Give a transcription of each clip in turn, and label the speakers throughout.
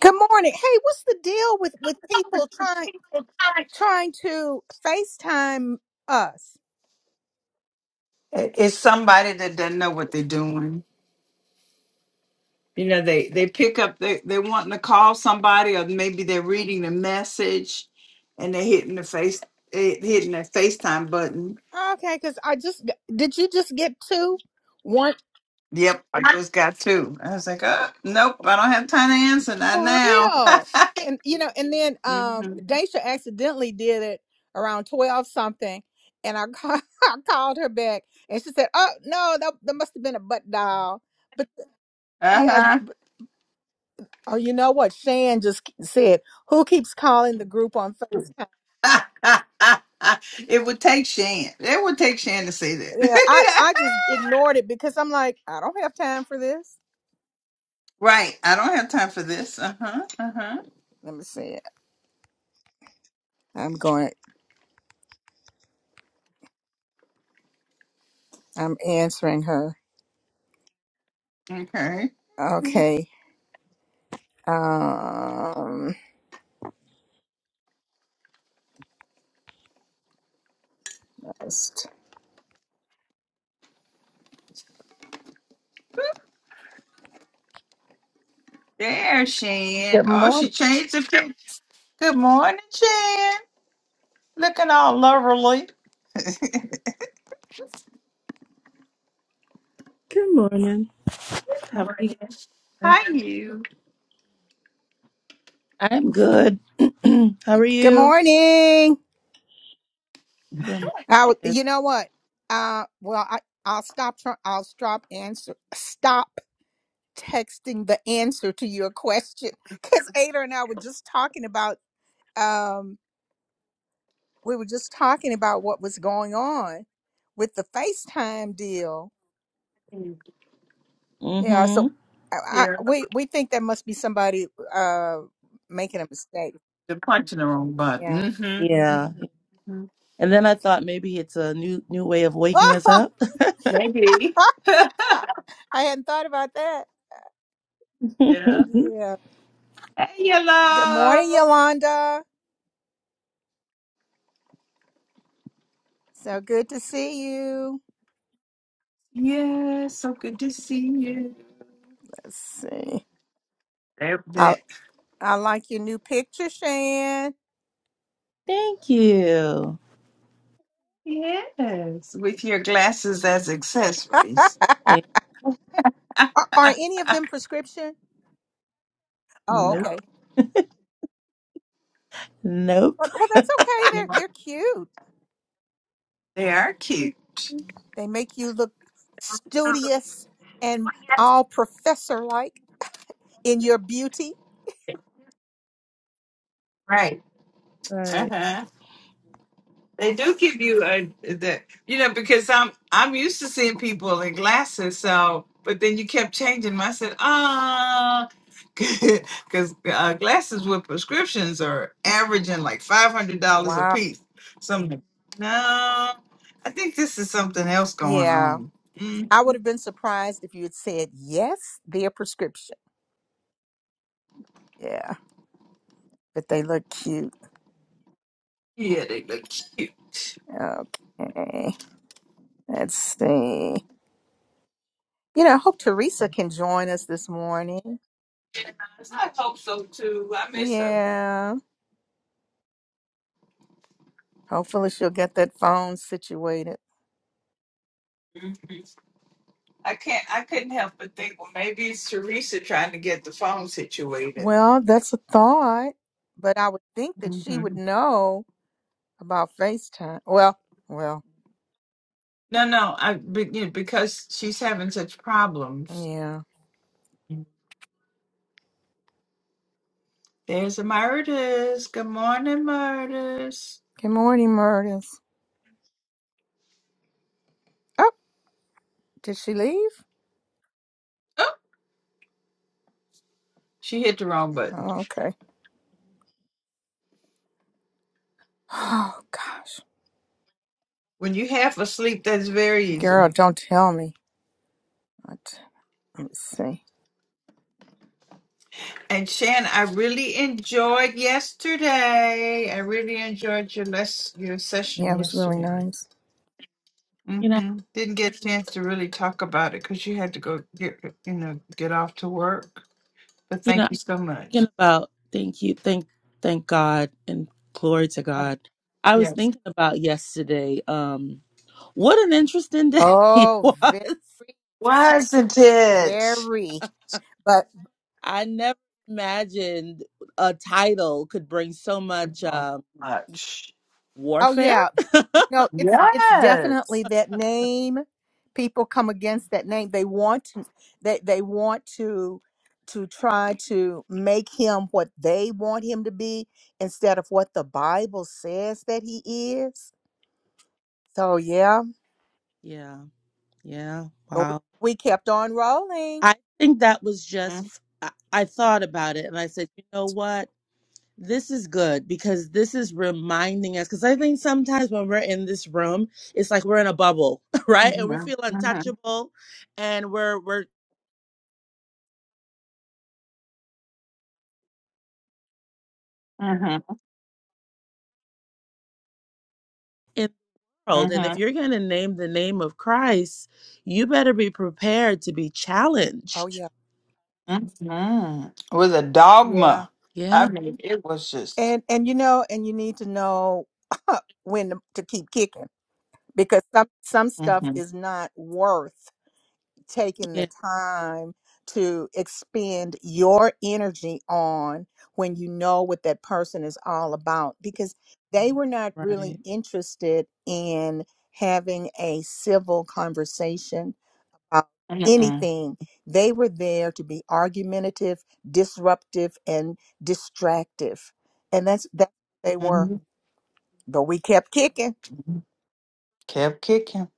Speaker 1: Good morning. Hey, what's the deal with with people trying trying to FaceTime us?
Speaker 2: It- It's somebody that doesn't know what they're doing. You know, they they pick up they they wanting to call somebody, or maybe they're reading the message, and they're hitting the face eh, hitting that FaceTime button.
Speaker 1: Okay, because I just did you just get two? One
Speaker 2: Yep, I just got two. I was like, uh, nope, I don't have time to answer not
Speaker 1: for
Speaker 2: now.
Speaker 1: real. And you know, and then um
Speaker 2: hmm
Speaker 1: Daisha accidentally did it around twelve something. And I, ca- I called her back and she said, Oh no, that, that must have been a butt dial. But yeah,
Speaker 2: uh
Speaker 1: but, oh you know what? Shan just said, Who keeps calling the group on FaceTime?
Speaker 2: huh. it would take Shan. It would take Shan to say
Speaker 1: Yeah, I
Speaker 2: that.
Speaker 1: I just ignored it because I'm like, I don't have time for this.
Speaker 2: right. I don't have time for this. Uh huh. Uh huh.
Speaker 1: Let me see it. I'm going. I'm answering her.
Speaker 2: Okay.
Speaker 1: Okay. Um. just-
Speaker 2: There she is.
Speaker 1: Good
Speaker 2: Oh, she
Speaker 1: morning.
Speaker 2: changed the picture. Good morning, Chan. Looking all lovely. Good
Speaker 3: Good morning. How are you?
Speaker 2: morning. Hi, you.
Speaker 3: I'm good. How are
Speaker 1: Good
Speaker 3: you?
Speaker 1: morning. I, would-
Speaker 3: Good.
Speaker 1: you know what? Uh. Well, I I'll stop. try- I'll stop answer. Stop texting the answer to your question because Ada and I were just talking about. Um. We were just talking about what was going on with the FaceTime deal Yeah, so
Speaker 3: hmm
Speaker 1: I, I,
Speaker 2: Yeah,
Speaker 1: we we think that must be somebody uh making a mistake.
Speaker 2: the are punching the wrong
Speaker 1: Yeah.
Speaker 2: button.
Speaker 3: Yeah.
Speaker 2: Mm-hmm.
Speaker 3: And then I thought maybe it's a new new way of waking us up.
Speaker 2: Maybe. yeah.
Speaker 1: I hadn't thought about that.
Speaker 2: Hey,
Speaker 3: Thank
Speaker 1: Yeah. Good morning,
Speaker 2: hello.
Speaker 1: Yolanda. So good to see you.
Speaker 2: Yeah, so good to see you.
Speaker 1: Let's see.
Speaker 2: There,
Speaker 1: I
Speaker 2: that.
Speaker 1: I like your new picture, Shan.
Speaker 3: you.
Speaker 2: Yes, with your glasses as
Speaker 1: are,
Speaker 2: accessories.
Speaker 3: And
Speaker 1: are any of them prescription? Oh,
Speaker 3: nope.
Speaker 1: okay.
Speaker 3: Nope.
Speaker 1: Well, well, that's okay.
Speaker 2: they
Speaker 1: They're they're cute.
Speaker 2: are cute.
Speaker 1: They make you look studious and all professor like in your beauty.
Speaker 2: Right.
Speaker 3: Right.
Speaker 2: Uh-huh. They do give you a the you know because I'm I'm used to seeing people in glasses. So, but then you kept changing. 'em. I said, ah, because uh, glasses with prescriptions are averaging like five hundred dollars a
Speaker 1: Wow.
Speaker 2: piece. So I'm like, no, I think this is something else going
Speaker 1: Yeah.
Speaker 2: on. Mm,
Speaker 1: I would have been surprised if you had said yes, their prescription. Yeah. But they look cute.
Speaker 2: yeah, they look cute.
Speaker 1: Okay. Let's see. You know, I hope Teresa can join us this morning.
Speaker 2: I hope so too. I miss her.
Speaker 1: Yeah. Hopefully she'll get that phone situated.
Speaker 2: Mhm. I can't. I couldn't help but think. Well, maybe it's Teresa trying to get the phone situated.
Speaker 1: Well, that's a thought. But I would think that she would
Speaker 2: Mhm.
Speaker 1: know about FaceTime. Well, well,
Speaker 2: No, no, I be, you know, because she's having such problems.
Speaker 1: yeah.
Speaker 2: There's a Murders. Good morning, Murders.
Speaker 1: Good morning, Murders. Oh, did she leave?
Speaker 2: Oh, she hit the wrong button.
Speaker 1: Oh, okay. Oh gosh.
Speaker 2: When you half asleep, that's very
Speaker 1: Girl,
Speaker 2: easy.
Speaker 1: don't tell me. What? Let me see.
Speaker 2: And Shan, I really enjoyed yesterday. I really enjoyed your less your
Speaker 1: Yeah,
Speaker 2: session
Speaker 1: it was really
Speaker 2: yesterday.
Speaker 1: nice.
Speaker 2: mm
Speaker 3: You know,
Speaker 2: hmm Didn't get a chance to really talk about it because you had to go get you know get off to work. But
Speaker 3: you know,
Speaker 2: thank
Speaker 3: I'm
Speaker 2: you so much.
Speaker 3: thinking about thank you, thank thank God and glory to
Speaker 2: Oh,
Speaker 3: God. I was
Speaker 2: yes,
Speaker 3: thinking about yesterday. Um what an interesting day it
Speaker 1: Oh, very,
Speaker 3: was.
Speaker 2: wasn't it?
Speaker 1: very. But
Speaker 3: I never imagined a title could bring so
Speaker 2: so
Speaker 3: much uh,
Speaker 2: much.
Speaker 1: oh
Speaker 3: warfare.
Speaker 1: yeah, you know it's it's definitely
Speaker 2: Yes.
Speaker 1: that name. People come against that name. They want to, they they want to to try to make him what they want him to be instead of what the Bible says that he is. So yeah,
Speaker 3: Yeah, yeah,
Speaker 1: but we,
Speaker 3: wow.
Speaker 1: we kept on rolling.
Speaker 3: I think that was
Speaker 2: Mm-hmm.
Speaker 3: just, I, I thought about it and I said, you know what? This is good because this is reminding us. Because I think sometimes when we're in this room, it's like we're in a bubble, right? And we
Speaker 2: Mm-hmm.
Speaker 3: feel untouchable and we're, we're, in the world and if you're going to name the name of Christ you better be prepared to be
Speaker 1: Oh
Speaker 3: challenged
Speaker 1: yeah,
Speaker 2: Mm-hmm. It was a
Speaker 1: yeah.
Speaker 2: dogma. I
Speaker 3: yeah
Speaker 2: mean, it was just
Speaker 1: and and you know and you need to know when to to keep kicking because some some stuff
Speaker 2: mm-hmm.
Speaker 1: is not worth taking the time to expend your energy on when you know what that person is all about because they were not really
Speaker 3: Right.
Speaker 1: interested in having a civil conversation about
Speaker 2: Mm-mm.
Speaker 1: anything. They were there to be argumentative, disruptive, and distractive. And that's that's what they were.
Speaker 2: Mm-hmm.
Speaker 1: But we kept kicking.
Speaker 2: kept kicking.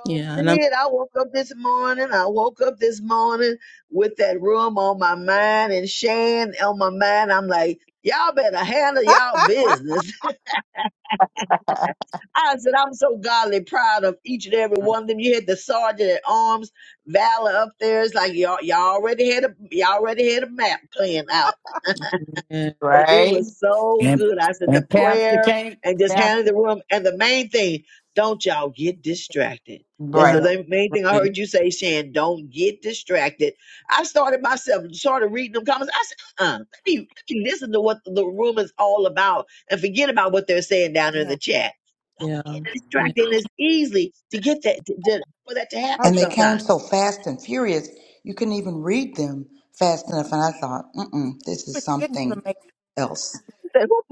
Speaker 4: Oh,
Speaker 3: Yeah. And I'm
Speaker 4: did I woke up this morning? I woke up this morning with that room on my mind and Shan on my mind. I'm like, y'all better handle y'all business. I said, I'm so godly proud of each and every one of them. You had the sergeant at arms, Valor up there. It's like y'all, y'all already had a, y'all already had a map planned out.
Speaker 3: yeah.
Speaker 4: but it
Speaker 2: Right.
Speaker 4: was so
Speaker 5: And
Speaker 4: good. I said the
Speaker 5: and Pastor
Speaker 4: prayer
Speaker 5: came.
Speaker 4: and just handling
Speaker 5: Pastor,
Speaker 4: the room. And the main thing, don't y'all get distracted. That's
Speaker 2: Right.
Speaker 3: right.
Speaker 5: yep.
Speaker 4: the main thing I
Speaker 3: Right.
Speaker 4: heard you say, Shan. Don't get distracted. I started myself, started reading them comments. I said, uh-uh, let, me, let me listen to what the room is all about and forget about what they're saying down in
Speaker 1: yeah.
Speaker 4: the chat.
Speaker 3: Yeah.
Speaker 4: Don't get
Speaker 3: Yeah.
Speaker 4: distracted. And it's easy to get that, to, to- for that to
Speaker 1: Oh
Speaker 4: happen
Speaker 6: And they
Speaker 1: yeah.
Speaker 6: came so
Speaker 4: sometimes.
Speaker 6: fast and furious, you couldn't even read them fast enough. And I thought, mm-mm, this is
Speaker 1: which didn't even
Speaker 6: something
Speaker 1: make
Speaker 6: else.
Speaker 4: Who who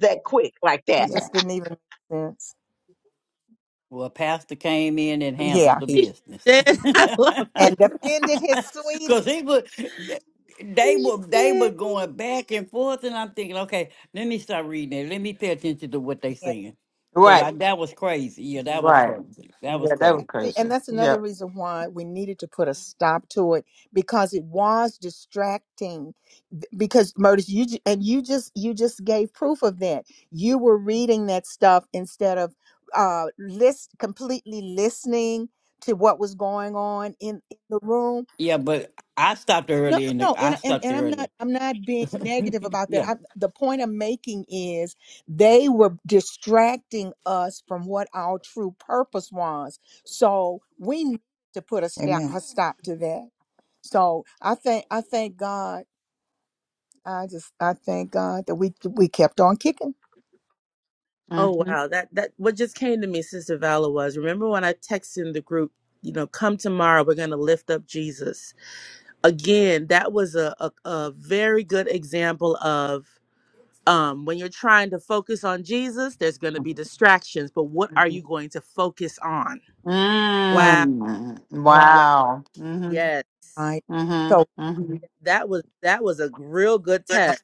Speaker 4: that quick like that?
Speaker 1: it
Speaker 6: Yeah.
Speaker 1: just didn't even make sense.
Speaker 5: Well, Pastor came in and handled
Speaker 1: Yeah,
Speaker 5: the
Speaker 1: he
Speaker 3: You
Speaker 5: business
Speaker 3: sure did. I love
Speaker 1: and
Speaker 3: it.
Speaker 1: defended his
Speaker 5: because
Speaker 1: sweetie.
Speaker 5: he was. They
Speaker 3: You
Speaker 5: were
Speaker 3: sure
Speaker 5: they were
Speaker 3: did.
Speaker 5: going back and forth, and I'm thinking, okay, let me start reading it. Let me pay attention to what they
Speaker 1: Yeah,
Speaker 5: saying, because
Speaker 2: Right.
Speaker 5: I that was crazy. Yeah,
Speaker 1: yeah.
Speaker 5: that was
Speaker 2: Right.
Speaker 5: crazy. That was
Speaker 2: Yeah, that was
Speaker 5: crazy.
Speaker 1: And
Speaker 2: crazy.
Speaker 1: that's another
Speaker 2: Yep.
Speaker 1: reason why we needed to put a stop to it because it was distracting. Th- Because murders, you ju- and you just you just gave proof of that. You were reading that stuff instead of uh list completely listening to what was going on in, in the room
Speaker 5: Yeah, but I stopped
Speaker 1: No,
Speaker 5: early, In the
Speaker 1: no,
Speaker 5: I
Speaker 1: and and
Speaker 5: stopped
Speaker 1: and I'm not
Speaker 5: early.
Speaker 1: I'm not being negative about that.
Speaker 5: Yeah,
Speaker 1: I'm, the point I'm making is they were distracting us from what our true purpose was. So we need to put a stop
Speaker 6: Amen.
Speaker 1: a stop to that. So I thank I thank God. I just I thank God that we we kept on kicking.
Speaker 3: Oh
Speaker 2: Mm-hmm.
Speaker 3: wow. That that what just came to me, Sister Vala, was remember when I texted in the group, you know, come tomorrow, we're gonna lift up Jesus. Again, that was a, a, a very good example of um, when you're trying to focus on Jesus, there's going to be
Speaker 2: Mm-hmm.
Speaker 3: distractions, but what are you going to focus on?
Speaker 1: Right,
Speaker 3: Wow.
Speaker 2: Mm.
Speaker 1: right,
Speaker 3: Wow.
Speaker 2: Wow. Mm-hmm.
Speaker 3: Yes.
Speaker 1: right.
Speaker 2: Mm-hmm.
Speaker 1: So,
Speaker 2: Mm-hmm.
Speaker 3: that was that was a real good test
Speaker 1: Right.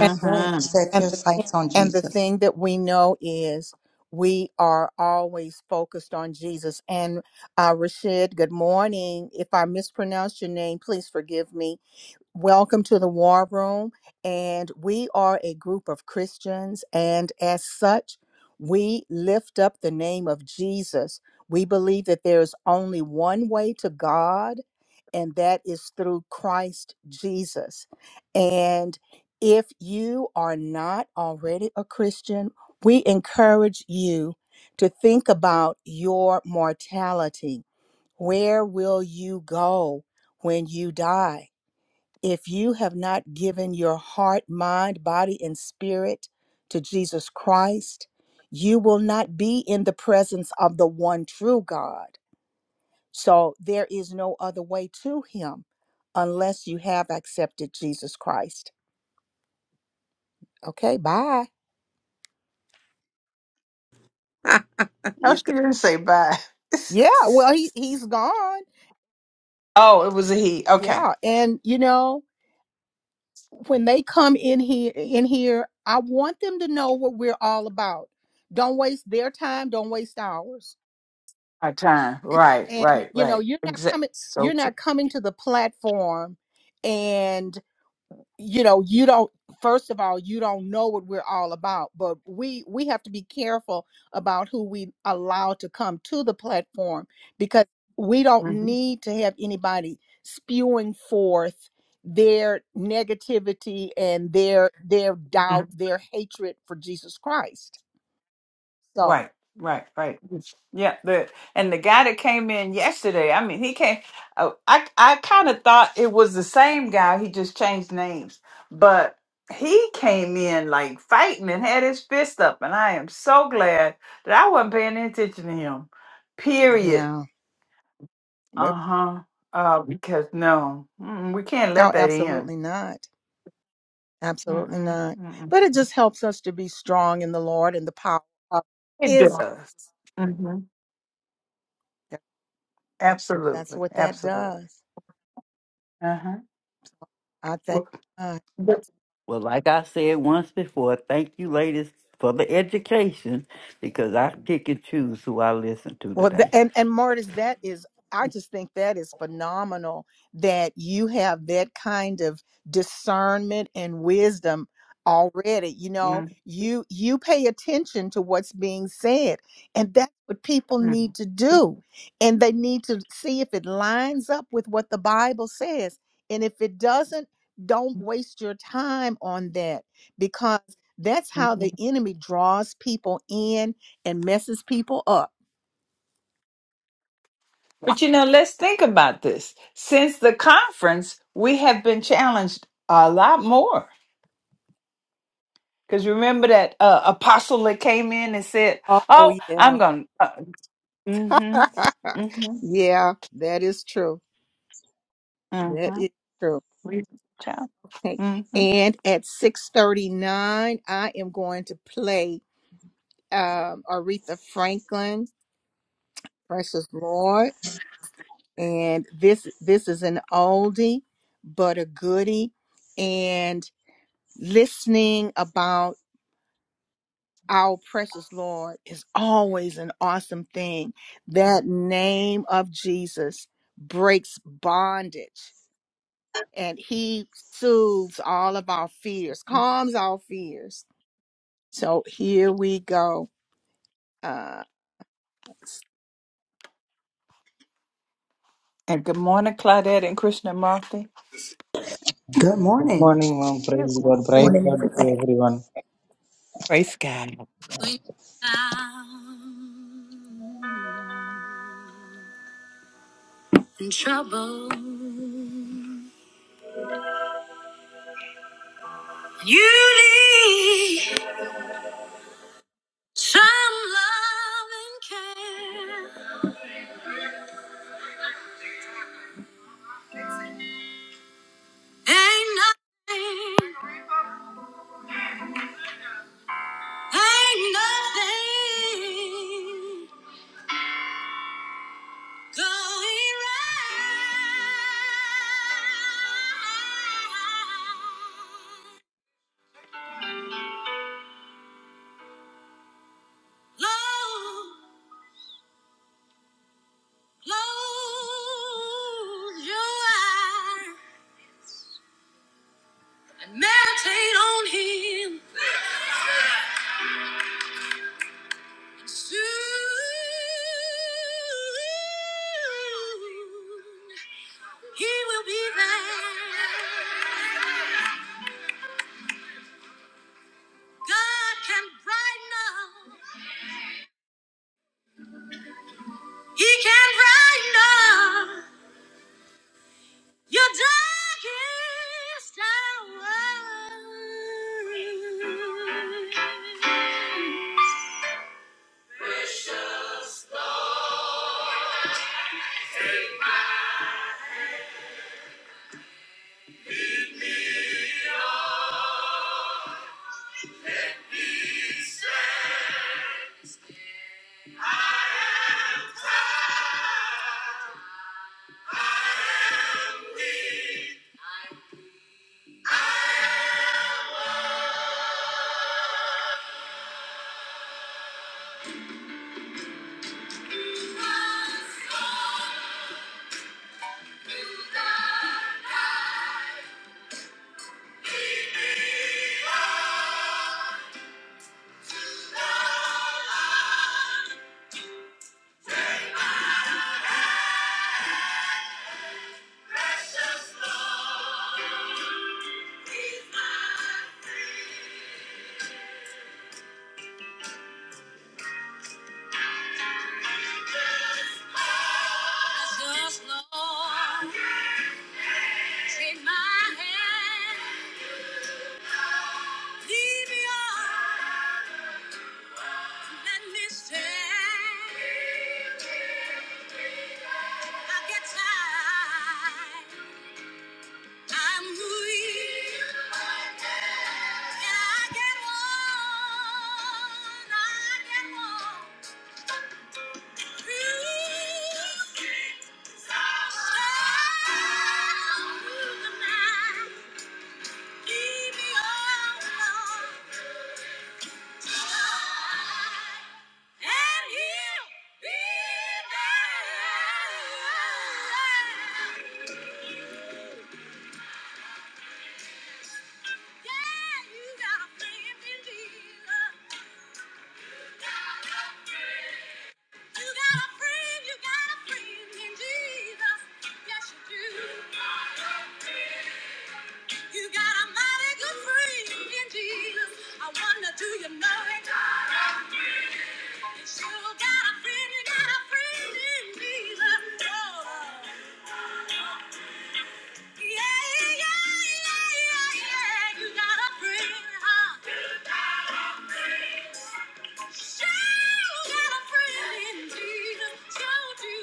Speaker 1: and
Speaker 6: right. Set
Speaker 1: and
Speaker 6: your
Speaker 1: the thing,
Speaker 6: sights on
Speaker 1: and the
Speaker 6: Jesus.
Speaker 1: thing that we know is we are always focused on Jesus. And uh, Rashid, good morning. If I mispronounced your name, please forgive me. Welcome to the War Room. And we are a group of Christians. And as such, we lift up the name of Jesus. We believe that there is only one way to God, and that is through Christ Jesus. And if you are not already a Christian, we encourage you to think about your mortality. Where will you go when you die? If you have not given your heart, mind, body, and spirit to Jesus Christ, you will not be in the presence of the one true God. So there is no other way to Him unless you have accepted Jesus Christ. Okay, bye.
Speaker 2: No, she didn't say bye.
Speaker 1: Yeah, well, he, he's gone.
Speaker 2: oh, it was a he. Okay.
Speaker 1: Yeah. And, you know, when they come in here in here i want them to know what we're all about don't waste their time don't waste ours
Speaker 2: Our time. Right,
Speaker 1: and
Speaker 2: right,
Speaker 1: you know
Speaker 2: right.
Speaker 1: you're not
Speaker 2: Exactly.
Speaker 1: coming you're
Speaker 2: So true.
Speaker 1: not coming to the platform and you know you don't first of all you don't know what we're all about but we we have to be careful about who we allow to come to the platform because we don't
Speaker 2: hmm
Speaker 1: need to have anybody spewing forth their negativity and their their doubt their hatred for jesus christ so
Speaker 2: Right, right, right. Yeah. The and the guy that came in yesterday. I mean, he came. Uh, I I kind of thought it was the same guy. He just changed names, but he came in like fighting and had his fist up. And I am so glad that I wasn't paying any attention to him. Period.
Speaker 1: yeah
Speaker 2: Uh
Speaker 1: but-
Speaker 2: huh. Uh, because no, mm, we can't
Speaker 1: oh
Speaker 2: let that in.
Speaker 1: absolutely not Absolutely
Speaker 2: Mm-mm,
Speaker 1: not.
Speaker 2: mm-mm.
Speaker 1: But it just helps us to be strong in the Lord and the power of
Speaker 2: It
Speaker 1: His.
Speaker 2: does. Mm-hmm.
Speaker 1: That's
Speaker 2: Absolutely.
Speaker 1: what that
Speaker 2: Absolutely.
Speaker 1: does.
Speaker 2: Uh-huh.
Speaker 1: I thank
Speaker 2: Well,
Speaker 1: God.
Speaker 2: but-
Speaker 5: Well, like I said once before, thank you, ladies, for the education because I pick and choose who I listen to
Speaker 1: Well, the,
Speaker 5: today.
Speaker 1: and and Martis, that is, I just think that is phenomenal that you have that kind of discernment and wisdom already. You know,
Speaker 2: Mm,
Speaker 1: you you pay attention to what's being said, and that's what people need
Speaker 2: mm,
Speaker 1: to do, and they need to see if it lines up with what the Bible says, and if it doesn't, don't waste your time on that because that's how
Speaker 2: mm.
Speaker 1: the enemy draws people in and messes people up
Speaker 2: But you know, let's think about this. Since the conference, we have been challenged a lot more. Because remember that uh, apostle that came in and said,
Speaker 1: Oh,
Speaker 2: "Oh, I'm
Speaker 1: yeah.
Speaker 2: going." Uh, mm-hmm. Mm-hmm.
Speaker 1: yeah, that is true. That
Speaker 2: Mm-hmm.
Speaker 1: is true.
Speaker 2: We child.
Speaker 1: Okay.
Speaker 2: Mm-hmm.
Speaker 1: And at 6:39, I am going to play um, Aretha Franklin, Precious Lord. And this this is an oldie, but a goodie. And listening about our precious Lord is always an awesome thing. That name of Jesus breaks bondage and he soothes all of our fears, calms our fears. So here we go. Uh,
Speaker 2: And good morning, Claudette and Krishnamurti.
Speaker 6: Good
Speaker 7: Good
Speaker 6: morning.
Speaker 7: morning, mom.
Speaker 2: Good
Speaker 7: Praise
Speaker 2: morning.
Speaker 7: God. Praise
Speaker 6: Morning,
Speaker 7: God to
Speaker 6: everybody.
Speaker 7: everyone.
Speaker 2: Praise God.
Speaker 1: When you're down in trouble, you need some love and care. Ain't nothing, ain't nothing Lord, Lord, you are. I meditate on him. Soon he will be there. God can brighten up. He can brighten up. Your darkest hours, Precious blood in the night. Lead me on to the light. Precious Lord, is my friend. Precious Lord, take my hand, lead me on. Let me stand. I get tired. I'm weak. And I get worn. I get worn. You stand through the night. Keep me all on. And he'll be there. Yeah, you got a friend in Jesus. You got a friend, you got a friend in Jesus. Yes, you do. You got a mighty good friend in Jesus. I wonder, do you know it? You sure got a friend, you got a friend in Jesus. Oh. Yeah, yeah, yeah, yeah, yeah. You got a friend, huh? Sure, you got a friend in Jesus. Sure do.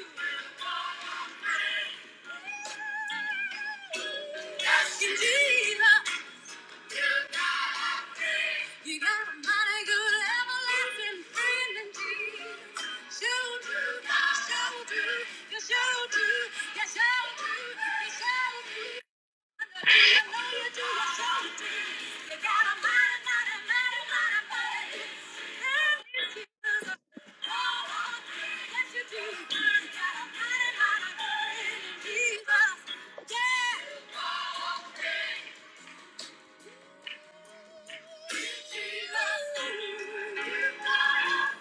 Speaker 1: Yes, You got a friend. You got a mighty good everlasting friend in Jesus. Sure do. Sure do. You sure do. You sure do. You sure do.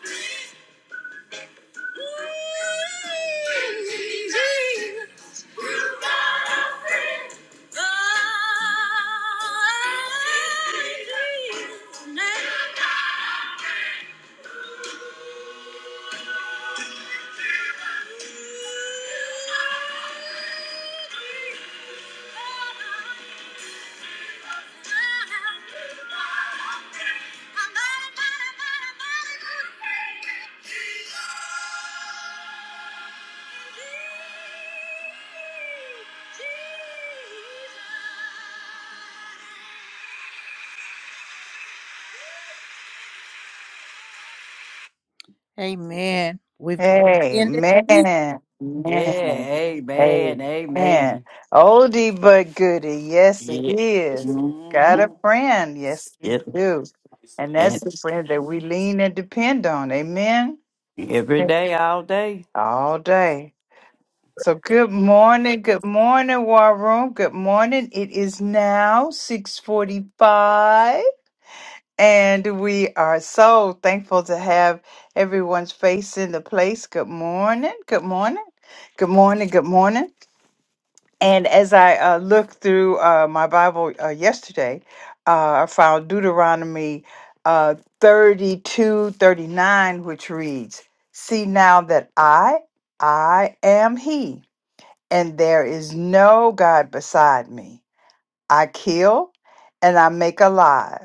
Speaker 1: Yeah. Amen. We've got to end
Speaker 2: Amen.
Speaker 1: it.
Speaker 5: Yeah,
Speaker 2: Amen.
Speaker 5: amen,
Speaker 2: Amen.
Speaker 5: amen.
Speaker 2: Oldie but goodie. Yes, it
Speaker 5: Yeah.
Speaker 2: is. Got
Speaker 5: hmm
Speaker 2: a friend. Yes, you do. And that's the
Speaker 5: Yes.
Speaker 2: friend that we lean and depend on. Amen.
Speaker 5: And every day, all day.
Speaker 2: All day. So good morning. Good morning, War Room. Good morning. It is now 645. And we are so thankful to have everyone's face in the place. Good morning. Good morning. Good morning. Good morning. And as I uh, looked through uh, my Bible uh, yesterday, uh, I found Deuteronomy uh, 32 thirty-nine, which reads, See now that I, I am He, and there is no God beside me. I kill and I make alive.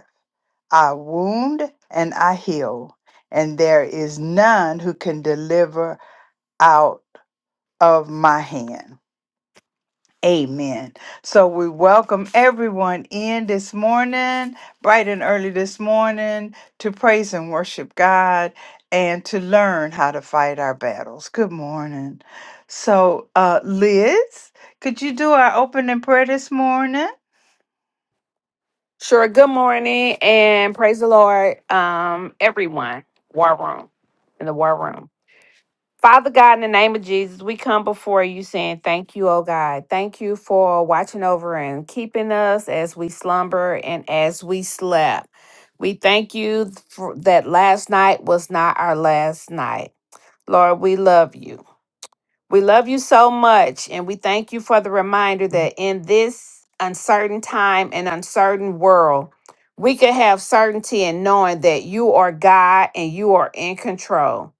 Speaker 2: I wound and I heal, and there is none who can deliver out of my hand. Amen. So we welcome everyone in this morning, bright and early this morning, to praise and worship God and to learn how to fight our battles. Good morning. So, uh, Liz, could you do our opening prayer this morning?
Speaker 8: Sure. Good morning and praise the Lord, um, everyone. War room in the war room. Father God, in the name of Jesus, we come before you saying thank you, oh God. Thank you for watching over and keeping us as we slumber and as we slept. We thank you for that last night was not our last night. Lord, we love you. We love you so much, and we thank you for the reminder that in this uncertain time and uncertain world, we can have certainty in knowing that you are God and you are in control.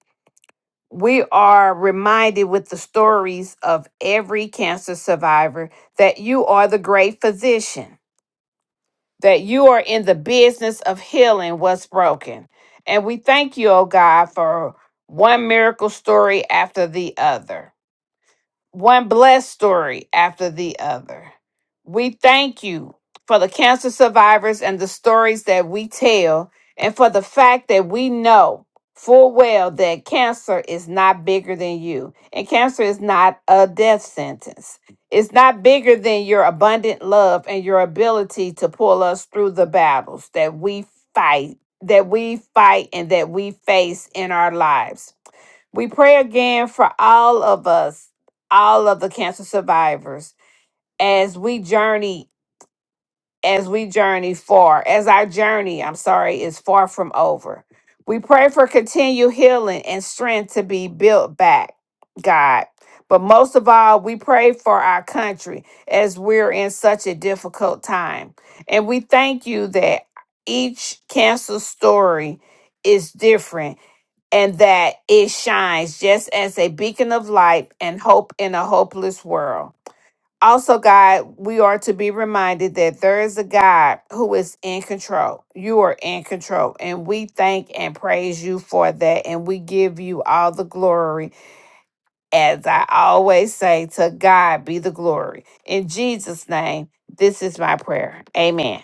Speaker 8: We are reminded with the stories of every cancer survivor that you are the great physician, that you are in the business of healing what's broken. And we thank you, oh God, for one miracle story after the other one blessed story after the other. We thank you for the cancer survivors and the stories that we tell, and for the fact that we know full well that cancer is not bigger than you, and cancer is not a death sentence. It's not bigger than your abundant love and your ability to pull us through the battles that we fight, that we fight, and that we face in our lives. We pray again for all of us, all of the cancer survivors, as we journey, as we journey far, as our journey, I'm sorry, is far from over. We pray for continued healing and strength to be built back, God. But most of all, we pray for our country as we're in such a difficult time. And we thank you that each cancer story is different and that it shines just as a beacon of light and hope in a hopeless world. Also, God, we are to be reminded that there is a God who is in control. You are in control, and we thank and praise you for that. And we give you all the glory. As I always say, to God be the glory. In Jesus' name, this is my prayer. Amen.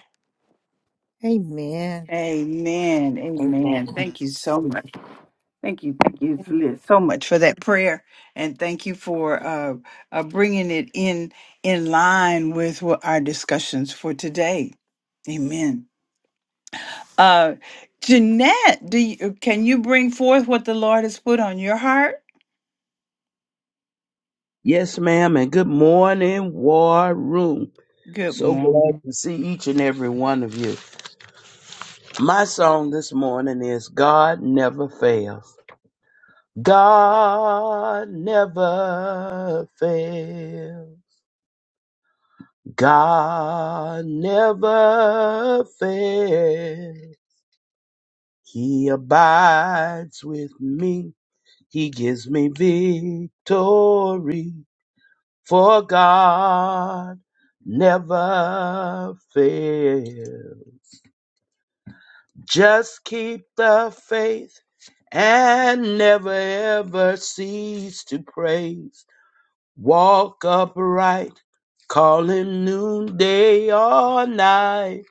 Speaker 1: Amen.
Speaker 2: Amen. Amen.
Speaker 9: Amen.
Speaker 2: Thank you so much. Thank you, thank you Liz, so much for that prayer, and thank you for uh, uh, bringing it in in line with what our discussions for today. Amen. Uh, Jeanette, do you, uh, can you bring forth what the Lord has put on your heart?
Speaker 10: Yes, ma'am, and good morning, War Room.
Speaker 2: Good
Speaker 10: So glad
Speaker 2: morning.
Speaker 10: to see each and every one of you. My song this morning is God Never Fails. God never fails. God never fails. He abides with me. He gives me victory. for God never fails. Just keep the faith and never ever cease to praise. Walk upright, call him noonday or night.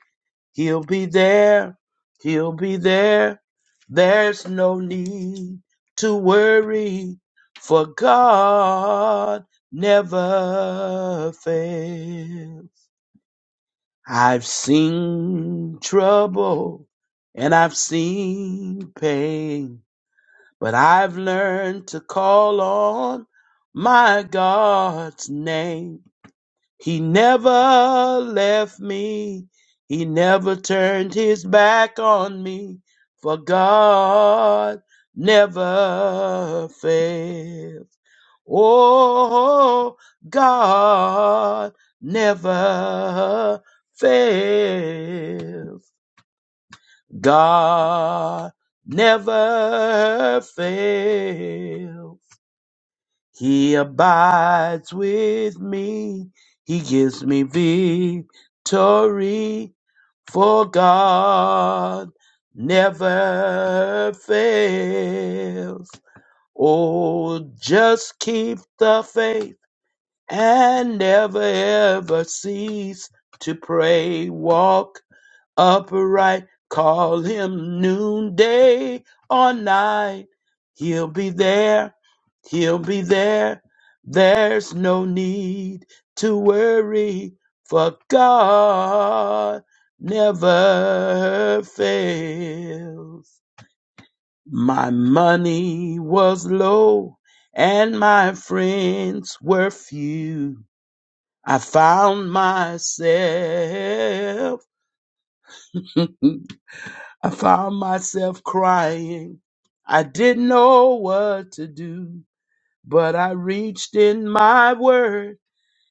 Speaker 10: He'll be there, he'll be there. There's no need to worry, for God never fails. I've seen trouble and I've seen pain, but I've learned to call on my God's name. He never left me. He never turned his back on me, for God never fails. Oh, God never fails. God never fails. He abides with me. He gives me victory. For God never fails. Oh, just keep the faith and never ever cease to pray. Walk upright, call him noonday or night. He'll be there, he'll be there. There's no need to worry, for God never fails. My money was low, and my friends were few I found myself, I found myself crying. I didn't know what to do, but I reached in my word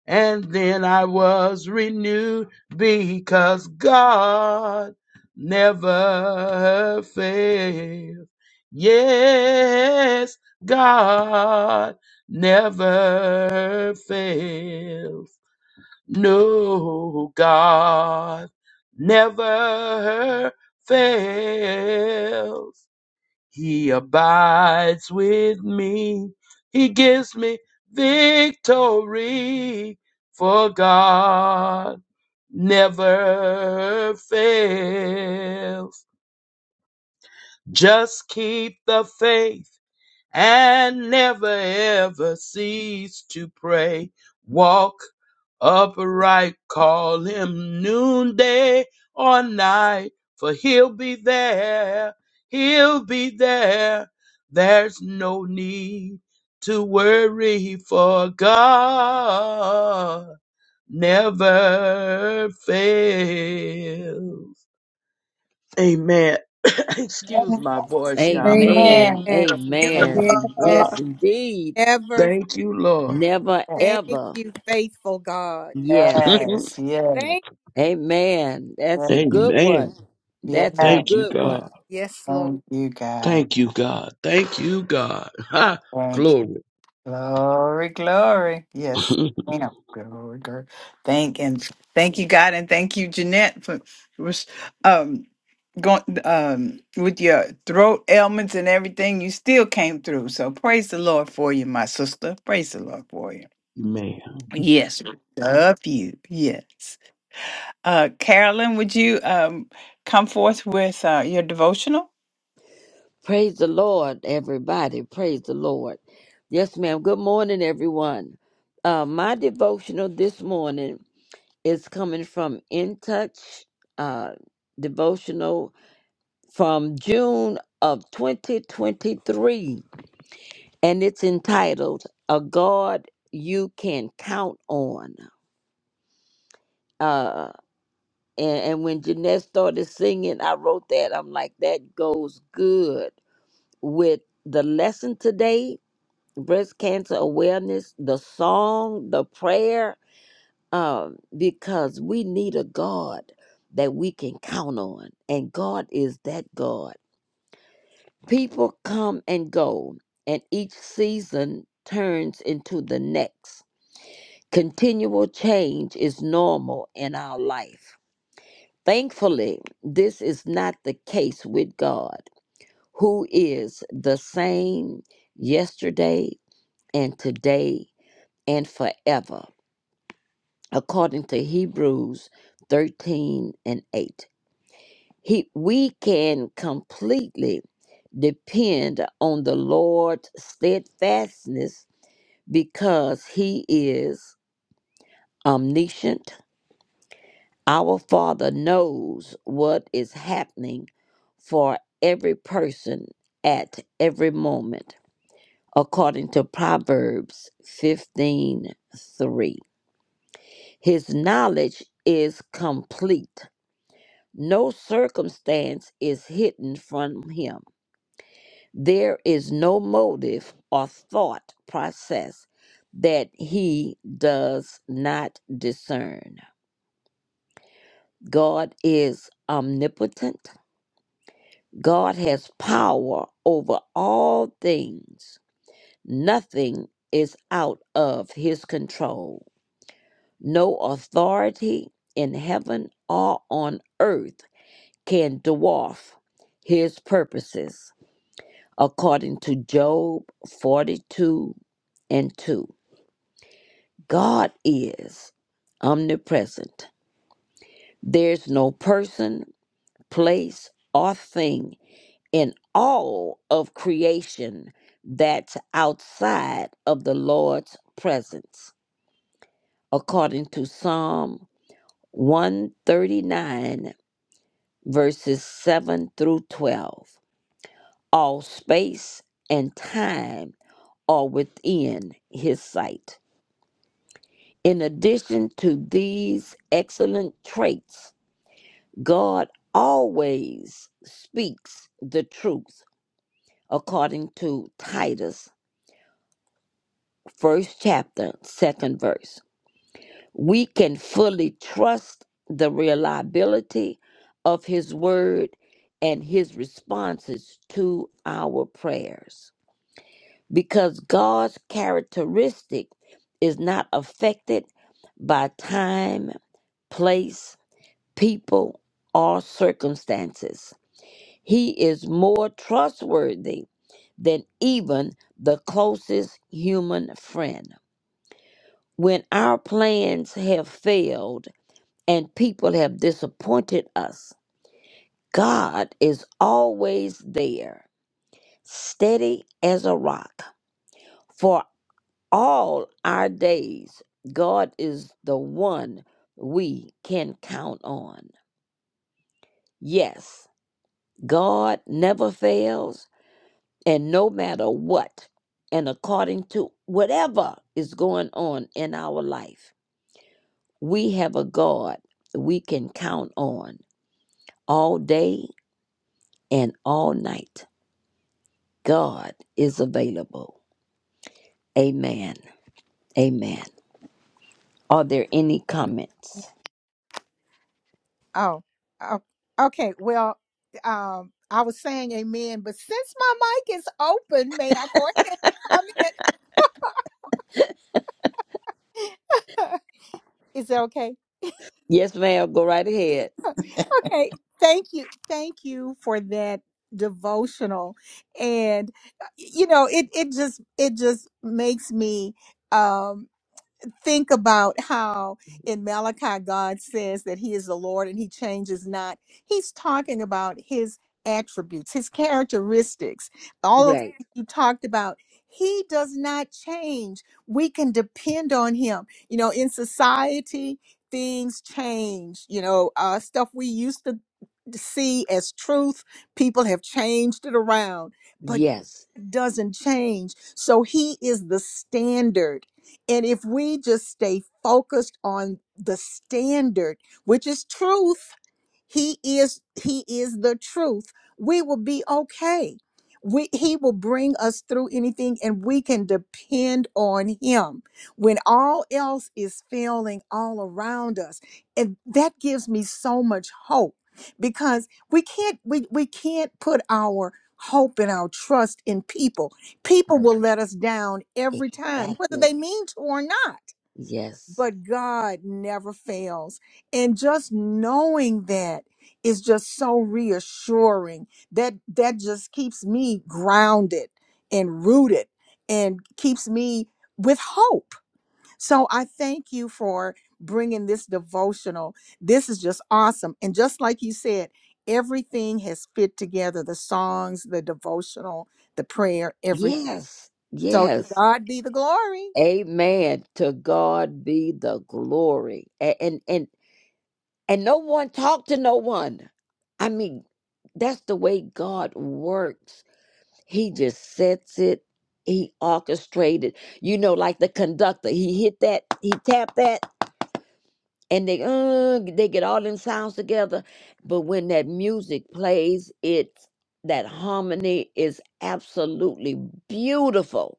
Speaker 10: and then I was renewed because God never fails. Yes, God never fails. No, God never fails. He abides with me. He gives me victory. For God never fails. Just keep the faith and never ever cease to pray. Walk upright, call him noonday or night, for he'll be there, he'll be there. There's no need to worry, for God never fails. Amen. Excuse my voice, y'all.
Speaker 1: Amen.
Speaker 9: Amen.
Speaker 2: Amen.
Speaker 9: Amen.
Speaker 2: Amen.
Speaker 1: Yeah.
Speaker 9: Yes, indeed.
Speaker 1: Ever
Speaker 10: Thank you, Lord.
Speaker 9: Never
Speaker 1: thank
Speaker 9: ever.
Speaker 1: you, faithful God.
Speaker 9: Yes.
Speaker 2: Yes, yes,
Speaker 1: Thank
Speaker 9: Amen.
Speaker 2: yes.
Speaker 9: That's a good one.
Speaker 10: Amen.
Speaker 9: That's a
Speaker 2: yes.
Speaker 10: Thank you,
Speaker 9: good one.
Speaker 10: God.
Speaker 1: yes, Lord.
Speaker 2: Thank you, God.
Speaker 10: Thank you, God. Thank you, God. Ha!
Speaker 2: Thank you.
Speaker 10: Glory.
Speaker 2: Glory, glory. Yes. ma'am. Glory, glory. Thank and thank you, God, and thank you, Jeanette, for was um going um with your throat ailments and everything. You still came through. So praise the Lord for you, my sister. Praise the Lord for you.
Speaker 10: Amen.
Speaker 2: Yes, we love you. Yes. Uh, Carolyn, would you um come forth with uh, your devotional?
Speaker 9: Praise the Lord, everybody. Praise the Lord. Yes, ma'am. Good morning, everyone. Uh, my devotional this morning is coming from In Touch uh, devotional from June of 2023. and it's entitled "A God You Can Count On." Uh, and, and when Jeanette started singing, I wrote that. I'm like, that goes good with the lesson today, breast cancer awareness, the song, the prayer, um, because we need a God that we can count on, and God is that God. People come and go, and each season turns into the next Continual change is normal in our life. Thankfully, this is not the case with God, who is the same yesterday and today and forever, according to Hebrews 13 and 8. He, we can completely depend on the Lord's steadfastness because He is omniscient, Our Father knows what is happening for every person at every moment, according to Proverbs 15 3. His knowledge is complete. No circumstance is hidden from him. There is no motive or thought process that he does not discern. God is omnipotent God has power over all things. Nothing is out of his control. No authority in heaven or on earth can dwarf his purposes. According to Job 42 and 2, God is omnipresent. There's no person, place, or thing in all of creation that's outside of the Lord's presence, according to Psalm 139, verses 7 through 12. All space and time are within his sight. In addition to these excellent traits, God always speaks the truth, according to Titus first chapter, second verse. We can fully trust the reliability of His word and His responses to our prayers because God's characteristic is not affected by time, place, people, or circumstances. He is more trustworthy than even the closest human friend. when our plans have failed and people have disappointed us, God is always there, steady as a rock. For all our days, God is the one we can count on. Yes, God never fails, and no matter what, and according to whatever is going on in our life, we have a God we can count on all day and all night. God is available. Amen. Amen. Are there any comments?
Speaker 1: Oh, o- okay. Well, um, I was saying amen, but since my mic is open, may I go ahead and comment? is that okay?
Speaker 9: Yes, ma'am. Go right ahead.
Speaker 1: Okay. Thank you. Thank you for that devotional. And uh, you know, it it just it just makes me um think about how in Malachi God says that he is the Lord and he changes not. He's talking about his attributes, his characteristics, all those
Speaker 9: Right.
Speaker 1: things you talked about. He does not change. We can depend on him. You know, in society, things change. You know, uh, stuff we used to see as truth, people have changed it around. But
Speaker 9: Yes.
Speaker 1: doesn't change. So he is the standard. And if we just stay focused on the standard, which is truth, he is he is the truth. We will be okay. We, he will bring us through anything and we can depend on him when all else is failing all around us and that gives me so much hope because we can't we, we can't put our hope and our trust in people people
Speaker 9: Right.
Speaker 1: will let us down every time whether
Speaker 9: Exactly.
Speaker 1: they mean to or not
Speaker 9: Yes.
Speaker 1: but God never fails. And just knowing that is just so reassuring. That that just keeps me grounded and rooted and keeps me with hope. So I thank you for bringing this devotional. This is just awesome. And just like you said, everything has fit together, the songs, the devotional, the prayer, everything.
Speaker 9: Yes.
Speaker 1: So to
Speaker 9: Yes.
Speaker 1: God be the glory.
Speaker 9: Amen. To God be the glory. A- And and and no one talked to no one. I mean, that's the way God works. He just sets it. He orchestrated, you know, like the conductor. He hit that, he tapped that, and they uh, they get all them sounds together. But when that music plays, it's that harmony is absolutely beautiful.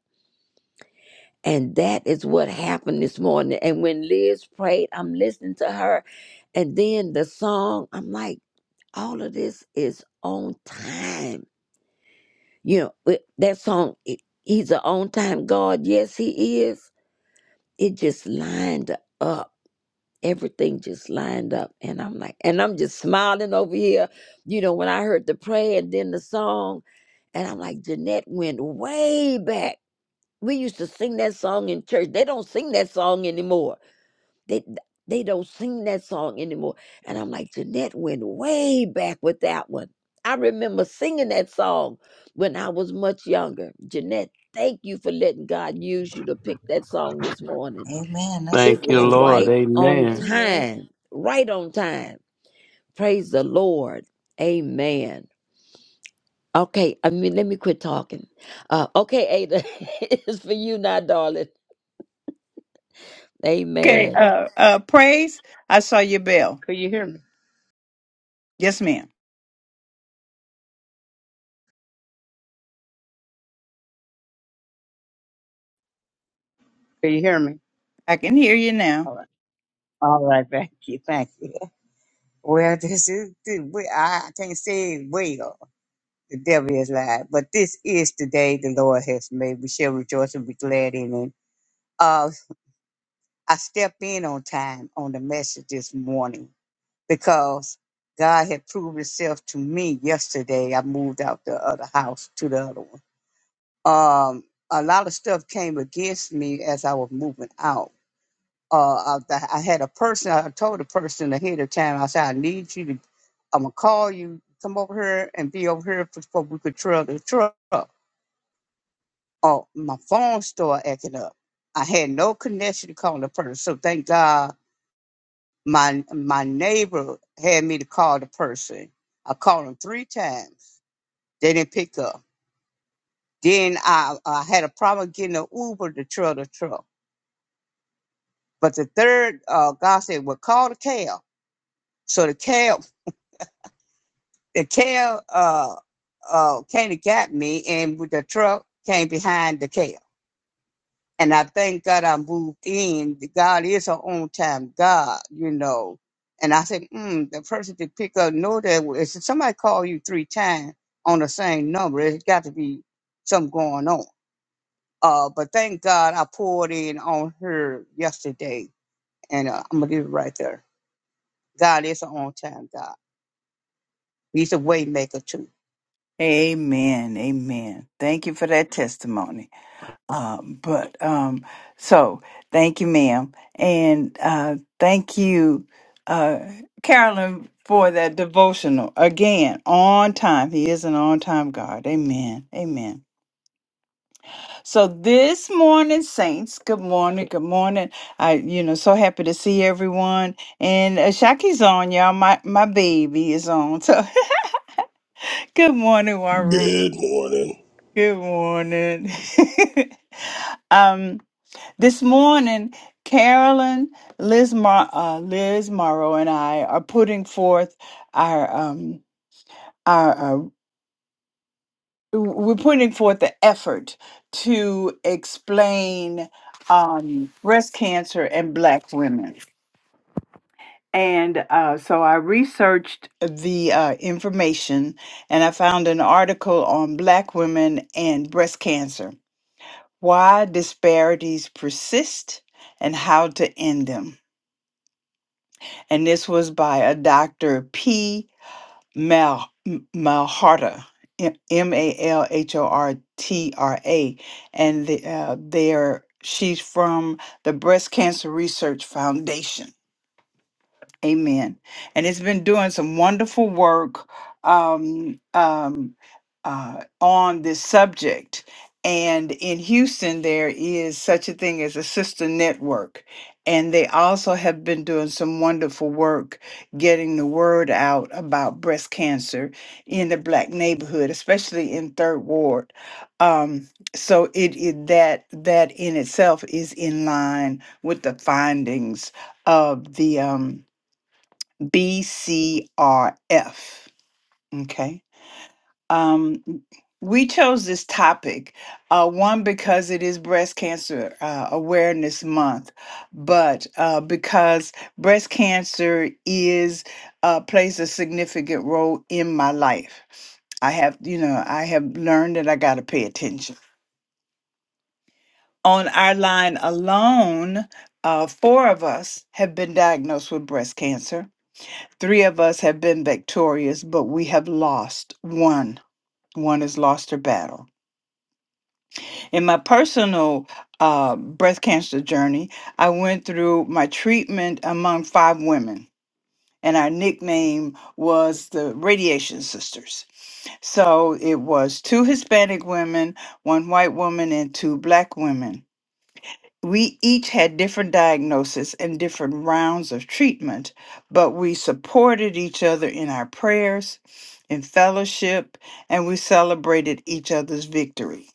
Speaker 9: And that is what happened this morning. And when Liz prayed, I'm listening to her. And then the song, I'm like, all of this is on time You know, it- that song, it, He's an on time God. Yes, He is. It just lined up. Everything just lined up. And I'm like, and I'm just smiling over here. You know, when I heard the prayer and then the song, and I'm like, Jeanette went way back. We used to sing that song in church. They don't sing that song anymore. They they don't sing that song anymore. And I'm like, Jeanette went way back with that one. I remember singing that song when I was much younger. Jeanette, thank you for letting God use you to pick that song this morning.
Speaker 6: Amen. That's
Speaker 9: It
Speaker 10: Thank you,
Speaker 9: was
Speaker 6: old.
Speaker 10: Lord.
Speaker 9: right on
Speaker 10: Amen.
Speaker 1: Amen.
Speaker 9: time. Right on time. Praise the Lord. Amen. Okay, I mean, let me quit talking. Uh, okay, Ada, it's for you now, darling.
Speaker 2: Okay.
Speaker 9: Amen.
Speaker 2: Uh, uh, praise. I saw your bell.
Speaker 11: Could you hear me?
Speaker 2: Yes, ma'am.
Speaker 11: Could you hear me?
Speaker 2: I can hear you now.
Speaker 11: All right, thank you, thank you. Well, this is this, we- I I can't say it well. The devil is lied, but this is the day the Lord has made. We shall rejoice and be glad in it. Uh, I stepped in on time on the message this morning because God had proved Himself to me yesterday. I moved out the other house to the other one. Um, a lot of stuff came against me as I was moving out uh, I, I had a person, I told a person ahead of time, I said, I need you to, I'm going to call you, come over here and be over here before we could trail the truck. Oh, my phone started acting up. I had no connection to call the person. So thank God my my neighbor had me to call the person. I called them three times. They didn't pick up. Then I, I had a problem getting an Uber to trail the truck. But the third, uh, God said, well, call the cab. So the cab the tail uh uh kind of got me and with the truck came behind the tail and i thank god i moved in god is an on time god you know and i said mm, the person to pick up know that if somebody call you three times on the same number it's got to be something going on uh but thank god i poured in on her yesterday and uh, i'm gonna leave it right there god is an on time god he's a way maker too
Speaker 2: Amen. Amen. Thank you for that testimony. Um, but um, so thank you, ma'am. And uh, thank you, uh, Carolyn, for that devotional. Again, on time. He is an on time God. Amen. Amen. So this morning, saints, good morning. Good morning. I, you know, so happy to see everyone. And uh, Shaki's on, y'all. My, my baby is on. So good morning, Warren.
Speaker 12: Good morning.
Speaker 2: Good morning. um, this morning, Carolyn, Liz, Mar- uh, Liz Morrow, and I are putting forth our um, our, our we're putting forth the effort to explain um, breast cancer and Black women. And uh, so I researched the uh, information, and I found an article on Black women and breast cancer Why Disparities Persist and How to End Them. And this was by a Dr. P. Mal- M- Malharta, M M A L H O R T R A. And the, uh, they're, she's from the Breast Cancer Research Foundation. Amen. And it's been doing some wonderful work um, um, uh, on this subject. And in Houston, there is such a thing as a sister network. And they also have been doing some wonderful work getting the word out about breast cancer in the Black neighborhood, especially in Third Ward. Um, so it, it that that in itself is in line with the findings of the um, BCRF. Okay. Um, we chose this topic, uh, one, because it is Breast Cancer uh, Awareness Month, but uh, because breast cancer is uh, plays a significant role in my life. I have, you know, I have learned that I got to pay attention. On our line alone, uh, four of us have been diagnosed with breast cancer Three of us have been victorious, but we have lost one. One has lost her battle. In my personal uh, breast cancer journey, I went through my treatment among five women, and our nickname was the Radiation Sisters. So it was two Hispanic women, one white woman, and two black women we each had different diagnoses and different rounds of treatment, but we supported each other in our prayers, in fellowship, and we celebrated each other's victory.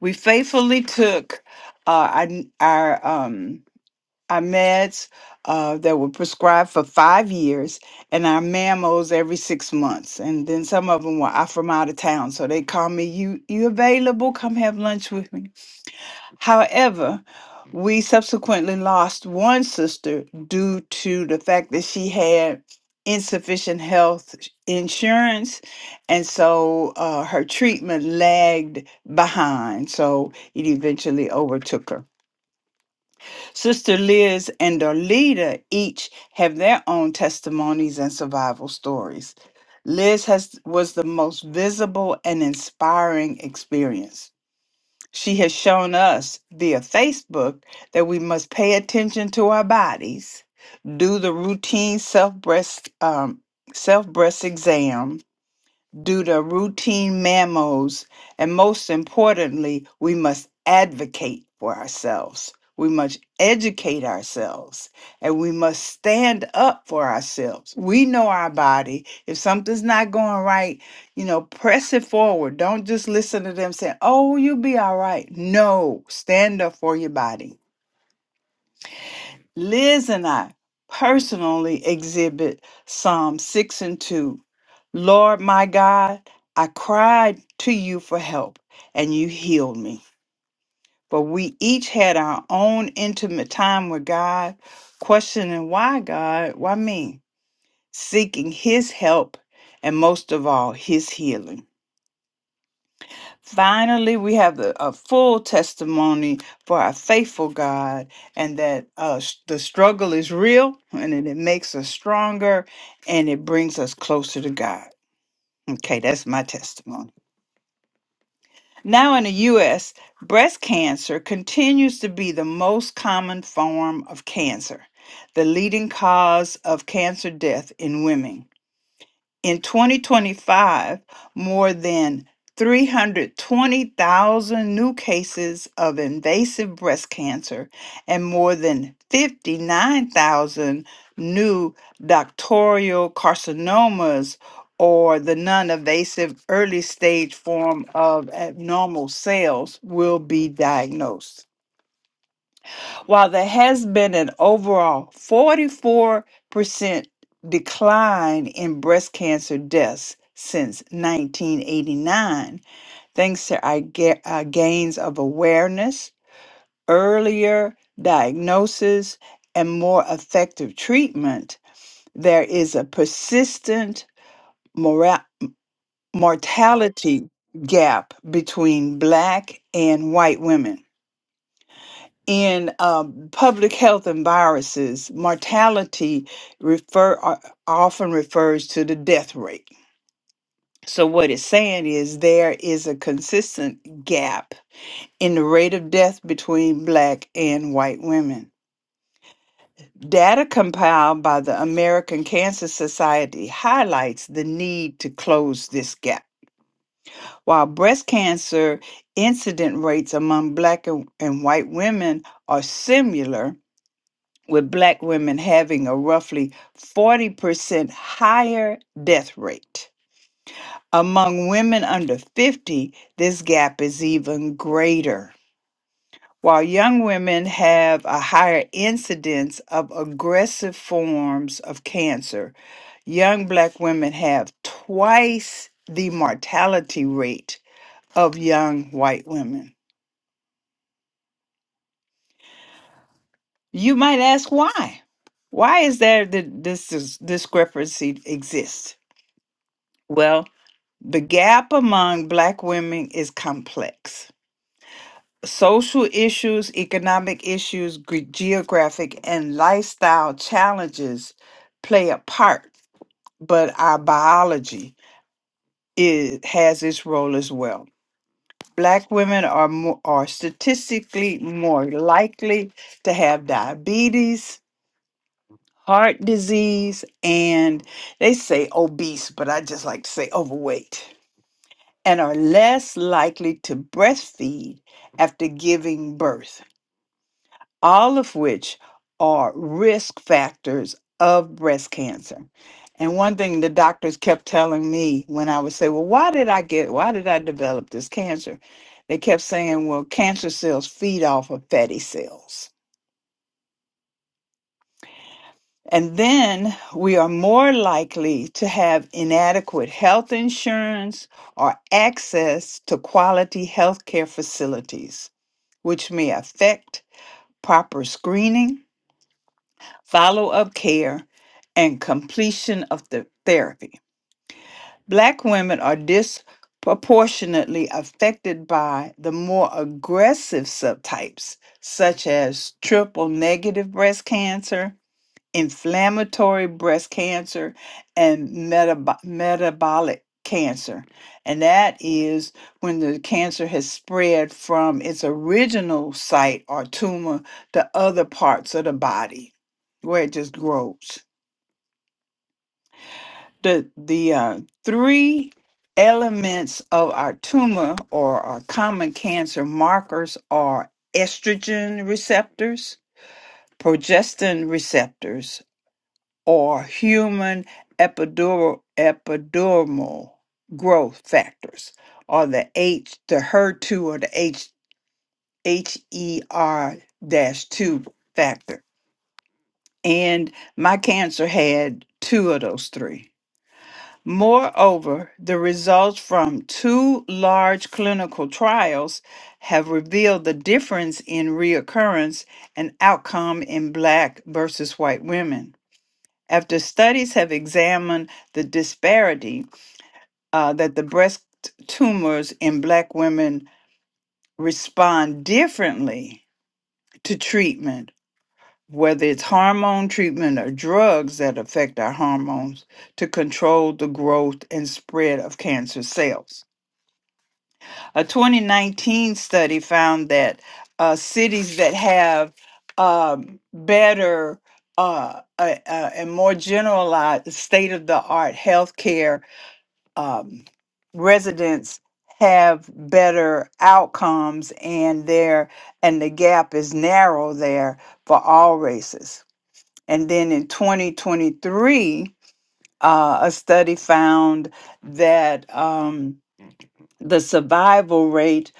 Speaker 2: We faithfully took uh, our, n- our, um, our meds uh, that were prescribed for five years and our mammos every six months. And then some of them were, i from out of town, so they call me, you, you available? Come have lunch with me. However, we subsequently lost one sister due to the fact that she had insufficient health insurance, and so uh, her treatment lagged behind. So it eventually overtook her. Sister Liz and Darlita each have their own testimonies and survival stories. Liz has was the most visible and inspiring experience. She has shown us via Facebook that we must pay attention to our bodies, do the routine self breast um, self breast exam due to routine mammals. And most importantly, we must advocate for ourselves. We must educate ourselves and we must stand up for ourselves. We know our body. If something's not going right, you know, press it forward. Don't just listen to them saying, oh, you'll be all right. No, stand up for your body. Liz and I personally exhibit Psalm 6 and 2 Lord my God, I cried to you for help and you healed me. But we each had our own intimate time with God, questioning why God, why me, seeking his help and most of all, his healing. Finally, we have the, a full testimony for our faithful God and that uh, s- the struggle is real and that it makes us stronger and it brings us closer to God. Okay, that's my testimony. Now, in the U.S., breast cancer continues to be the most common form of cancer, the leading cause of cancer death in women. In 2025, more than 320,000 new cases of invasive breast cancer and more than 59,000 new ductal carcinomas or the non-invasive early stage form of abnormal cells will be diagnosed. While there has been an overall 44% decline in breast cancer deaths since 1989, thanks to our, ga- our gains of awareness, earlier diagnosis, and more effective treatment, there is a persistent mora- mortality gap between Black and white women. in um, public health and viruses, mortality refer o- often refers to the death rate. So what it's saying is there is a consistent gap in the rate of death between black and white women. Data compiled by the American Cancer Society highlights the need to close this gap. While breast cancer incident rates among black and and white women are similar, with black women having a roughly 40% higher death rate. Among women under 50, this gap is even greater. While young women have a higher incidence of aggressive forms of cancer, young black women have twice the mortality rate of young white women. You might ask why? Why is there that this dis- discrepancy exists? Well, The gap among Black women is complex. Social issues, economic issues, gre- geographic, and lifestyle challenges play a part, but our biology is, has its role as well. Black women are, more, are statistically more likely to have diabetes, heart disease, and they say obese, but I just like to say overweight. and are less likely to breastfeed after giving birth, all of which are risk factors of breast cancer. And one thing the doctors kept telling me when I would say, Well, why did I get, why did I develop this cancer? They kept saying, Well, cancer cells feed off of fatty cells. And then we are more likely to have inadequate health insurance or access to quality healthcare facilities which may affect proper screening, follow up care, and completion of the therapy. Black women are disproportionately affected by the more aggressive subtypes, such as triple negative breast cancer inflammatory breast cancer and metab- metabolic cancer. And that is when the cancer has spread from its original site or tumor to other parts of the body where it just grows. The, the uh, three elements of our tumor or our common cancer markers are estrogen receptors, progestin receptors, or human epidural, epidermal growth factors, or the H, the HER2 or the H, HER-2 factor. And my cancer had two of those three. Moreover, the results from two large clinical trials have revealed the difference in reoccurrence and outcome in Black versus white women. After studies have examined the disparity uh, that the breast tumors in Black women respond differently to treatment, whether it's hormone treatment or drugs that affect our hormones to control the growth and spread of cancer cells. A 2019 study found that uh, cities that have um, better uh, uh, uh, and more generalized state of the art healthcare um, residents have better outcomes and there and the gap is narrow there for all races and then in 2023 uh, a study found that Um, the survival rate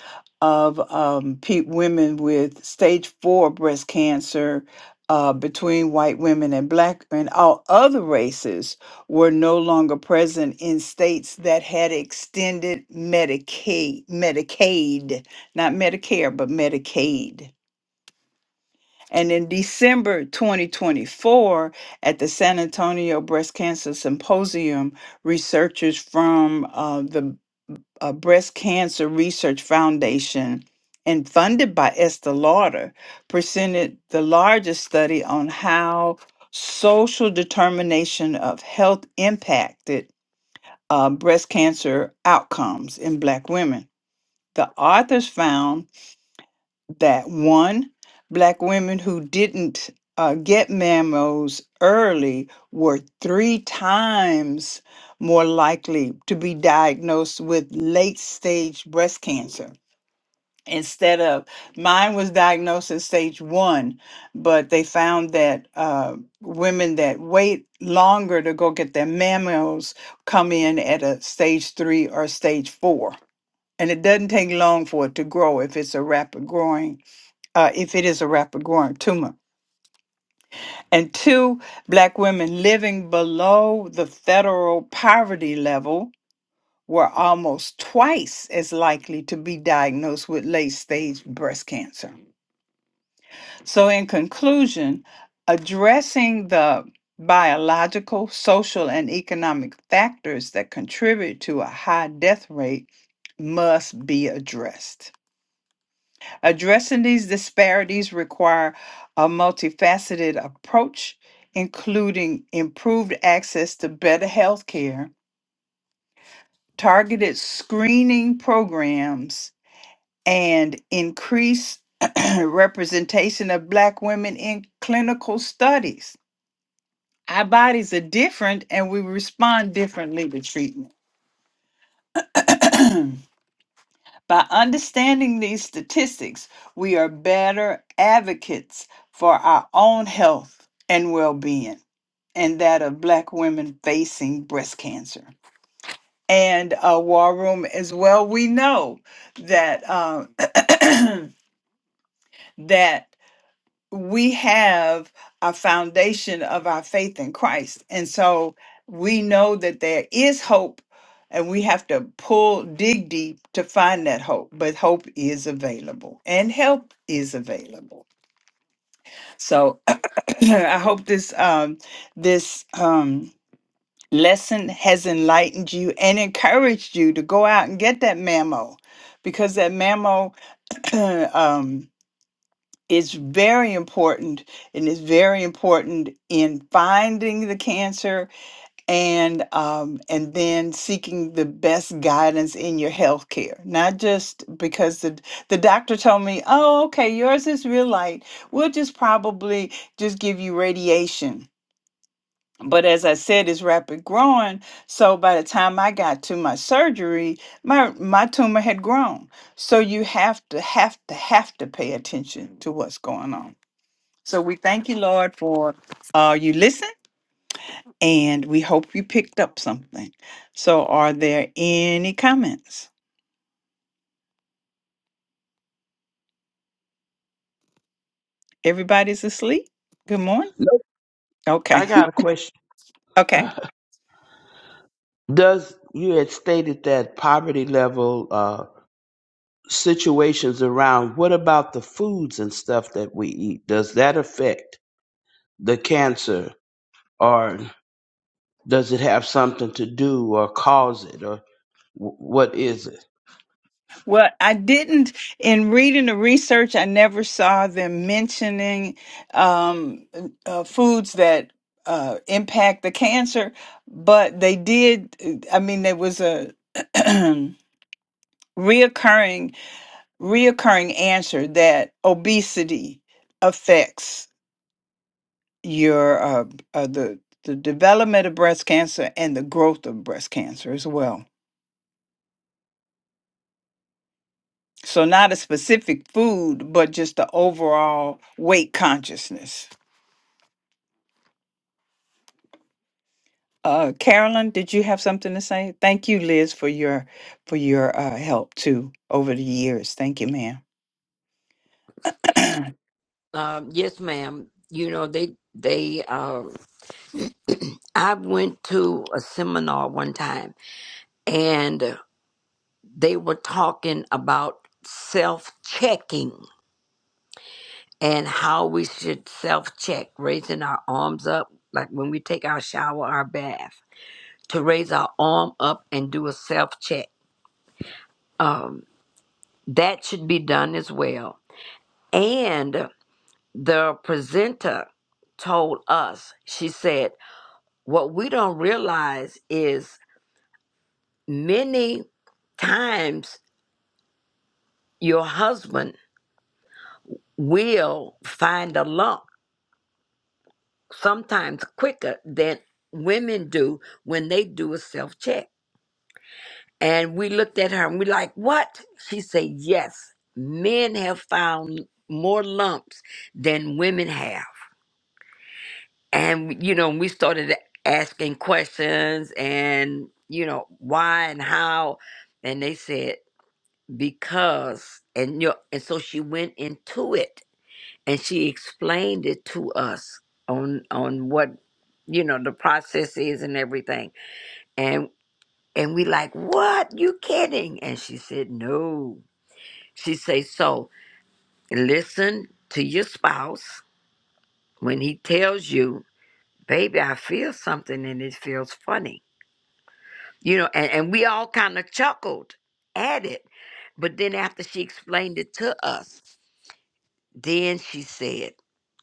Speaker 2: of um, pe- women with stage four breast cancer uh, between white women and black and all other races were no longer present in states that had extended Medicaid, Medicaid, not Medicare, but Medicaid. And in December 2024, at the San Antonio Breast Cancer Symposium, researchers from uh, the uh, Breast Cancer Research Foundation and funded by Esther Lauder presented the largest study on how social determination of health impacted uh, breast cancer outcomes in Black women. The authors found that one, black women who didn't uh, get mammos early were three times more likely to be diagnosed with late stage breast cancer. Instead of mine was diagnosed as stage one, but they found that uh, women that wait longer to go get their mammos come in at a stage three or stage four. And it doesn't take long for it to grow if it's a rapid growing uh, if it is a rapid growing tumor. And two, black women living below the federal poverty level were almost twice as likely to be diagnosed with late stage breast cancer. So, in conclusion, addressing the biological, social, and economic factors that contribute to a high death rate must be addressed. Addressing these disparities require a multifaceted approach, including improved access to better health care, targeted screening programs, and increased representation of Black women in clinical studies. Our bodies are different and we respond differently to treatment. By understanding these statistics, we are better advocates for our own health and well being and that of Black women facing breast cancer. And uh, War Room as well, we know that, uh, that we have a foundation of our faith in Christ. And so we know that there is hope and we have to pull dig deep to find that hope. But hope is available and help is available. So I hope this um this um lesson has enlightened you and encouraged you to go out and get that memo because that memo um it's very important and it's very important in finding the cancer and um, and then seeking the best guidance in your health care not just because the the doctor told me oh okay yours is real light we'll just probably just give you radiation but as i said it's rapid growing so by the time i got to my surgery my my tumor had grown so you have to have to have to pay attention to what's going on so we thank you, Lord, for uh, you listen, and we hope you picked up something. So, are there any comments? Everybody's asleep. Good morning.
Speaker 10: No, I
Speaker 2: Okay.
Speaker 10: got a question.
Speaker 2: Okay.
Speaker 10: Does you had stated that poverty level uh, situations around? What about the foods and stuff that we eat? Does that affect the cancer, or does it have something to do or cause it, or wh- what is it?
Speaker 2: Well, I didn't, in reading the research, I never saw them mentioning um, uh, foods that uh, impact the cancer, but they did. I mean, there was a reoccurring reoccurring answer that obesity affects your uh, uh, the the development of breast cancer and the growth of breast cancer as well. So not a specific food, but just the overall weight consciousness. Uh, Carolyn, did you have something to say? Thank you, Liz, for your for your uh, help too over the years. Thank you, ma'am.
Speaker 9: Um, yes, ma'am. You know, they they I went to a seminar one time and they were talking about self checking and how we should self check, raising our arms up, like when we take our shower, our bath, to raise our arm up and do a self check. Um, that should be done as well. And the presenter told us, she said, what we don't realize is many times your husband will find a lump sometimes quicker than women do when they do a self check. And we looked at her and we like, what? She said, yes, men have found more lumps than women have. And, you know, we started asking questions and, you know, why and how. And they said, because, and, you know, and so she went into it and she explained it to us on on what you know the process is and everything and and we like what you kidding and she said no she say so listen to your spouse when he tells you baby i feel something and it feels funny you know and, and we all kind of chuckled at it but then after she explained it to us then she said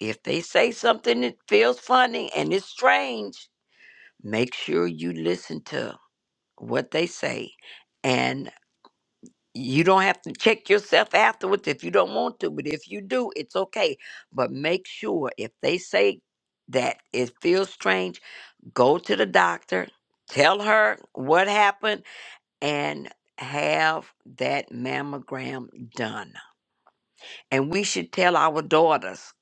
Speaker 9: if they say something that feels funny and it's strange make sure you listen to what they say and you don't have to check yourself afterwards if you don't want to but if you do it's okay but make sure if they say that it feels strange go to the doctor tell her what happened and have that mammogram done and we should tell our daughters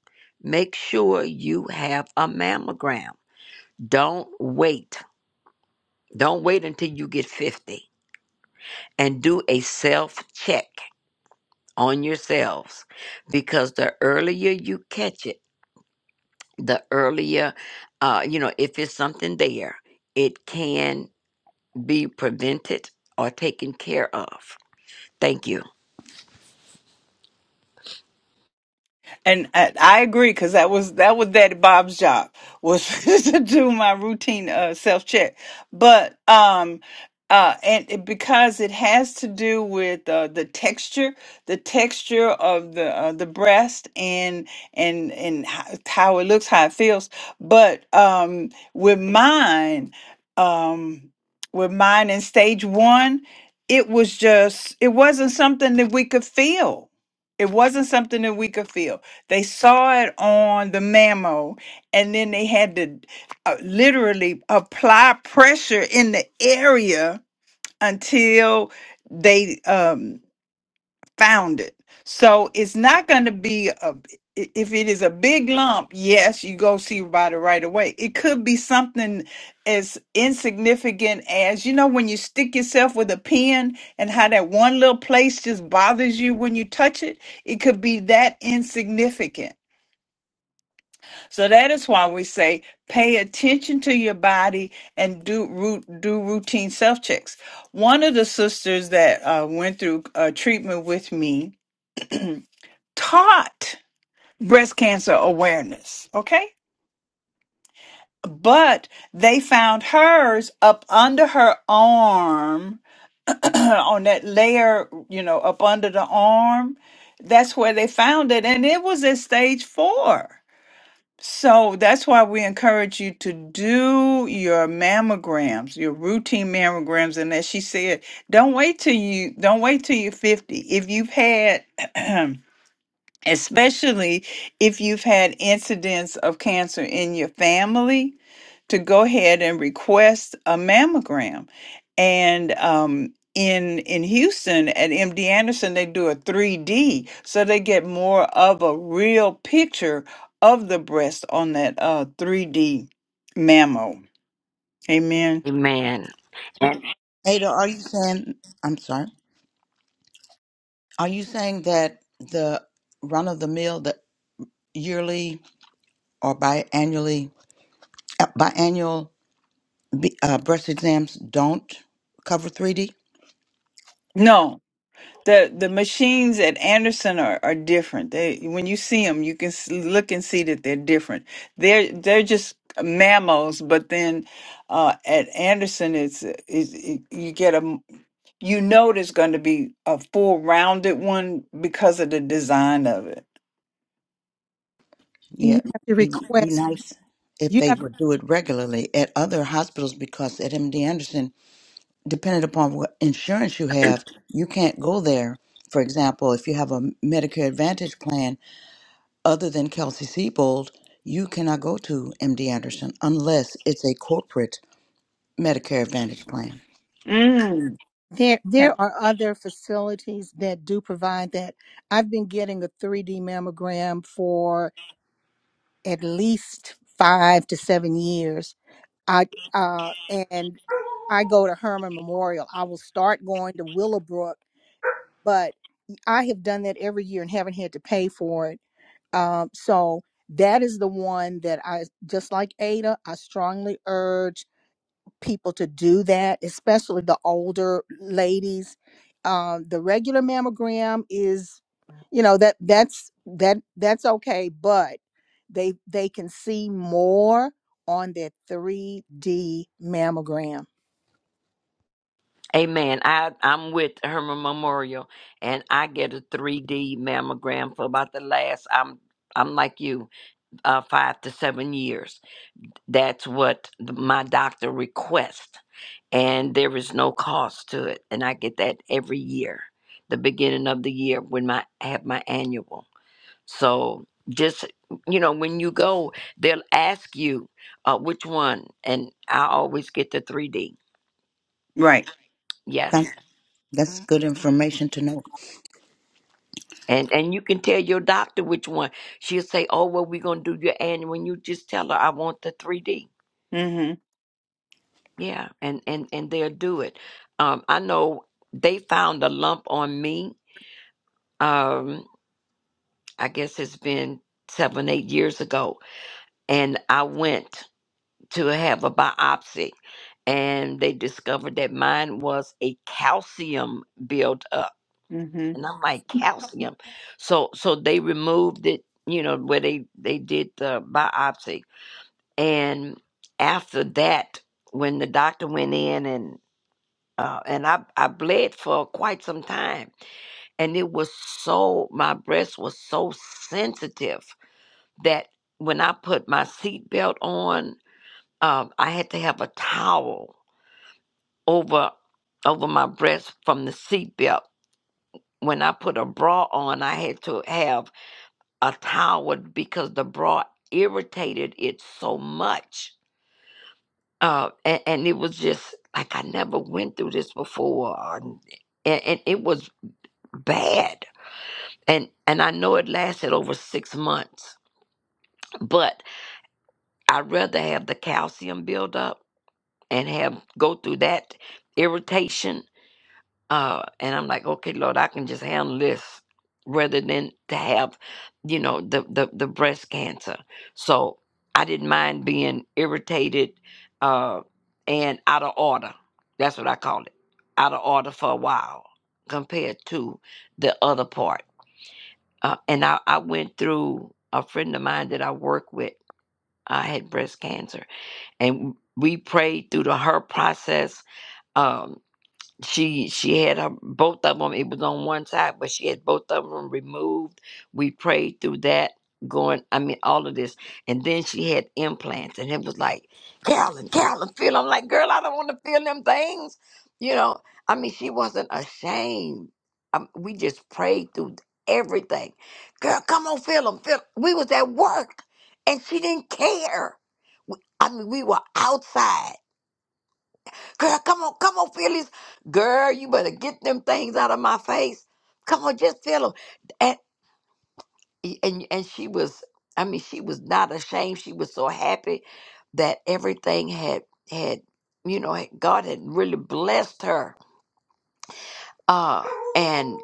Speaker 9: make sure you have a mammogram don't wait don't wait until you get 50 and do a self check on yourselves because the earlier you catch it, the earlier, uh, you know, if it's something there, it can be prevented or taken care of. Thank you.
Speaker 2: And I, I agree because that was that was Daddy Bob's job was to do my routine uh, self check. But um, uh, and it, because it has to do with uh, the texture, the texture of the uh, the breast and and and how, how it looks, how it feels. But um, with mine, um, with mine in stage one, it was just it wasn't something that we could feel. It wasn't something that we could feel they saw it on the mammo, and then they had to uh, literally apply pressure in the area until they um, found it. So it's not going to be a. i- If it is a big lump, yes, you go see about it right away. It could be something as insignificant as you know when you stick yourself with a pin and how that one little place just bothers you when you touch it. It could be that insignificant so that is why we say pay attention to your body and do root, do routine self checks. One of the sisters that uh, went through uh, treatment with me taught breast cancer awareness. Okay, but they found hers up under her arm on that layer, you know, up under the arm. That's where they found it, and it was at stage four. So that's why we encourage you to do your mammograms, your routine mammograms. And as she said, don't wait till you don't wait till you're 50. If you've had especially if you've had incidents of cancer in your family, to go ahead and request a mammogram. And um, in in Houston at MD Anderson, they do a 3D, so they get more of a real picture of the breast on that uh, 3D mammo. Amen.
Speaker 9: Amen.
Speaker 6: Ada, are you saying, I'm sorry, are you saying that the run of the mill, the yearly or biannually, uh, biannual b- uh, breast exams don't cover 3D?
Speaker 2: No, The the machines at Anderson are, are different. They when you see them, you can s look and see that they're different. They're they're just mammals, but then uh, at Anderson, it's is it, you get a m- you know there's going to be a full rounded one because of the design of it.
Speaker 1: And
Speaker 6: Yeah,
Speaker 1: you have to
Speaker 6: be, be
Speaker 1: request.
Speaker 6: nice if
Speaker 1: You
Speaker 6: they
Speaker 1: have.
Speaker 6: would do it regularly at other hospitals because at MD Anderson, depending upon what insurance you have, you can't go there. For example, if you have a Medicare Advantage plan other than Kelsey Siebold, you cannot go to MD Anderson unless it's a corporate Medicare Advantage plan.
Speaker 2: Mm.
Speaker 1: There,
Speaker 2: Yeah.
Speaker 1: there are other facilities that do provide that. I've been getting a 3D mammogram for at least five to seven years. I uh, and I go to Herman Memorial. I will start going to Willowbrook, but I have done that every year and haven't had to pay for it. Um, so that is the one that I just like Ada. I strongly urge people to do that, especially the older ladies. Um, the regular mammogram is, you know, that that's that that's okay, but they they can see more on their 3D mammogram.
Speaker 9: Amen. I, I'm with Herman Memorial and I get a 3D mammogram for about the last, I'm, I'm like you, uh, five to seven years That's what the, my doctor requests, and there is no cost to it. And I get that every year, the beginning of the year when my I have my annual. So just you know, when you go, they'll ask you uh, which one, and I always get the three D.
Speaker 2: Right.
Speaker 6: That's,
Speaker 9: Yes.
Speaker 6: that's good information to know.
Speaker 9: And, and you can tell your doctor which one. She'll say, "Oh well, we're gonna do your annual." And you just tell her, "I want the 3D."
Speaker 2: Mm-hmm.
Speaker 9: Yeah, and and and they'll do it. Um, I know they found a lump on me. Um, I guess it's been seven, eight years ago, and I went to have a biopsy, and they discovered that mine was a calcium buildup,
Speaker 2: Mm-hmm.
Speaker 9: and I'm like calcium. So so they removed it, you know, where they they did the biopsy, and after that, when the doctor went in and uh, and I, I bled for quite some time. And it was so, my breast was so sensitive that when I put my seatbelt on, um, I had to have a towel over over my breast from the seatbelt. When I put a bra on, I had to have a towel because the bra irritated it so much. Uh, and, and it was just like I never went through this before, and, and it was bad and and I know it lasted over six months, but I'd rather have the calcium build up and have go through that irritation. Uh, and I'm like, okay, Lord, I can just handle this rather than to have, you know, the the, the breast cancer. So I didn't mind being irritated uh, and out of order. That's what I call it, out of order for a while compared to the other part uh, and I, I went through a friend of mine that I work with. I had breast cancer, and we prayed through the her process. Um, she she had her, both of them. It was on one side, but she had both of them removed. We prayed through that. Going, I mean, all of this, and then she had implants, and it was like, Carolyn, Carolyn, feel. 'em. I'm like, girl, I don't want to feel them things. You know, I mean, she wasn't ashamed. Um, we just prayed through everything. Girl, come on, feel them, feel. 'em." We was at work, and she didn't care. We- I mean, we were outside. Girl, come on, come on, feel these. Girl, you better get them things out of my face. Come on, just feel them. And, and and she was, I mean, she was not ashamed. She was so happy that everything had had, you know, had- God had really blessed her. Uh, and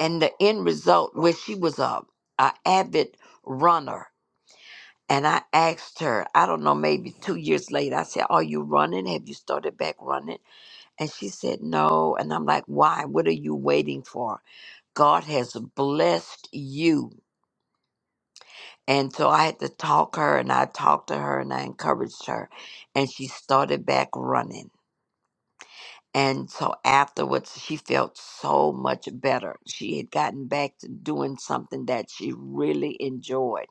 Speaker 9: and the end result was she was a, a avid runner. And I asked her, I don't know, maybe two years later, I said, Are you running? Have you started back running? And she said, No. And I'm like, Why? What are you waiting for? God has blessed you. And so I had to talk her, and I talked to her, and I encouraged her. And she started back running. And so afterwards, she felt so much better. She had gotten back to doing something that she really enjoyed.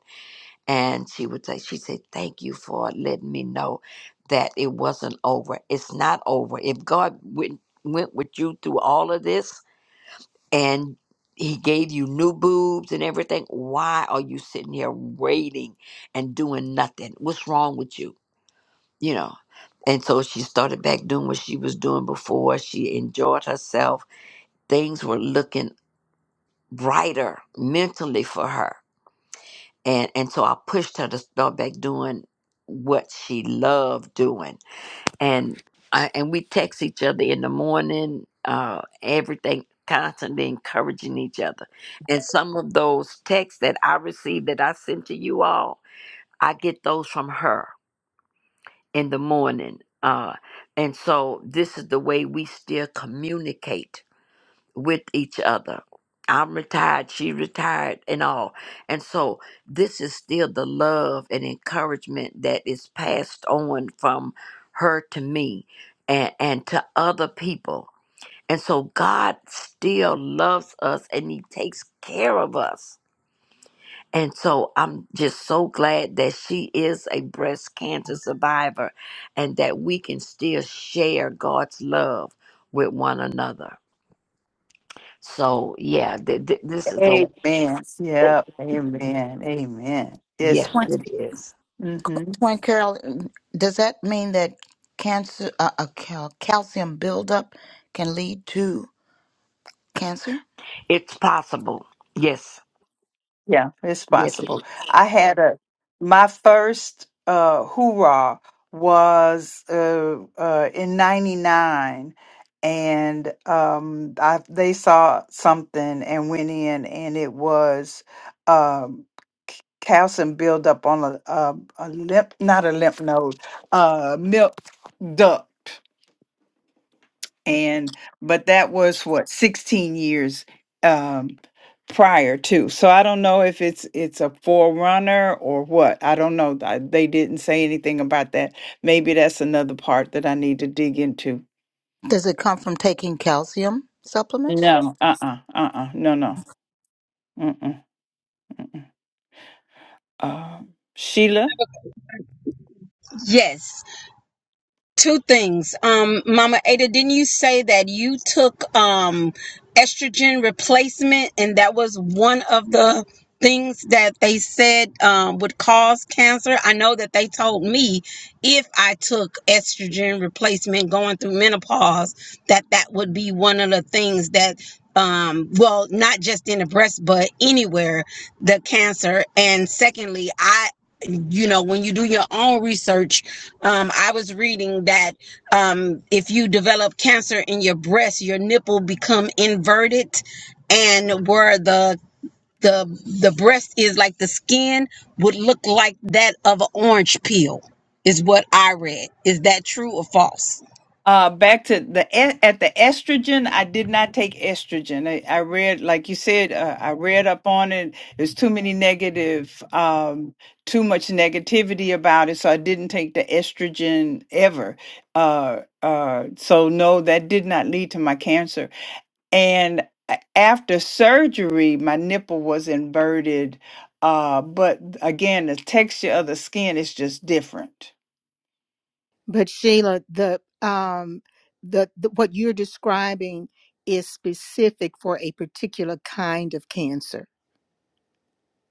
Speaker 9: And she would say, She said, Thank you for letting me know that it wasn't over. It's not over. If God went, went with you through all of this, and he gave you new boobs and everything. Why are you sitting here waiting and doing nothing? What's wrong with you? You know. And so she started back doing what she was doing before. She enjoyed herself. Things were looking brighter mentally for her. And and so I pushed her to start back doing what she loved doing and I, and we text each other in the morning, uh, everything, constantly encouraging each other. And some of those texts that I received that I sent to you all, I get those from her in the morning. Uh, and so this is the way we still communicate with each other. I'm retired, she retired, and all. And so this is still the love and encouragement that is passed on from her to me and, and to other people. And so God still loves us and He takes care of us. And so I'm just so glad that she is a breast cancer survivor and that we can still share God's love with one another. So yeah, th- th- this is a
Speaker 2: Amen.
Speaker 9: thing.
Speaker 2: Yep. Amen. Amen. Yes.
Speaker 9: Yes,
Speaker 6: Twin,
Speaker 9: it is.
Speaker 2: Mm. Hmm.
Speaker 6: Twin Carol, does that mean that cancer, uh, a cal- calcium buildup can lead to? Cancer?
Speaker 9: It's possible. Yes,
Speaker 2: Yeah, it's
Speaker 9: yes, it is.
Speaker 2: possible. I had a my first uh hoorah was uh uh in 99 and um I they saw something and went in and it was um calcium buildup on a a, a lymph not a lymph node uh milk duct and but that was what 16 years um prior to so i don't know if it's it's a forerunner or what i don't know I, they didn't say anything about that maybe that's another part that i need to dig into
Speaker 6: Does it come from taking calcium supplements?
Speaker 2: no uh-uh uh-uh no no Mm-mm. mm-mm. uh sheila
Speaker 13: Yes, two things. Um, Mama Ada, didn't you say that you took um estrogen replacement and that was one of the things that they said um, would cause cancer? I know that they told me if I took estrogen replacement going through menopause, that that would be one of the things that um well not just in the breast but anywhere the cancer and secondly i you know when you do your own research um, I was reading that um, if you develop cancer in your breast, your nipple become inverted, and where the the the breast is like the skin would look like that of an orange peel. Is what I read. Is that true or false?
Speaker 2: Uh, back to the e- at the estrogen. I did not take estrogen. I, I read, like you said, uh, I read up on it. There's too many negative, um, too much negativity about it, so I didn't take the estrogen ever. Uh, uh, so no, that did not lead to my cancer and a- after surgery my nipple was inverted uh but again the texture of the skin is just different
Speaker 1: But Sheila, the um the, the what you're describing is specific for a particular kind of cancer.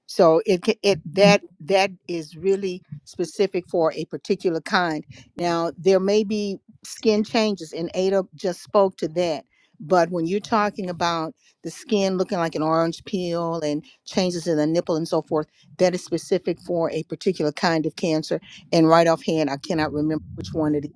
Speaker 1: So it ca- it that that is really specific for a particular kind. Now there may be skin changes, and Ada just spoke to that. But when you're talking about the skin looking like an orange peel and changes in the nipple and so forth, that is specific for a particular kind of cancer. And right offhand, I cannot remember which one it is.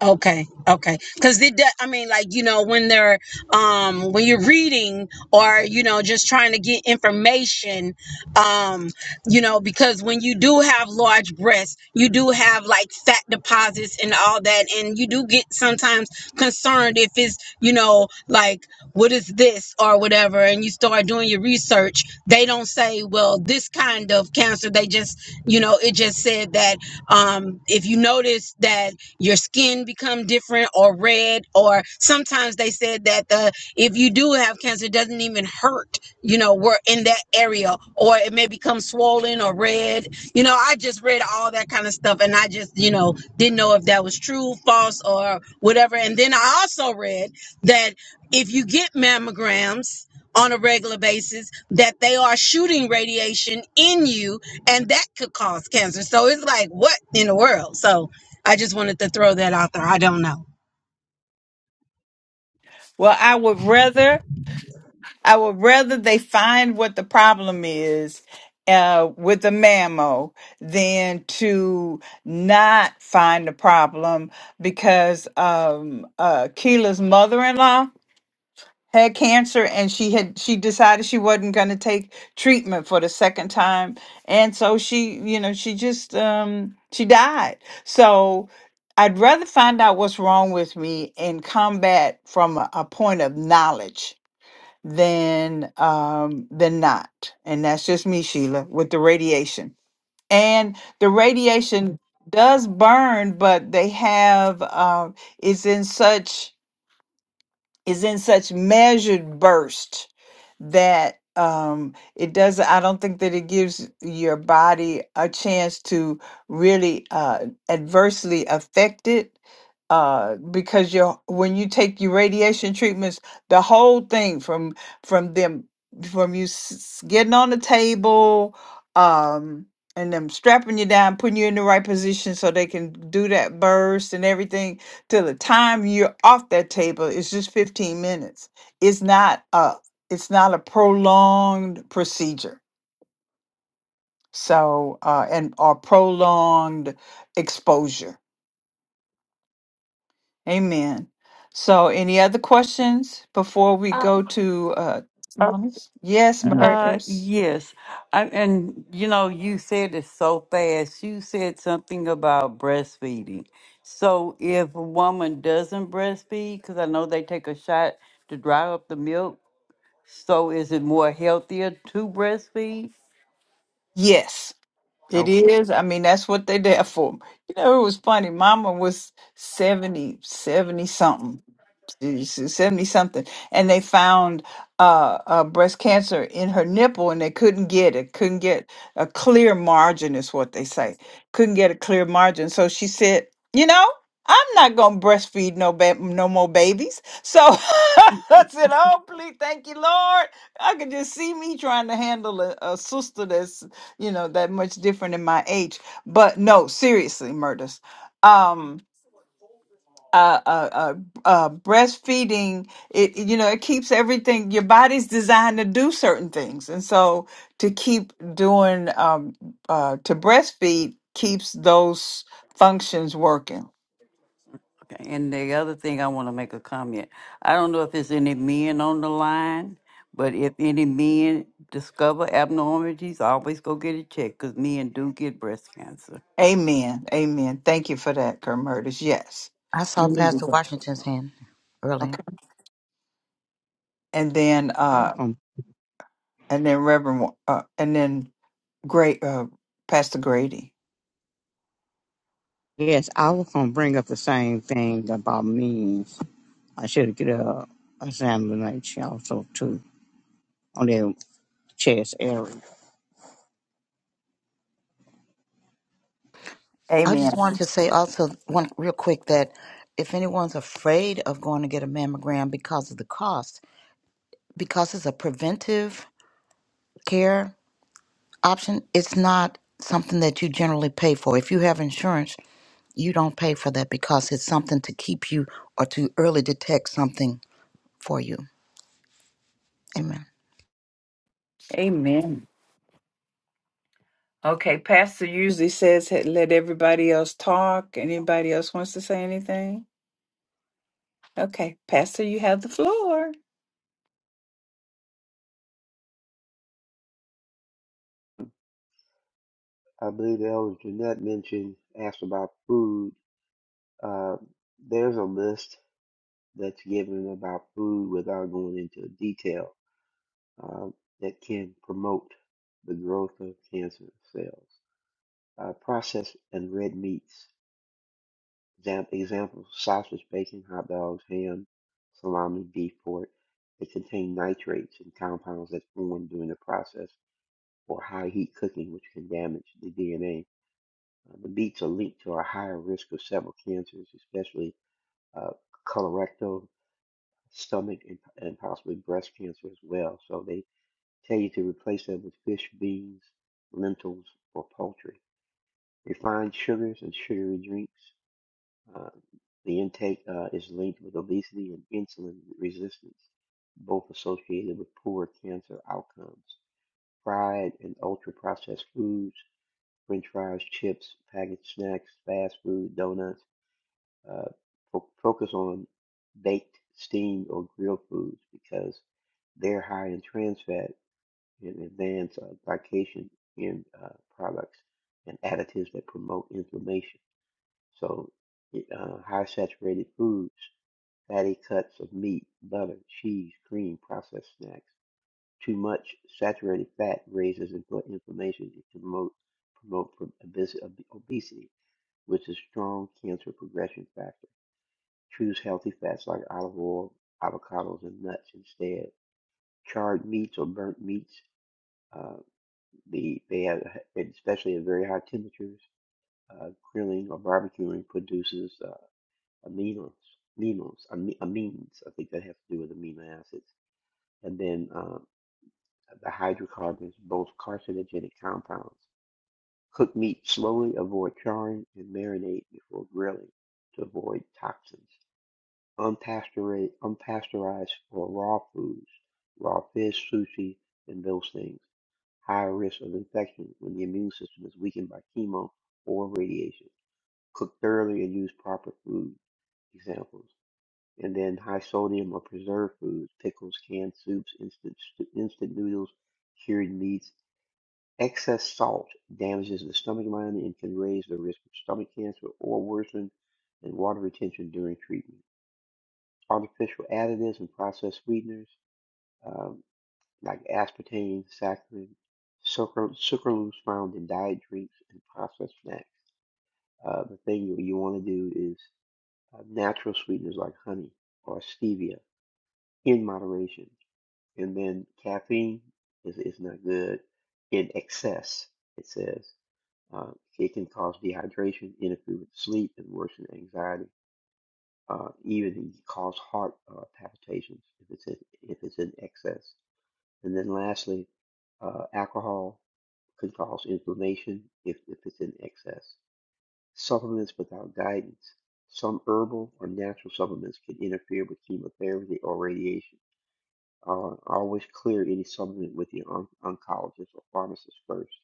Speaker 13: Okay, okay. Because they, de- I mean, like you know, when they're um when you're reading or you know just trying to get information, um, you know, because when you do have large breasts, you do have like fat deposits and all that, and you do get sometimes concerned if it's you know like what is this or whatever, and you start doing your research. They don't say well this kind of cancer. They just you know it just said that um if you notice that your skin become different or red or sometimes they said that the if you do have cancer it doesn't even hurt you know we're in that area or it may become swollen or red you know i just read all that kind of stuff and i just you know didn't know if that was true false or whatever and then i also read that if you get mammograms on a regular basis that they are shooting radiation in you and that could cause cancer so it's like what in the world so I just wanted to throw that out there. I don't know.
Speaker 2: well i would rather I would rather they find what the problem is uh, with the mammo than to not find the problem because um, uh, Keela's mother-in-law had cancer and she had she decided she wasn't going to take treatment for the second time and so she you know she just um she died so i'd rather find out what's wrong with me and combat from a, a point of knowledge than um than not and that's just me sheila with the radiation and the radiation does burn but they have um it's in such is in such measured burst that um it does i don't think that it gives your body a chance to really uh adversely affect it uh because your when you take your radiation treatments the whole thing from from them from you s- getting on the table um and them strapping you down putting you in the right position so they can do that burst and everything till the time you're off that table is just 15 minutes it's not a it's not a prolonged procedure so uh and or prolonged exposure amen so any other questions before we
Speaker 5: Uh,
Speaker 2: go to uh
Speaker 5: uh,
Speaker 2: testimonies? yes
Speaker 5: uh,
Speaker 2: murders
Speaker 5: yes. I, and, you know, you said it so fast. You said something about breastfeeding. So if a woman doesn't breastfeed, because I know they take a shot to dry up the milk, So is it more healthier to breastfeed?
Speaker 2: yes it
Speaker 5: Okay.
Speaker 2: is i mean that's what they're there for you know it was funny mama was 70, 70 something you should send me something. And they found uh, uh, breast cancer in her nipple, and they couldn't get it. Couldn't get a clear margin, is what they say. Couldn't get a clear margin. So she said, you know. I'm not gonna breastfeed no ba- no more babies. So I said, "Oh, please, thank you, Lord." I could just see me trying to handle a, a sister that's you know that much different in my age. But no, seriously, murders uh, uh, uh, uh, breastfeeding, it it, you know it keeps everything. Your body's designed to do certain things, and so to keep doing um, uh, to breastfeed keeps those functions working.
Speaker 5: okay. And the other thing I want to make a comment. I don't know if there's any men on the line, but if any men discover abnormalities, always go get it checked because men do get breast cancer.
Speaker 2: Amen. Amen. Thank you for that, Kermurtis. Yes.
Speaker 6: I saw Pastor
Speaker 2: Mhm.
Speaker 6: Washington's hand earlier.
Speaker 2: Okay. And then
Speaker 11: I
Speaker 2: uh,
Speaker 11: was gonna,
Speaker 2: and then Reverend, Wa- uh, and then Great uh, Pastor Grady.
Speaker 11: yes, I was gonna bring up the same thing about means. I should get a examination also too on their chest area.
Speaker 6: I just
Speaker 2: Amen.
Speaker 6: wanted to say also one real quick that if anyone's afraid of going to get a mammogram because of the cost, because it's a preventive care option, it's not something that you generally pay for. If you have insurance, you don't pay for that because it's something to keep you or to early detect something for you. Amen.
Speaker 2: Amen. Okay, Pastor usually says "Hey, let everybody else talk. Anybody else wants to say anything? Okay, Pastor, you have the floor.
Speaker 14: I believe Elder Jeanette mentioned, asked about food. Uh, there's a list that's given about food without going into detail uh, that can promote the growth of cancer cells. Uh, processed and red meats, exam- examples sausage, bacon, hot dogs, ham, salami, beef, pork, they contain nitrates and compounds that form during the process or high heat cooking, which can damage the DNA Uh, the beets are linked to a higher risk of several cancers, especially uh, colorectal, stomach, and, and possibly breast cancer as well. So they tell you to replace them with fish, beans, lentils, or poultry. Refined sugars and sugary drinks. Uh, the intake uh, is linked with obesity and insulin resistance, both associated with poor cancer outcomes. Fried and ultra processed foods, french fries, chips, packaged snacks, fast food, donuts uh, fo- focus on baked, steamed, or grilled foods because they're high in trans fat and advanced uh, glycation in uh, products and additives that promote inflammation. So, it, uh, high saturated foods, fatty cuts of meat, butter, cheese, cream, processed snacks. Too much saturated fat raises infl- inflammation and can promote promote pro- obes- ob- obesity, which is a strong cancer progression factor. Choose healthy fats like olive oil, avocados, and nuts instead. Charred meats or burnt meats, uh, the, they have, especially at very high temperatures, uh, grilling or barbecuing produces uh, aminos, aminos, ami- amines. I think that has to do with amino acids. And then uh, the hydrocarbons, both carcinogenic compounds. Cook meat slowly, avoid charring, and marinate before grilling to avoid toxins. unpasteurized, unpasteurized for raw foods, raw fish, sushi, and those things. Higher risk of infection when the immune system is weakened by chemo or radiation. Cook thoroughly and use proper food examples. And then high sodium or preserved foods, pickles, canned soups, instant, instant noodles, cured meats. Excess salt damages the stomach lining and can raise the risk of stomach cancer or worsen and water retention during treatment artificial additives and processed sweeteners um, like aspartame, saccharin, sucral, sucralose found in diet drinks and processed snacks. Uh, the thing you, you want to do is uh, natural sweeteners like honey or stevia in moderation. And then caffeine is, is not good in excess, it says. Uh, it can cause dehydration, interfere with sleep, and worsen anxiety uh, even it can cause heart uh, palpitations if it's in, if it's in excess. And then lastly, uh, alcohol can cause inflammation if, if it's in excess. Supplements without guidance. Some herbal or natural supplements can interfere with chemotherapy or radiation. Uh, always clear any supplement with your on- oncologist or pharmacist first.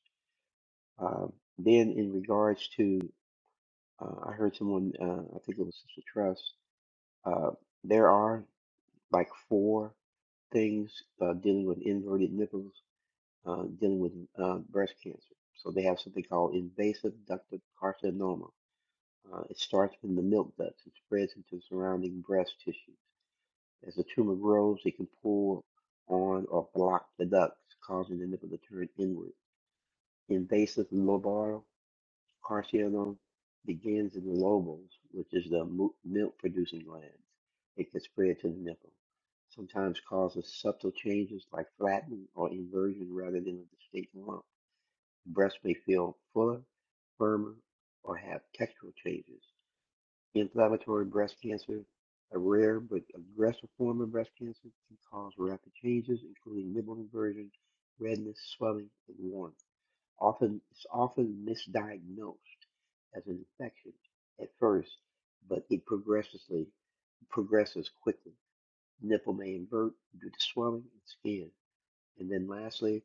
Speaker 14: Um, then, in regards to, uh, I heard someone, uh, I think it was Sister Trust, uh, there are like four. things uh, dealing with inverted nipples, uh, dealing with uh, breast cancer. So they have something called invasive ductal carcinoma. Uh, it starts in the milk ducts and spreads into surrounding breast tissues. As the tumor grows, it can pull on or block the ducts, causing the nipple to turn inward. Invasive lobar Carcianum begins in the lobes, which is the mu- milk-producing glands. It can spread to the nipple, sometimes causes subtle changes like flattening or inversion rather than a distinct lump. The breast may feel fuller, firmer, or have textural changes. Inflammatory breast cancer, a rare but aggressive form of breast cancer, can cause rapid changes, including nipple inversion, redness, swelling, and warmth. Often, it's often misdiagnosed as an infection at first, but it progressively progresses quickly. Nipple may invert due to swelling and skin. And then lastly,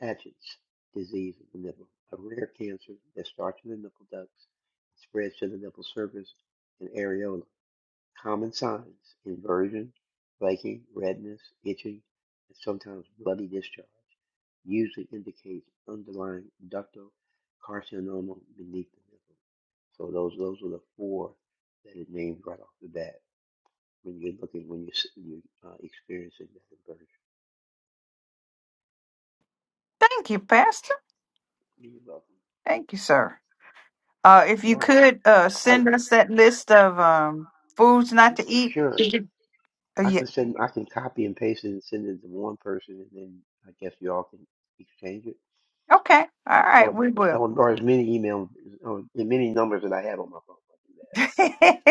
Speaker 14: Paget's disease of the nipple, a rare cancer that starts in the nipple ducts and spreads to the nipple surface and areola. Common signs, inversion, flaking, redness, itching, and sometimes bloody discharge, usually indicates underlying ductal carcinoma beneath the nipple. So those those are the four that it named right off the bat when you're looking when you're you're uh, experiencing that inversion.
Speaker 2: Thank you, Pastor.
Speaker 14: You're welcome.
Speaker 2: Thank you, sir. Uh, if
Speaker 14: And
Speaker 2: you
Speaker 14: I
Speaker 2: could uh,
Speaker 14: I,
Speaker 2: send us that list of um, foods not to eat.
Speaker 14: sure,
Speaker 2: Mhm. Uh,
Speaker 14: I
Speaker 2: yeah.
Speaker 14: can send, I can copy and paste it and send it to one person, and then I guess you all can exchange it,
Speaker 2: Okay. All right.
Speaker 14: or
Speaker 2: We will.
Speaker 14: or, or as many emails, or the many numbers that I have on my phone. I can
Speaker 2: yeah.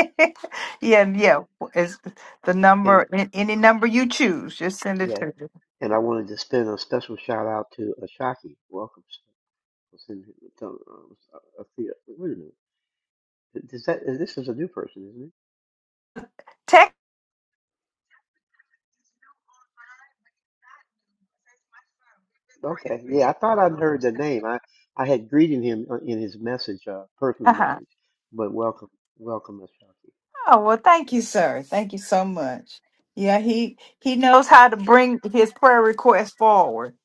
Speaker 14: do
Speaker 2: Yeah.
Speaker 14: that.
Speaker 2: It's the
Speaker 14: Mhm.
Speaker 2: number,
Speaker 14: And
Speaker 2: an- any number you choose, just send it
Speaker 14: yeah,
Speaker 2: to me.
Speaker 14: and I wanted to send a special shout out to Ashaki. Welcome. sir. We'll send it to, um, uh, uh, wait a minute. Does that this is a new person, isn't it?
Speaker 2: Tech.
Speaker 14: Okay, yeah, I thought I'd heard the name. I, I had greeted him uh, in his message, uh, personal
Speaker 2: Uh-huh.
Speaker 14: message, but welcome, welcome, Miss Shaki.
Speaker 2: Oh well, thank you, sir. Thank you so much. Yeah, he he knows how to bring his prayer request forward.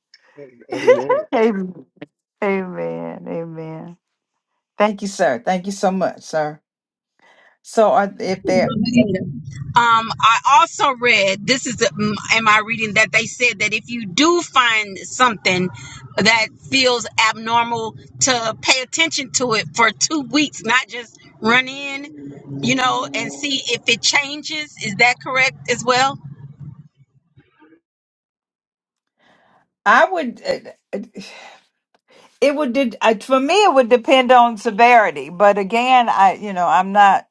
Speaker 14: A- Amen.
Speaker 2: Amen. Amen. Amen. Thank you, sir. Thank you so much, sir. So, are, if there,
Speaker 13: Um, I also read this is the- mm, in my reading that they said that if you do find something that feels abnormal, to pay attention to it for two weeks, not just run in, you know, and see if it changes. Is that correct as well?
Speaker 2: I would. it would did I, for me it would depend on severity but again i you know i'm not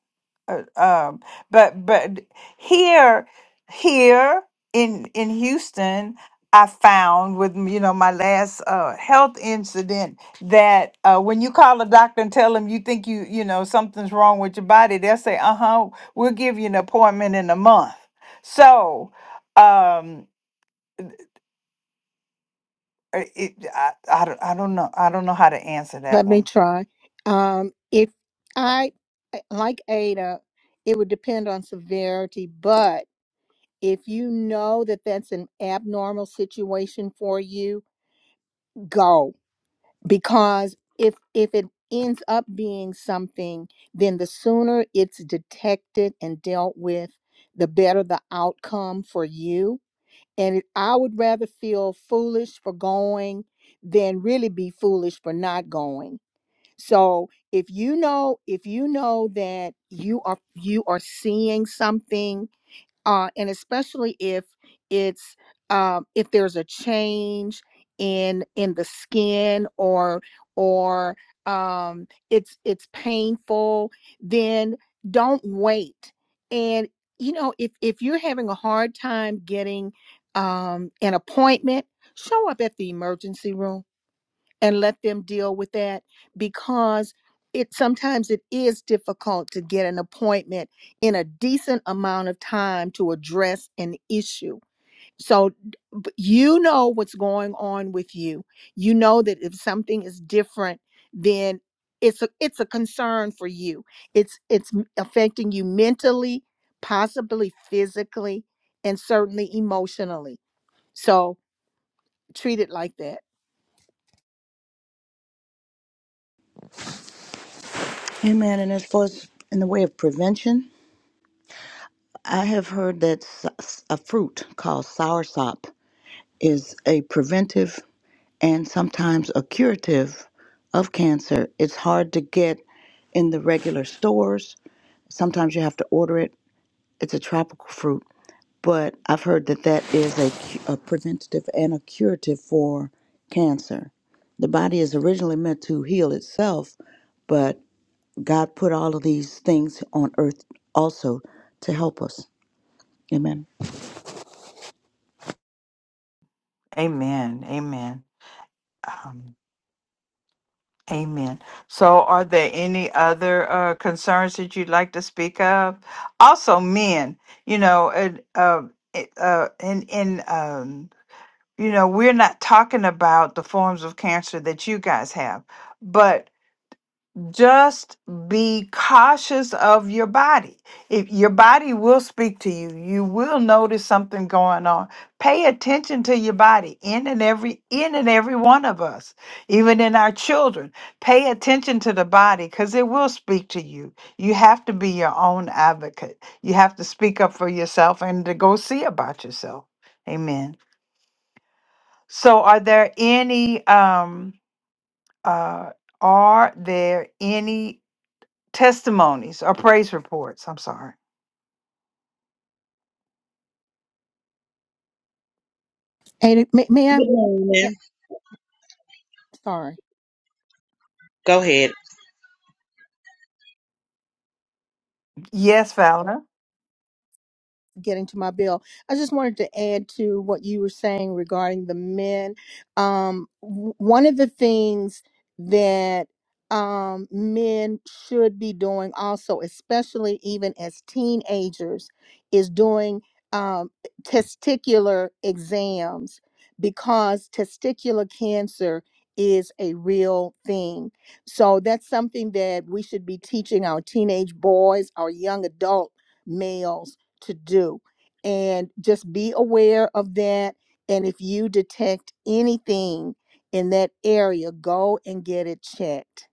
Speaker 2: uh, um but but here here in in houston i found with you know my last uh health incident that uh when you call a doctor and tell them you think you you know something's wrong with your body they'll say uh-huh we'll give you an appointment in a month so um uh, it, I, I, don't- I don't know i don't know how to answer that
Speaker 1: Let me
Speaker 2: one
Speaker 1: try. Um, if
Speaker 2: Right.
Speaker 1: I I- like Ada, it would depend on severity, but If you know that that's an abnormal situation for you, go because if if it ends up being something, then the sooner it's detected and dealt with, the better the outcome for you. And it, I would rather feel foolish for going than really be foolish for not going. So if you know if you know that you are you are seeing something uh, and especially if it's um, if there's a change in in the skin or or um, it's it's painful, then don't wait. And you know if if you're having a hard time getting um, an appointment, show up at the emergency room and let them deal with that because it sometimes it is difficult to get an appointment in a decent amount of time to address an issue so b- you know what's going on with you you know that if something is different then it's a it's a concern for you it's it's m- affecting you mentally possibly physically and certainly emotionally so treat it like that
Speaker 6: Amen. And as far as in the way of prevention, I have heard that s- s- a fruit called soursop is a preventive and sometimes a curative of cancer. It's hard to get in the regular stores. Sometimes you have to order it. It's a tropical fruit, but I've heard that that is a, cu- a preventative and a curative for cancer. The body is originally meant to heal itself, but God put all of these things on earth also to help us. Amen.
Speaker 2: Amen. Amen. Um, amen. So, are there any other uh, concerns that you'd like to speak of? Also, men. You know, and uh, it, uh, in in um, you know, we're not talking about the forms of cancer that you guys have, but just be cautious of your body. If your body will speak to you, you will notice something going on. Pay attention to your body in and every in and every one of us, even in our children. Pay attention to the body cuz it will speak to you. You have to be your own advocate. You have to speak up for yourself and to go see about yourself. Amen. So are there any um uh are there any testimonies or praise reports? I'm sorry.
Speaker 1: Ada, may, may I?
Speaker 15: Good morning.
Speaker 1: Sorry.
Speaker 15: Go ahead.
Speaker 2: Yes, Valor.
Speaker 1: getting to my bill. I just wanted to add to what you were saying regarding the men. Um, w- one of the things that um, men should be doing also, especially even as teenagers, is doing um, testicular exams because testicular cancer is a real thing. So that's something that we should be teaching our teenage boys, our young adult males to do. And just be aware of that. And if you detect anything in that area, go and get it checked.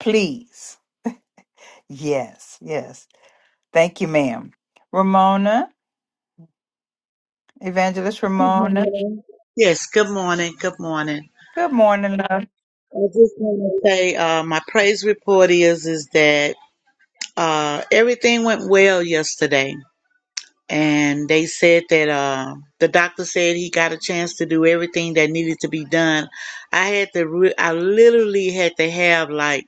Speaker 2: Please. Yes, yes. Thank you, ma'am. Ramona, Evangelist
Speaker 15: Good
Speaker 2: Ramona.
Speaker 15: morning. Yes, good morning. Good morning.
Speaker 2: Good morning, love.
Speaker 15: I just want to say uh, my praise report is is that uh, everything went well yesterday, and they said that uh, the doctor said he got a chance to do everything that needed to be done. I had to, re- I literally had to have like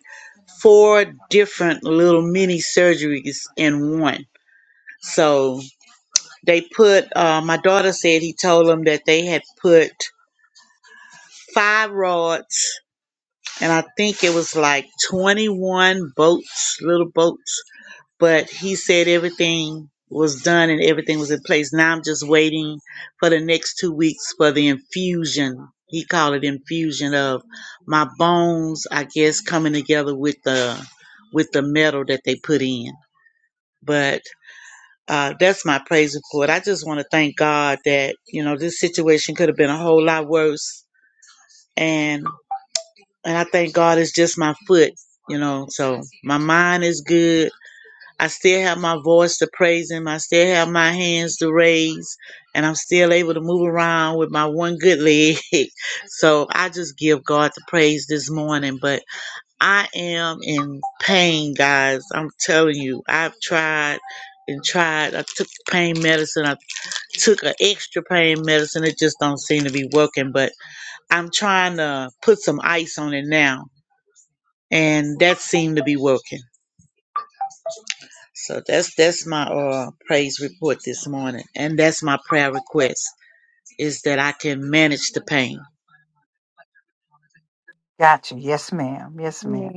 Speaker 15: four different little mini surgeries in one. So they put. Uh, my daughter said he told them that they had put five rods and I think it was like 21 boats, little boats. But he said everything was done and everything was in place. Now I'm just waiting for the next two weeks for the infusion. He called it infusion of my bones, I guess, coming together with the with the metal that they put in. But uh, that's my praise report. I just want to thank God that you know this situation could have been a whole lot worse, and and I thank God it's just my foot, you know. So my mind is good. I still have my voice to praise Him. I still have my hands to raise, and I'm still able to move around with my one good leg. so I just give God the praise this morning. But I am in pain, guys. I'm telling you, I've tried and tried. I took pain medicine. I took an extra pain medicine. It just don't seem to be working. But I'm trying to put some ice on it now and that seemed to be working. So that's that's my uh, praise report this morning, and that's my prayer request is that I can manage the pain.
Speaker 2: Gotcha. Yes, ma'am. Yes, ma'am.
Speaker 1: Amen.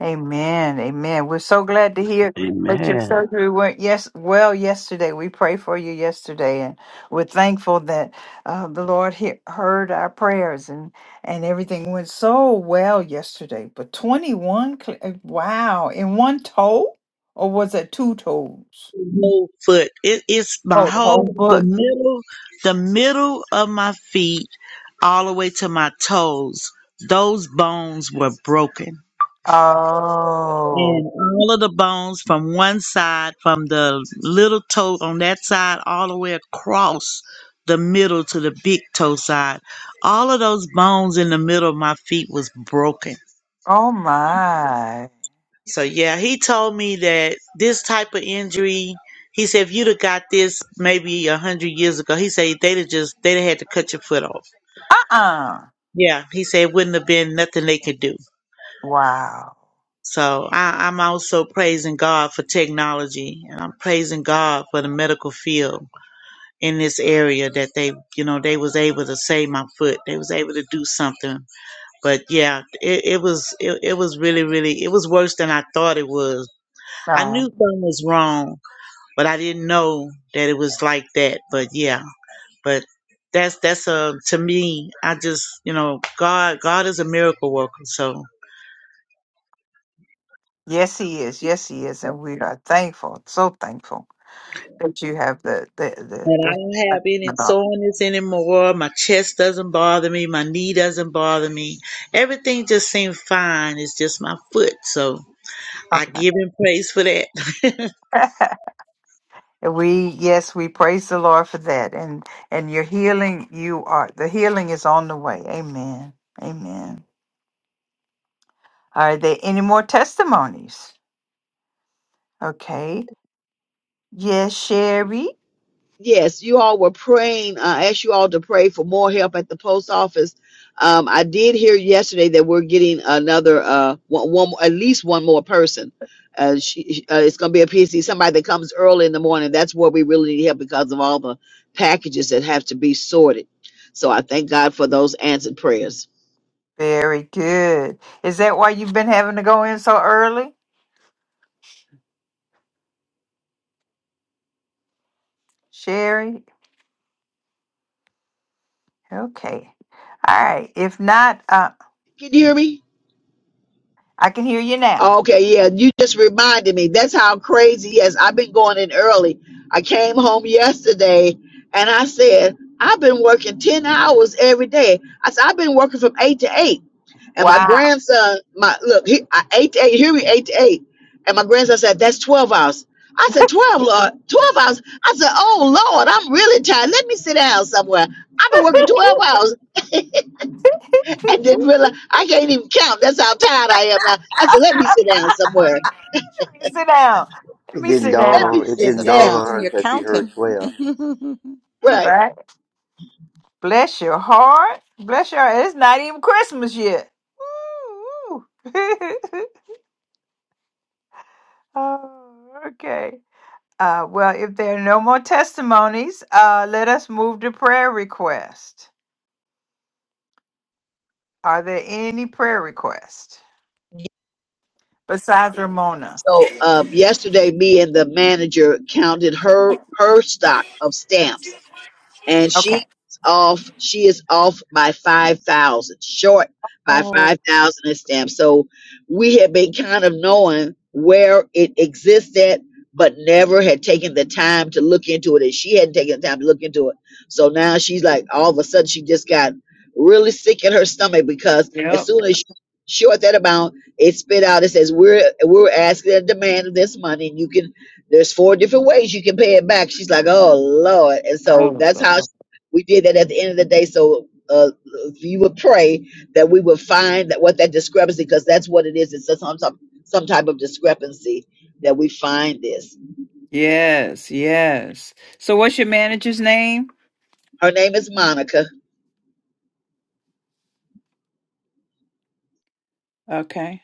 Speaker 2: Amen. Amen. We're so glad to hear that your
Speaker 10: Amen.
Speaker 2: surgery went yes well yesterday. We prayed for you yesterday, and we're thankful that uh, the Lord he- heard our prayers and and everything went so well yesterday. But twenty one, wow! In one toe, or was it two toes?
Speaker 15: whole foot. It, it's my
Speaker 2: Oh, the whole
Speaker 15: whole the
Speaker 2: foot.
Speaker 15: middle, the middle of my feet, all the way to my toes. Those bones were broken,
Speaker 2: Oh,
Speaker 15: and all of the bones from one side, from the little toe on that side, all the way across the middle to the big toe side. All of those bones in the middle of my feet was broken
Speaker 2: oh my!
Speaker 15: So yeah, he told me that this type of injury, he said if you'd have got this maybe a hundred years ago, he said they'd have just they'd have had to cut your foot off.
Speaker 2: Uh uh
Speaker 15: Yeah, he said it wouldn't have been nothing they could do.
Speaker 2: Wow.
Speaker 15: So I, I'm also praising God for technology, and I'm praising God for the medical field in this area that they, you know, they was able to save my foot. They was able to do something. But yeah, it, it was it, it was really really it was worse than I thought it was. I knew something was wrong but I didn't know that it was like that. But yeah, but that's that's a to me. I just you know God God is a miracle worker. So
Speaker 2: Yes, he is. Yes, he is. And we are thankful, so thankful that you have the the
Speaker 15: and I
Speaker 2: the,
Speaker 15: don't have
Speaker 2: the
Speaker 15: any
Speaker 2: about.
Speaker 15: soreness anymore. My chest doesn't bother me. My knee doesn't bother me. Everything just seems fine. It's just my foot. So I
Speaker 2: Okay.
Speaker 15: give him praise for that.
Speaker 2: And We yes, we praise the Lord for that. And and your healing, you are the healing is on the way. Amen. Amen. Are there any more testimonies? Okay. Yes, Sherry.
Speaker 4: yes, you all were praying. Uh, I asked you all to pray for more help at the post office. Um, I did hear yesterday that we're getting another uh, one, one, at least one more person. Uh, she, uh, it's going to be a PC, somebody that comes early in the morning. That's where we really need help because of all the packages that have to be sorted. So I thank God for those answered prayers.
Speaker 2: Very good. Is that why you've been having to go in so early? Sherry? Okay. All right. If not, uh
Speaker 4: Can you hear me?
Speaker 2: I can hear you now.
Speaker 4: Okay, yeah, you just reminded me. That's how crazy. Yes, I've been going in early. I came home yesterday and I said, I've been working 10 hours every day. I said, I've been working from 8 to 8. And my
Speaker 2: Wow.
Speaker 4: grandson, my look, he, I, 8 to 8, hear me, 8 to 8. And my grandson said, That's 12 hours. I said, 12, Lord, 12 hours. I said, Oh, Lord, I'm really tired. Let me sit down somewhere. I've been working 12 hours and didn't realize I can't even count. That's how tired I am now. I said, Let me sit down somewhere
Speaker 2: sit down. Let
Speaker 14: It
Speaker 2: me
Speaker 14: didn't
Speaker 2: sit
Speaker 14: dawn
Speaker 4: Let
Speaker 2: down.
Speaker 4: me
Speaker 14: on it
Speaker 4: sit
Speaker 6: It's
Speaker 14: didn't dawn
Speaker 4: down.
Speaker 14: on her
Speaker 6: affecting your
Speaker 14: until she heard
Speaker 6: counting.
Speaker 14: twelve.
Speaker 4: Right.
Speaker 2: Right? Bless your heart. Bless your heart. It's not even Christmas yet. Woo, woo. oh, okay. Uh, well, if there are no more testimonies, uh, let us move to prayer request. Are there any prayer requests besides Ramona?
Speaker 4: So um, yesterday, me and the manager counted her her stock of stamps. and
Speaker 2: Okay.
Speaker 4: she's off. She is off by five thousand, short by
Speaker 2: Oh,
Speaker 4: five thousand in stamps. So we had been kind of knowing where it existed, but never had taken the time to look into it, and she hadn't taken the time to look into it. So now she's like, all of a sudden, she just got really sick in her stomach because as
Speaker 2: Yep.
Speaker 4: soon as she short that amount, it spit out. It says we're we're asking a demand of this money, and you can." There's four different ways you can pay it back. She's like, oh Lord, and so
Speaker 2: Oh,
Speaker 4: that's how
Speaker 2: God.
Speaker 4: sh- we did that at the end of the day. So uh, you would pray that we would find that what that discrepancy, because that's what it is. It's just some some some type of discrepancy that we find this.
Speaker 2: yes, yes. So, what's your manager's name?
Speaker 4: Her name is Monica
Speaker 2: Okay.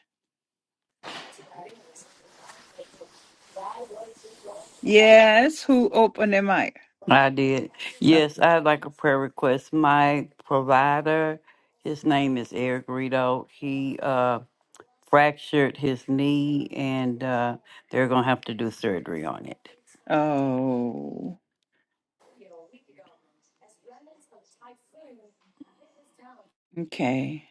Speaker 2: Yes, who opened the mic?
Speaker 5: I did. Yes, I'd like a prayer request. My provider, his name is Eric Rito. He uh, fractured his knee, and uh, they're going to have to do surgery on it.
Speaker 2: Oh, okay.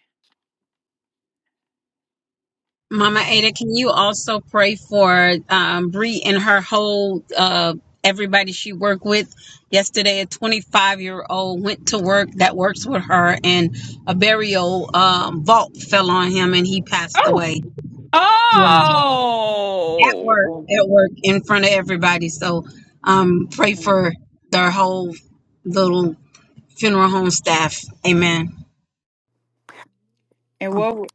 Speaker 13: Mama Ada, can you also pray for um, Bree and her whole uh, everybody she worked with? Yesterday, a 25 year old went to work that works with her, and a burial um, vault fell on him, and he passed
Speaker 2: Oh,
Speaker 13: away. Yeah. At work,
Speaker 2: oh.
Speaker 13: at work, in front of everybody. So um, pray for their whole little funeral home staff. Amen.
Speaker 2: And
Speaker 16: Um,
Speaker 2: what was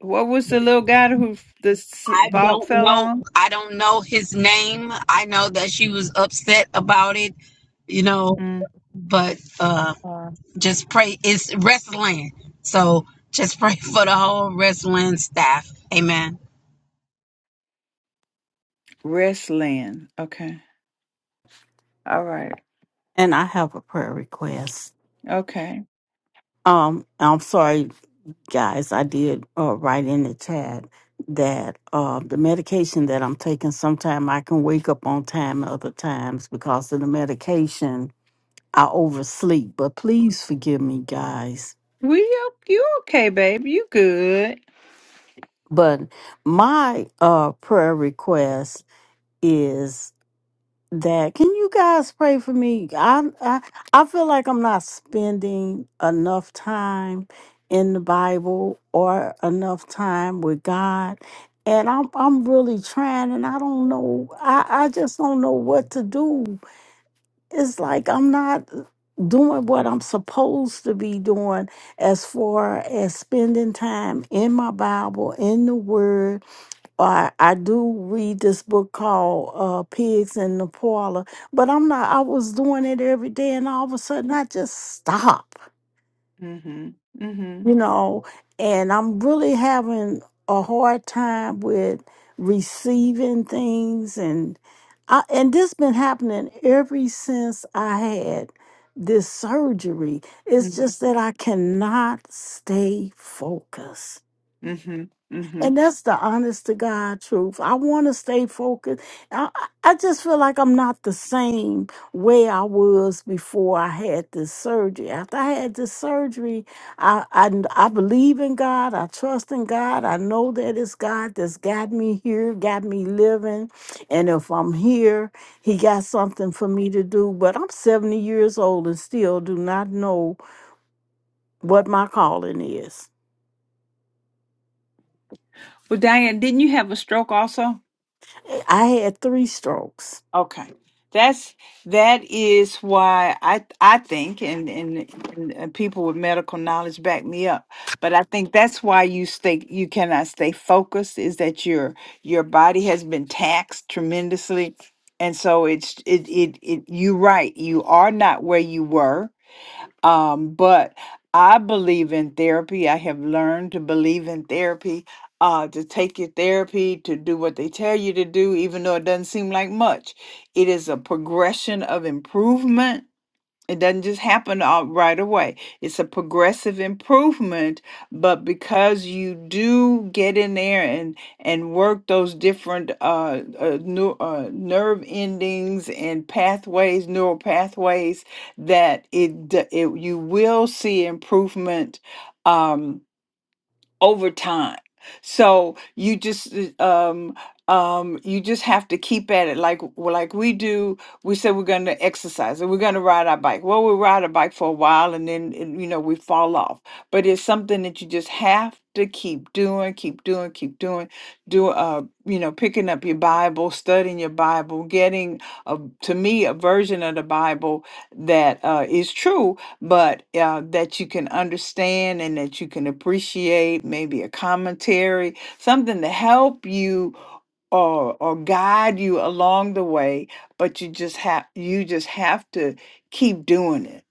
Speaker 2: what was the little guy who the s-
Speaker 13: I
Speaker 2: ball
Speaker 13: don't
Speaker 2: fell
Speaker 13: know.
Speaker 2: on?
Speaker 13: I don't know his name. I know that she was upset about it, you know, but uh
Speaker 2: Mm.
Speaker 13: just pray it's wrestling. So just pray for the whole wrestling staff. Amen.
Speaker 2: Wrestling. Okay. All right.
Speaker 16: And I have a prayer request.
Speaker 2: Okay.
Speaker 16: Um, I'm sorry, guys. I did uh, write in the chat that uh, the medication that I'm taking, sometime I can wake up on time, other times because of the medication, I oversleep. But please forgive me, guys.
Speaker 2: We o- you okay, babe? You good?
Speaker 16: But my uh, prayer request is that. Can you guys pray for me? I I, I feel like I'm not spending enough time in the Bible or enough time with God. And I'm I'm really trying and I don't know I, I just don't know what to do. It's like I'm not doing what I'm supposed to be doing as far as spending time in my Bible, in the word, I, I do read this book called uh, Pigs in the Parlor, but I'm not, I was doing it every day and all of a sudden I just stop,
Speaker 2: Mhm. Mhm.
Speaker 16: you know, and I'm really having a hard time with receiving things and I, and this been happening ever since I had this surgery. It's
Speaker 2: Mhm.
Speaker 16: just that I cannot stay focused.
Speaker 2: Mhm. Mhm.
Speaker 16: And that's the honest to God truth. I want to stay focused. I, I I just feel like I'm not the same way I was before I had this surgery. After I had this surgery, I, I, I believe in God. I trust in God. I know that it's God that's got me here, got me living. And if I'm here, He got something for me to do. But I'm 70 years old and still do not know what my calling is.
Speaker 2: Well, Diane, didn't you have a stroke also?
Speaker 16: I had three strokes.
Speaker 2: Okay. That's that is why I I think and, and and and people with medical knowledge back me up. But I think that's why you stay you cannot stay focused is that your your body has been taxed tremendously and so it's it it, it you right. You are not where you were um, but I believe in therapy. I have learned to believe in therapy, uh, to take your therapy, to do what they tell you to do, even though it doesn't seem like much. It is a progression of improvement it doesn't just happen all right away. It's a progressive improvement, but because you do get in there and and work those different uh, uh, neu- uh nerve endings and pathways, neural pathways, that it, d- it you will see improvement. Um, over time. So you just uh, um um you just have to keep at it like well, like we do. We say we're going to exercise and we're going to ride our bike. Well, we ride a bike for a while and then and, you know we fall off. But it's something that you just have to keep doing, keep doing, keep doing. Do uh you know picking up your Bible, studying your Bible, getting a, to me a version of the Bible that uh, is true but uh, that you can understand and that you can appreciate maybe a commentary something to help you or or guide you along the way but you just have you just have to keep doing it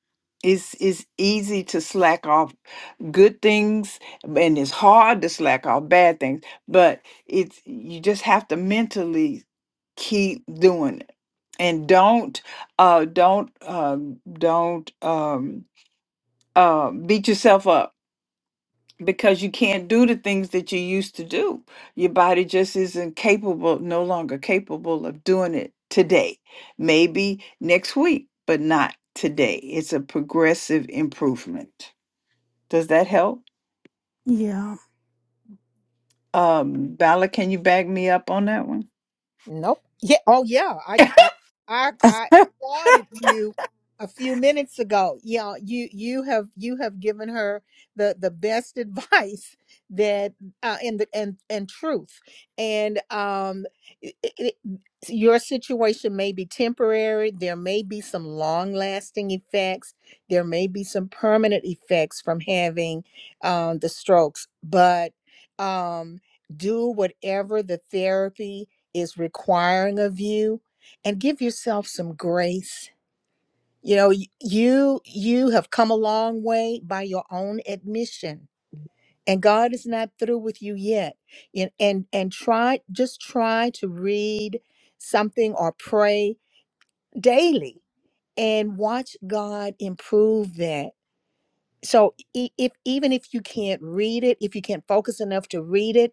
Speaker 2: it's it's easy to slack off good things and it's hard to slack off bad things but it's you just have to mentally keep doing it and don't uh don't uh don't um uh, beat yourself up because you can't do the things that you used to do. Your body just isn't capable, no longer capable of doing it today. Maybe next week, but not today. It's a progressive improvement. Does that help?
Speaker 16: Yeah.
Speaker 2: Um, Bala, can you back me up on that one?
Speaker 1: Nope. Yeah. Oh, yeah. I I I I applauded you a few minutes ago. Yeah, you you have you have given her the the best advice that uh, and the and and truth. And um, it, it, your situation may be temporary. There may be some long lasting effects. There may be some permanent effects from having um, the strokes. But um, do whatever the therapy is requiring of you and give yourself some grace you know y- you you have come a long way by your own admission and god is not through with you yet and and, and try just try to read something or pray daily and watch god improve that so e- if even if you can't read it if you can't focus enough to read it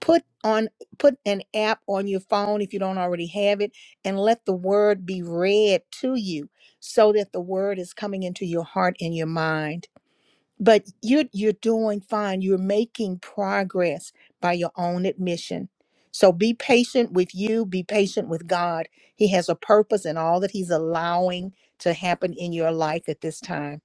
Speaker 1: put on put an app on your phone if you don't already have it and let the word be read to you so that the word is coming into your heart and your mind but you're you're doing fine you're making progress by your own admission so be patient with you be patient with god he has a purpose in all that he's allowing to happen in your life at this time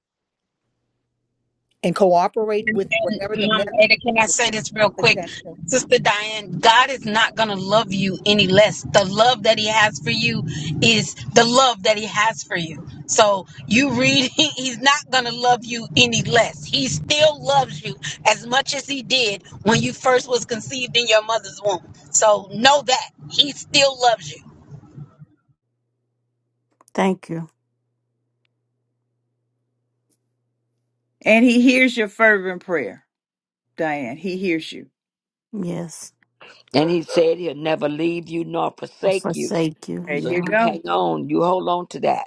Speaker 1: and cooperate with whatever the
Speaker 13: Mama
Speaker 1: message
Speaker 13: Ada, can I say this real quick?
Speaker 1: suggestions
Speaker 13: Sister Diane, God is not going to love you any less. The love that He has for you is the love that He has for you. So you read, He's not going to love you any less. He still loves you as much as He did when you first was conceived in your mother's womb. So know that He still loves you.
Speaker 16: Thank you.
Speaker 2: And he hears your fervent prayer, Diane. He hears you.
Speaker 16: Yes.
Speaker 9: And he said he'll never leave you nor
Speaker 16: I
Speaker 9: forsake you.
Speaker 16: forsake you.
Speaker 2: There
Speaker 9: So
Speaker 2: you
Speaker 16: Yeah.
Speaker 9: you
Speaker 2: go.
Speaker 9: hang on. You hold on to that.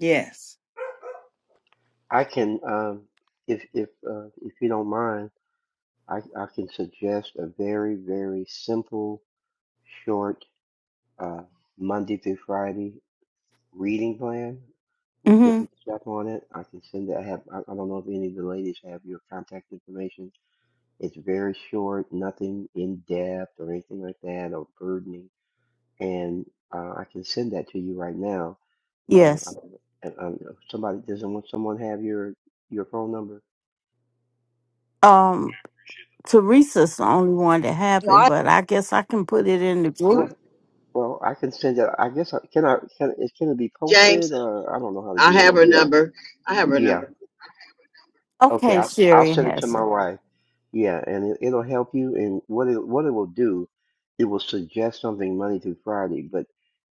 Speaker 2: Yes.
Speaker 14: I can, um, if if uh, if you don't mind, I I can suggest a very very simple, short uh, Monday through Friday reading plan with
Speaker 16: hmm
Speaker 14: different stuff on it. I can send it. I have. I, I don't know if any of the ladies have your contact information. It's very short, nothing in depth or anything like that or burdening, and uh, I can send that to you right now. Uh, I,
Speaker 16: Yes.
Speaker 14: I, I, somebody doesn't want someone have your your phone number.
Speaker 16: Um, Teresa's the only one that have it,
Speaker 4: you
Speaker 16: but I guess I can put it in the group.
Speaker 14: Well, well, I can send it. I guess I can. I can. It can it be
Speaker 4: James.
Speaker 14: posted? Uh, I don't know how to
Speaker 4: I
Speaker 14: do it
Speaker 4: have
Speaker 14: on
Speaker 4: her
Speaker 14: here.
Speaker 4: number. I have her
Speaker 14: Yeah.
Speaker 4: number.
Speaker 14: Okay.
Speaker 16: Okay,
Speaker 14: I'll I'll
Speaker 16: Sherry
Speaker 14: send it to
Speaker 16: has
Speaker 14: my
Speaker 16: it.
Speaker 14: wife. Yeah, and it, it'll help you. And what it what it will do, it will suggest something Monday through Friday, but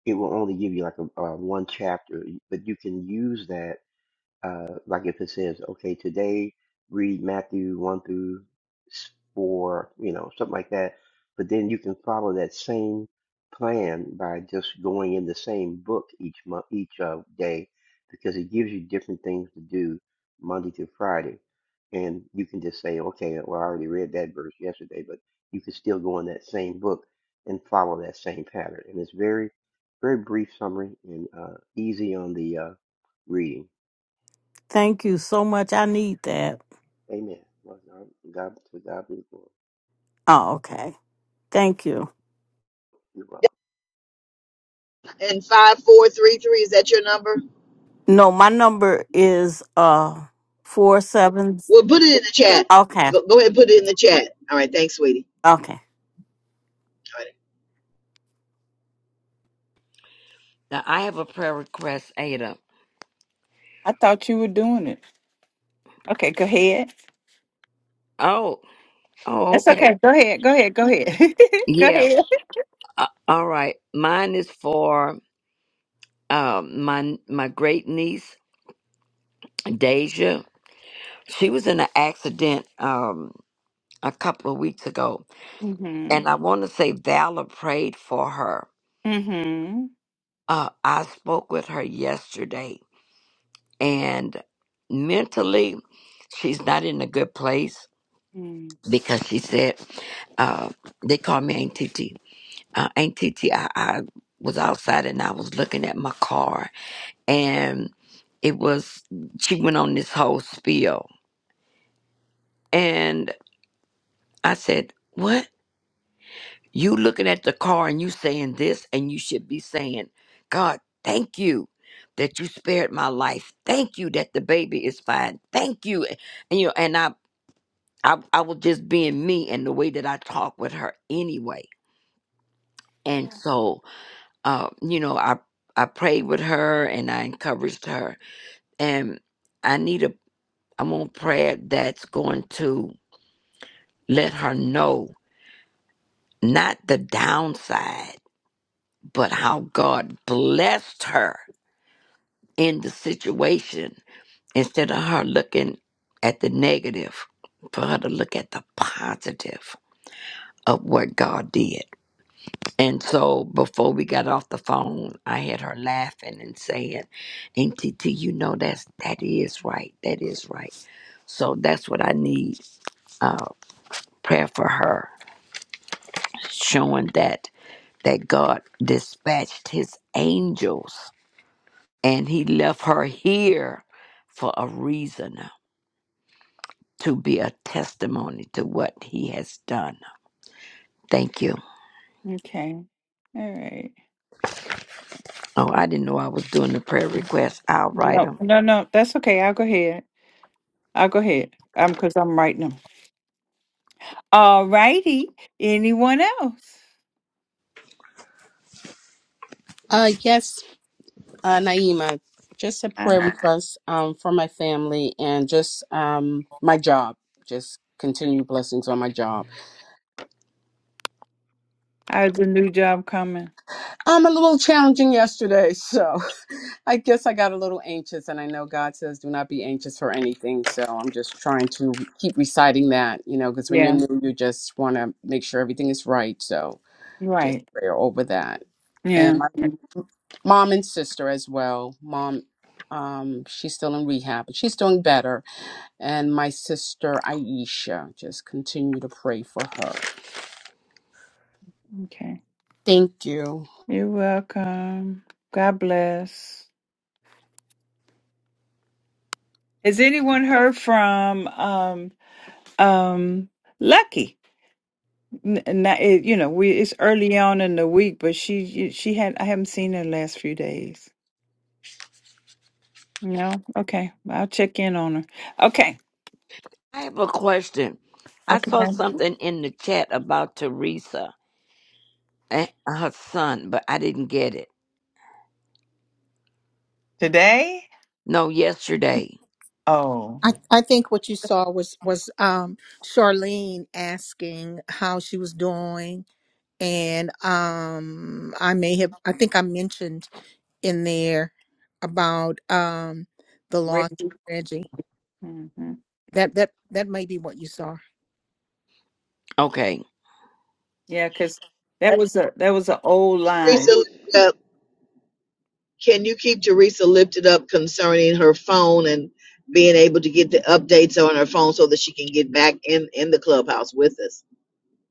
Speaker 14: it will only give you like a, a one chapter. But you can use that. Uh, like if it says, okay, today read Matthew 1 through s- 4, you know, something like that. But then you can follow that same plan by just going in the same book each month, each uh, day, because it gives you different things to do Monday through Friday. And you can just say, okay, well, I already read that verse yesterday, but you can still go in that same book and follow that same pattern. And it's very, very brief summary and uh, easy on the uh, reading.
Speaker 16: Thank you so much. I need that.
Speaker 14: Amen. Well, God, God- to God be the glory.
Speaker 16: Oh, okay. Thank you.
Speaker 14: You're welcome.
Speaker 4: And five four three three. Is that your number?
Speaker 16: No, my number is uh four seven.
Speaker 4: Well, put it in the chat.
Speaker 16: Okay.
Speaker 4: Go go ahead, and put it in the chat. All right, thanks, sweetie.
Speaker 16: Okay.
Speaker 9: Now I have a prayer request, Ada.
Speaker 2: I thought you were doing it. Okay, go ahead.
Speaker 9: Oh, oh,
Speaker 2: That's
Speaker 9: okay.
Speaker 2: okay. Go ahead. Go ahead. Go ahead. go
Speaker 9: Yeah.
Speaker 2: ahead.
Speaker 9: Uh, all right. Mine is for um my my great niece Deja. She was in an accident um a couple of weeks ago,
Speaker 2: Mm-hmm.
Speaker 9: and I want to say Valor prayed for her
Speaker 2: Mm-hmm.
Speaker 9: Uh, I spoke with her yesterday, and mentally, she's not in a good place
Speaker 2: Mm.
Speaker 9: because she said, uh, they call me Aunt Titi. Uh, Aunt Titi, I, I was outside and I was looking at my car, and it was, she went on this whole spiel. And I said, What? You looking at the car and you saying this, and you should be saying, God, thank you that you spared my life. Thank you that the baby is fine. Thank you. And you know, and I I, I was just being me and the way that I talk with her anyway. And so uh, you know, I I prayed with her and I encouraged her. And I need a I want prayer that's going to let her know not the downside, but how God blessed her in the situation instead of her looking at the negative, for her to look at the positive of what God did. And so before we got off the phone, I had her laughing and saying, And TT, you know that's that is right. That is right. So that's what I need uh prayer for her, showing that that God dispatched his angels and he left her here for a reason to be a testimony to what he has done. Thank you.
Speaker 2: Okay. All right.
Speaker 9: Oh, I didn't know I was doing the prayer
Speaker 2: Mhm.
Speaker 9: request. I'll write
Speaker 2: No,
Speaker 9: them.
Speaker 2: no, no. That's okay. I'll go ahead. I'll go ahead. Um, because I'm writing them. All righty. Anyone else?
Speaker 17: Uh, yes, uh, Naima, just a prayer
Speaker 2: Uh,
Speaker 17: request um, for my family and just um, my job. Just continue blessings on my job.
Speaker 2: how's the new job coming?
Speaker 17: I'm a little challenging yesterday, so I guess I got a little anxious, and I know God says do not be anxious for anything. So I'm just trying to keep reciting that, you know, because when you're
Speaker 2: Yeah.
Speaker 17: new, you just want to make sure everything is right. So just
Speaker 2: Right.
Speaker 17: prayer over that. And
Speaker 2: Yeah.
Speaker 17: my
Speaker 2: Mm.
Speaker 17: mom and sister as well. Mom, um, she's still in rehab, but she's doing better. And my sister Aisha, just continue to pray for her.
Speaker 2: Okay.
Speaker 17: Thank you.
Speaker 2: You're welcome. God bless. Has anyone heard from um um Lucky? N- Not, it, you know, we it's early on in the week, but she she had I haven't seen her the last few days. No, okay, I'll check in on her. Okay,
Speaker 9: I have a question. I saw
Speaker 2: okay.
Speaker 9: something in the chat about Teresa and her son, but I didn't get it.
Speaker 2: Today,
Speaker 9: No, yesterday.
Speaker 2: oh,
Speaker 1: I, I think what you saw was was um, Charlene asking how she was doing, and um, I may have I think I mentioned in there about um, the loss of
Speaker 2: Reggie.
Speaker 1: Reggie.
Speaker 2: hmm
Speaker 1: That that that may be what you saw.
Speaker 9: Okay.
Speaker 2: Yeah, because that
Speaker 4: All right.
Speaker 2: was a that was an old line.
Speaker 4: Teresa, Can you keep Teresa lifted up concerning her phone and being able to get the updates on her phone so that she can get back in in the clubhouse with us?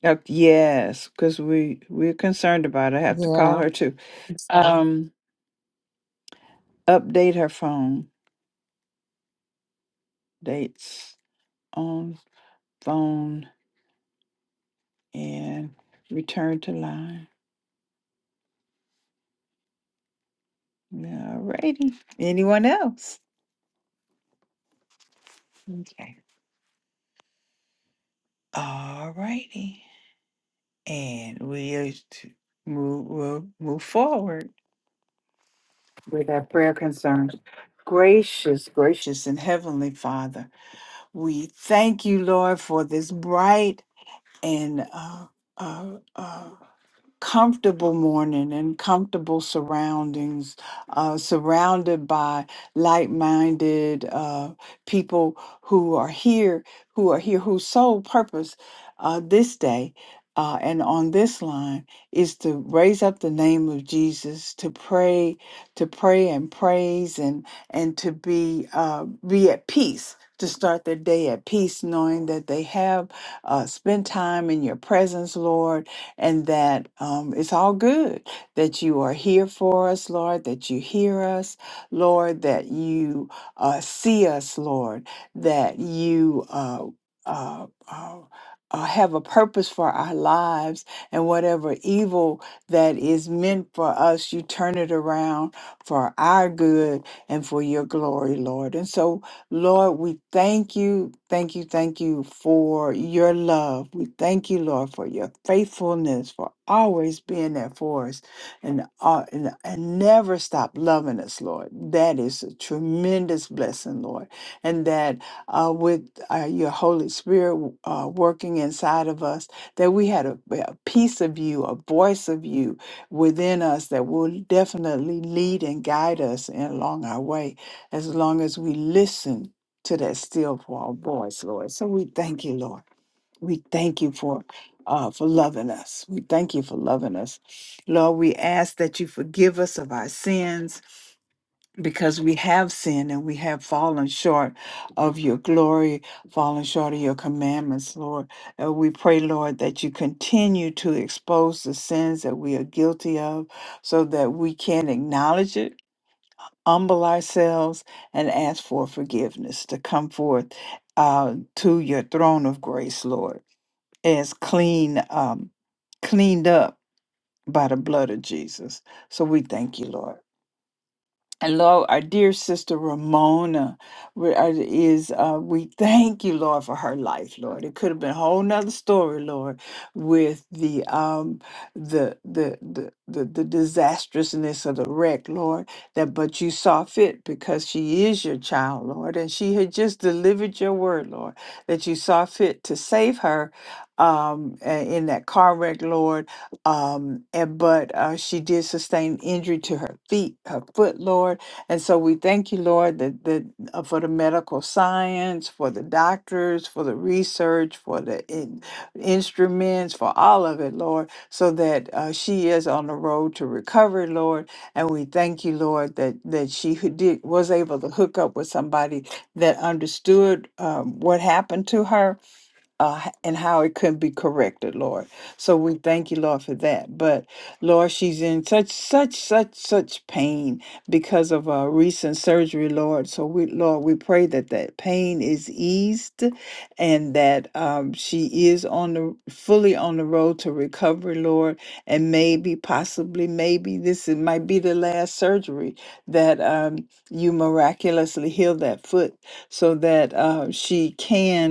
Speaker 2: Up, yes, because we we're concerned about. It. I have to call
Speaker 1: Yeah.
Speaker 2: her too. Um, update her phone dates on phone and return to line. All righty. Anyone else? Okay. All righty. And we are to move we'll move forward with our prayer concerns. Gracious, gracious, and heavenly Father, we thank you, Lord, for this bright and uh, uh, uh, comfortable morning and comfortable surroundings, uh, surrounded by like-minded uh, people who are here, who are here, whose sole purpose uh, this day uh, and on this line is to raise up the name of Jesus, to pray, to pray and praise, and and to be uh, be at peace. To start their day at peace, knowing that they have uh, spent time in your presence, Lord, and that um, it's all good that you are here for us, Lord, that you hear us, Lord, that you uh, see us, Lord, that you uh, uh, uh, uh, have a purpose for our lives, and whatever evil that is meant for us, you turn it around for our good and for your glory, Lord. And so Lord, we thank you, thank you, thank you for your love. We thank you, Lord, for your faithfulness, for always being there for us and, uh, and, and never stop loving us, Lord. That is a tremendous blessing, Lord. And that uh, with uh, your Holy Spirit uh, working inside of us, that we had a, a piece of you, a voice of you within us that will definitely lead and guide us along our way as long as we listen to that still small voice, Lord. So we thank you, Lord. We thank you for uh, for loving us. We thank you for loving us, Lord. We ask that you forgive us of our sins because we have sinned and we have fallen short of your glory, fallen short of your commandments, Lord. Uh, we pray, Lord, that you continue to expose the sins that we are guilty of so that we can acknowledge it humble ourselves and ask for forgiveness to come forth uh, to your throne of grace, Lord, as clean, um, cleaned up by the blood of Jesus. So we thank you, Lord. And Lord, our dear sister Ramona we- uh, is, uh, we thank you, Lord, for her life, Lord. It could have been a whole nother story, Lord, with the, um, the, the, the, the, the disastrousness of the wreck, Lord, that, but you saw fit because she is your child, Lord, and she had just delivered your word, Lord, that you saw fit to save her, um, a- in that car wreck, Lord um and but uh she did sustain injury to her feet her foot lord and so we thank you lord that that uh, for the medical science for the doctors for the research for the in, instruments for all of it lord so that uh, she is on the road to recovery lord and we thank you lord that that she who did was able to hook up with somebody that understood um, what happened to her uh, h- and how it could be corrected, Lord. So we thank you, Lord, for that. But Lord, she's in such, such, such, such pain because of a recent surgery, Lord. So we, Lord, we pray that that pain is eased, and that um, she is on the fully on the road to recovery, Lord. And maybe, possibly, maybe this is, might be the last surgery that um, you miraculously heal that foot, so that uh, she can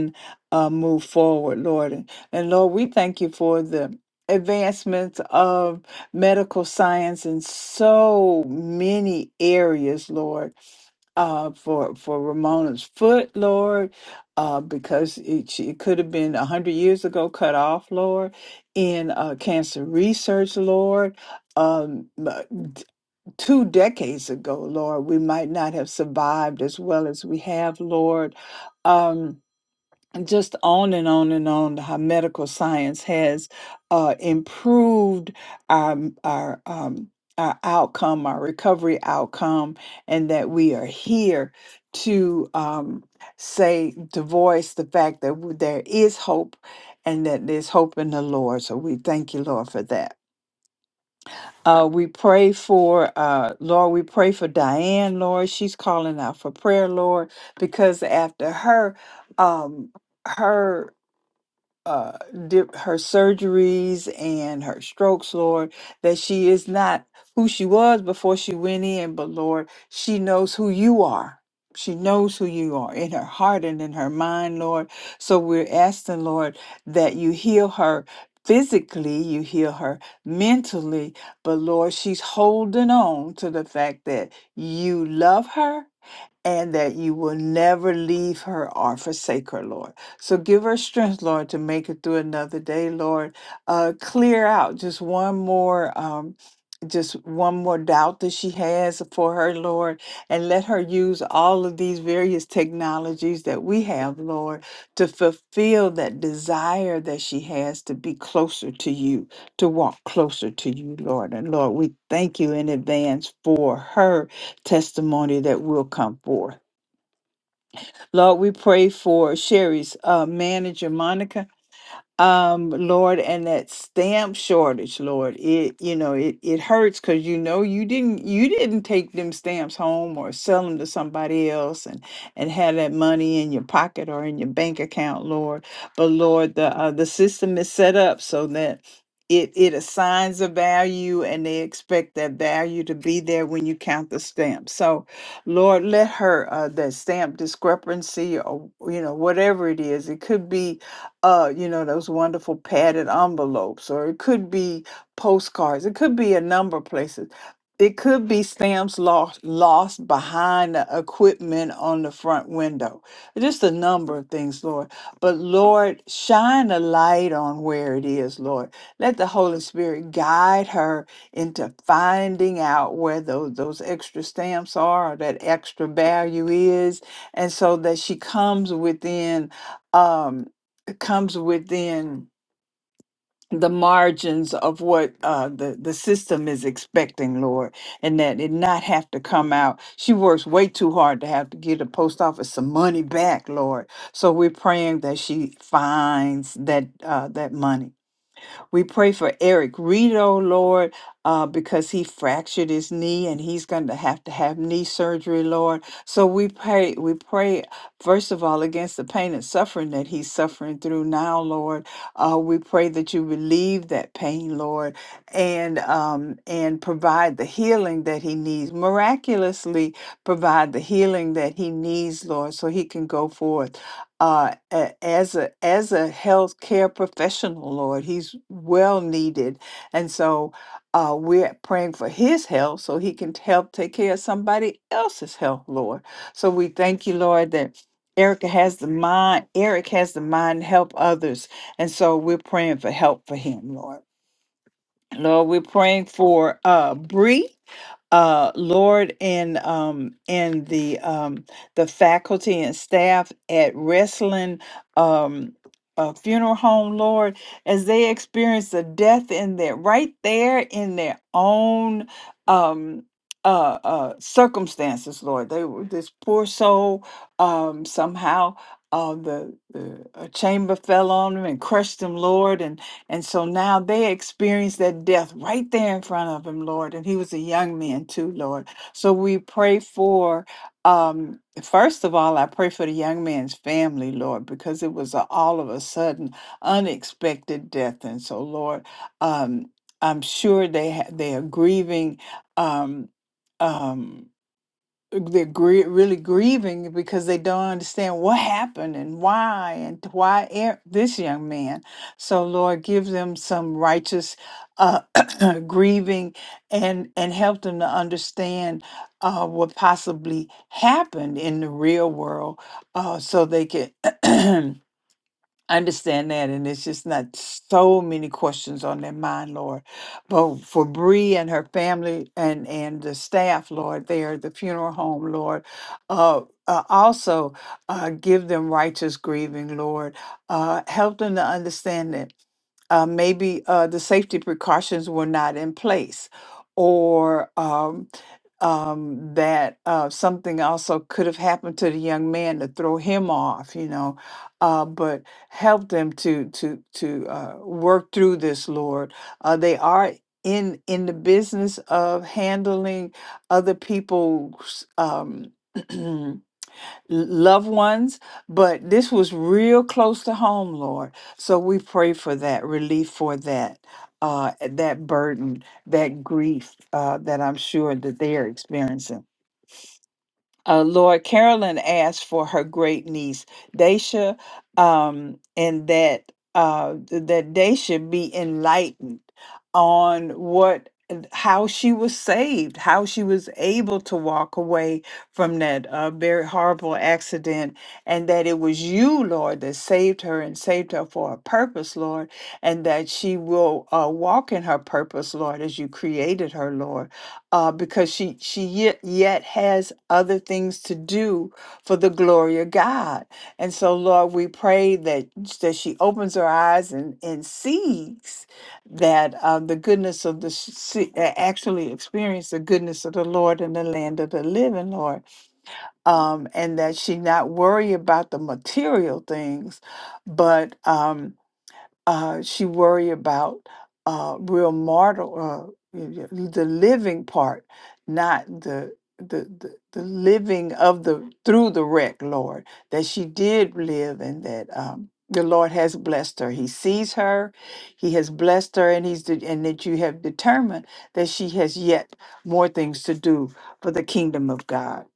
Speaker 2: uh, move forward, Lord. And and Lord, we thank you for the advancements of medical science in so many areas, Lord. Uh, for for Ramona's foot, Lord, uh, because it, she- it could have been a hundred years ago cut off, Lord, in uh, cancer research, Lord. Um, but d- two decades ago, Lord, we might not have survived as well as we have, Lord. Um, just on and on and on how medical science has uh, improved our our um, our outcome, our recovery outcome, and that we are here to um, say to voice the fact that w- there is hope and that there's hope in the Lord. So we thank you, Lord, for that. Uh, we pray for uh, Lord. We pray for Diane, Lord. She's calling out for prayer, Lord, because after her um, her uh, di- her surgeries and her strokes, Lord, that she is not who she was before she went in, but Lord, she knows who you are. She knows who you are in her heart and in her mind, Lord. So we're asking, Lord, that you heal her physically, you heal her mentally, but Lord, she's holding on to the fact that you love her and that you will never leave her or forsake her, Lord. So give her strength, Lord, to make it through another day, Lord. Uh, clear out just one more. Um, just one more doubt that she has for her, Lord, and let her use all of these various technologies that we have, Lord, to fulfill that desire that she has to be closer to you, to walk closer to you, Lord. And Lord, we thank you in advance for her testimony that will come forth. Lord, we pray for Sherry's uh, manager, Monica um lord and that stamp shortage lord it you know it it hurts because you know you didn't you didn't take them stamps home or sell them to somebody else and and have that money in your pocket or in your bank account lord but lord the uh, the system is set up so that it it assigns a value and they expect that value to be there when you count the stamps so lord let her uh that stamp discrepancy or you know whatever it is it could be uh, you know, those wonderful padded envelopes, or it could be postcards. It could be a number of places. It could be stamps lost lost behind the equipment on the front window. Just a number of things, Lord. But Lord, shine a light on where it is, Lord. Let the Holy Spirit guide her into finding out where those, those extra stamps are or that extra value is, and so that she comes within. Um, comes within the margins of what uh, the the system is expecting, Lord, and that it not have to come out. She works way too hard to have to give the post office some money back, Lord. So we're praying that she finds that uh, that money. We pray for Eric Reed, Rito, Lord, uh, because he fractured his knee and he's going to have to have knee surgery, Lord. So we pray, we pray first of all against the pain and suffering that he's suffering through now, Lord. Uh, we pray that you relieve that pain, Lord, and um, and provide the healing that he needs miraculously. Provide the healing that he needs, Lord, so he can go forth uh, a- as a as a healthcare professional, Lord, he's well needed, and so uh, we're praying for his health so he can help take care of somebody else's health, Lord. So we thank you, Lord, that Erica has the mind. Eric has the mind to help others, and so we're praying for help for him, Lord. Lord, we're praying for uh, Bree uh, Lord and um, and the um, the faculty and staff at Wrestling um, uh, Funeral Home, Lord, as they experience the death in their right there in their own um, uh, uh, circumstances, Lord. They were this poor soul um, somehow. Uh, the, the a chamber fell on him and crushed him, Lord, and so now they experienced that death right there in front of him, Lord. And he was a young man too, Lord. So we pray for, um, first of all, I pray for the young man's family, Lord, because it was a, all of a sudden unexpected death. And so, Lord, um, I'm sure they ha- they are grieving. Um, um, they're grie- really grieving because they don't understand what happened and why and why er- this young man. So Lord, give them some righteous uh, grieving and and help them to understand uh, what possibly happened in the real world, uh, so they can. I understand that, and it's just not so many questions on their mind, Lord. But for Bree and her family and and the staff, Lord, there at the funeral home, Lord, uh, uh, also uh, give them righteous grieving, Lord. Uh, help them to understand that uh, maybe uh, the safety precautions were not in place, or um, um, that uh, something also could have happened to the young man to throw him off, you know. Uh, but help them to to to uh, work through this, Lord. Uh, they are in in the business of handling other people's. Um, loved ones, but this was real close to home, Lord. So we pray for that relief for that. Uh, that burden, that grief uh, that I'm sure that they are experiencing. Uh, Lord Carolyn asked for her great niece Daisha, um, and that uh, th- that Daisha be enlightened on what and how she was saved, how she was able to walk away from that uh, very horrible accident, and that it was you, Lord, that saved her and saved her for a purpose, Lord, and that she will uh, walk in her purpose, Lord, as you created her, Lord uh, because she she yet, yet has other things to do for the glory of God. And so, Lord, we pray that that she opens her eyes and and sees that uh, the goodness of the s- see, uh, actually experience the goodness of the Lord in the land of the living, Lord, um, and that she not worry about the material things, but. Um, uh, she worry about uh, real mortal, uh, y- y- the living part, not the, the the the living of the through the wreck, Lord. That she did live, and that um, the Lord has blessed her. He sees her, He has blessed her, and He's de- and that you have determined that she has yet more things to do for the kingdom of God.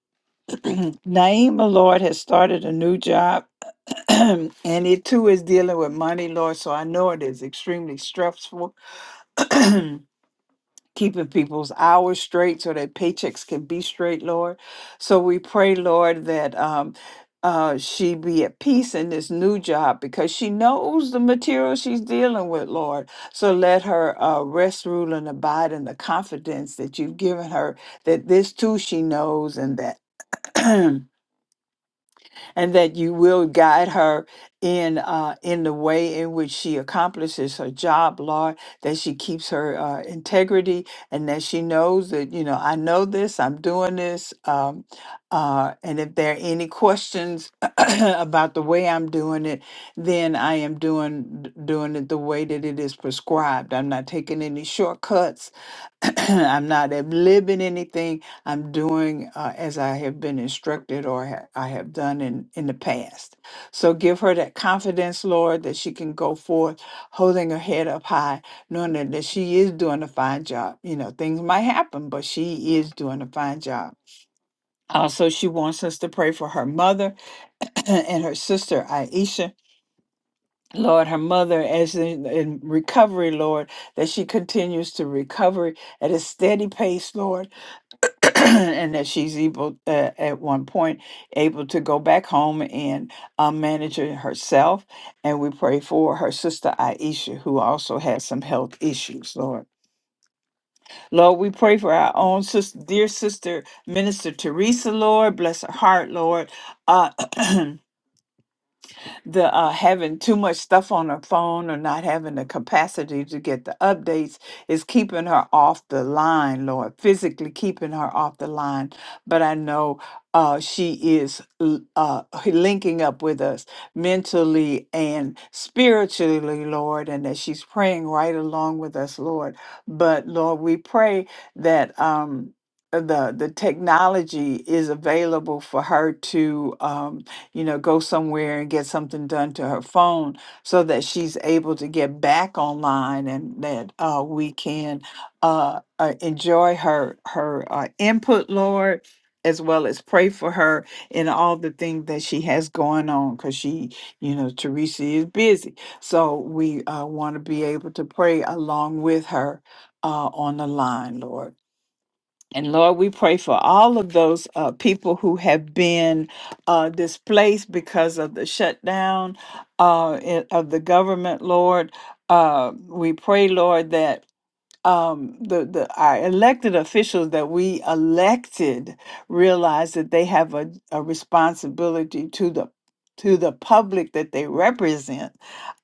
Speaker 2: Naima, Lord, has started a new job and it too is dealing with money, Lord. So I know it is extremely stressful, keeping people's hours straight so their paychecks can be straight, Lord. So we pray, Lord, that um, uh, she be at peace in this new job because she knows the material she's dealing with, Lord. So let her uh, rest, rule, and abide in the confidence that you've given her that this too she knows and that. and that you will guide her in uh, in the way in which she accomplishes her job, Lord. That she keeps her uh, integrity, and that she knows that you know I know this, I'm doing this, um, uh, and if there are any questions about the way I'm doing it, then I am doing d- doing it the way that it is prescribed. I'm not taking any shortcuts. I'm not living anything I'm doing uh, as I have been instructed or ha- I have done in, in the past. So give her that confidence, Lord, that she can go forth holding her head up high, knowing that, that she is doing a fine job. You know, things might happen, but she is doing a fine job. Also, she wants us to pray for her mother and her sister, Aisha. Lord, her mother, as in, in recovery, Lord, that she continues to recover at a steady pace, Lord and that she's able uh, at one point able to go back home and um, manage it herself and we pray for her sister aisha who also has some health issues lord lord we pray for our own sister dear sister minister teresa lord bless her heart lord uh, the uh, having too much stuff on her phone or not having the capacity to get the updates is keeping her off the line, Lord, physically keeping her off the line. But I know uh, she is l- uh, linking up with us mentally and spiritually, Lord, and that she's praying right along with us, Lord. But Lord, we pray that. Um, the the technology is available for her to um, you know, go somewhere and get something done to her phone so that she's able to get back online and that uh, we can uh, uh, enjoy her her uh, input, Lord, as well as pray for her in all the things that she has going on because she, you know, Teresa is busy. So we uh, want to be able to pray along with her uh, on the line, Lord. And Lord, we pray for all of those uh, people who have been uh, displaced because of the shutdown uh, in- of the government, Lord. Uh, we pray, Lord, that um, the, the our elected officials that we elected realize that they have a, a responsibility to the to the public that they represent,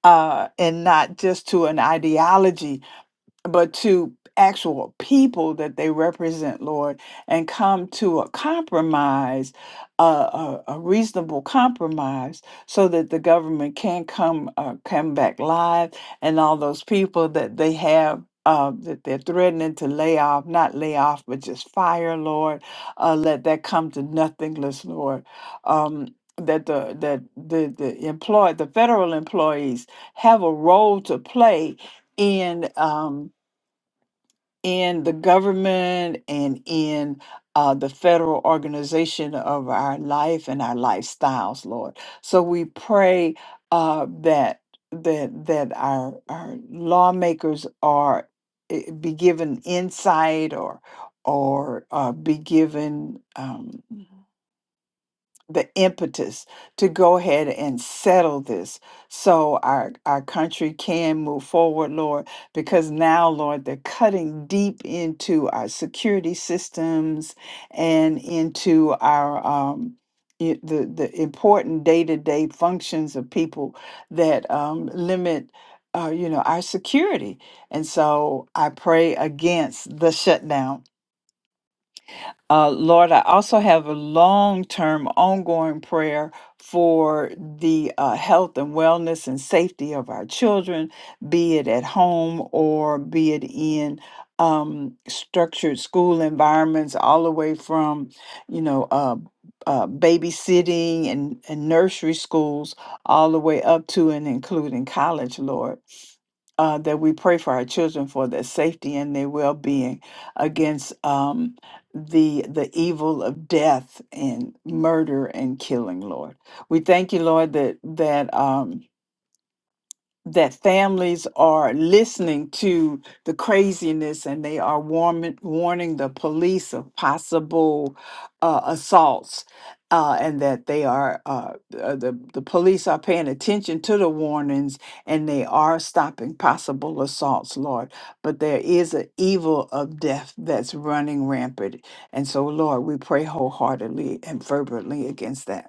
Speaker 2: uh, and not just to an ideology but to actual people that they represent, Lord, and come to a compromise, uh, a, a reasonable compromise, so that the government can come uh, come back live, and all those people that they have. Uh, that they're threatening to lay off, not lay off, but just fire, Lord. Uh, let that come to nothingness, Lord. Um, that the that the the employ the federal employees have a role to play in. Um, in the government and in uh, the federal organization of our life and our lifestyles, Lord. So we pray uh, that that that our our lawmakers are eh, be given insight or or uh, be given. Um, the impetus to go ahead and settle this so our our country can move forward lord because now lord they're cutting deep into our security systems and into our um i- the the important day-to-day functions of people that um limit uh, you know our security and so i pray against the shutdown uh, Lord, I also have a long term ongoing prayer for the uh, health and wellness and safety of our children, be it at home or be it in um, structured school environments, all the way from, you know, uh, uh, babysitting and, and nursery schools, all the way up to and including college, Lord uh, that we pray for our children for their safety and their well-being against um, the the evil of death and murder and killing lord we thank you lord that that um, that families are listening to the craziness and they are warming, warning the police of possible uh, assaults uh, and that they are uh, uh, the, the police are paying attention to the warnings and they are stopping possible assaults lord but there is an evil of death that's running rampant and so lord we pray wholeheartedly and fervently against that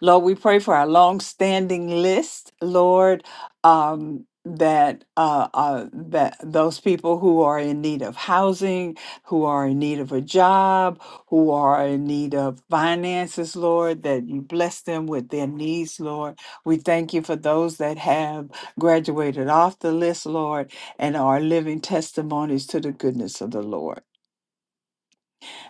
Speaker 2: Lord, we pray for our long-standing list, Lord, um, that uh, uh, that those people who are in need of housing, who are in need of a job, who are in need of finances, Lord, that you bless them with their needs, Lord. We thank you for those that have graduated off the list, Lord, and are living testimonies to the goodness of the Lord.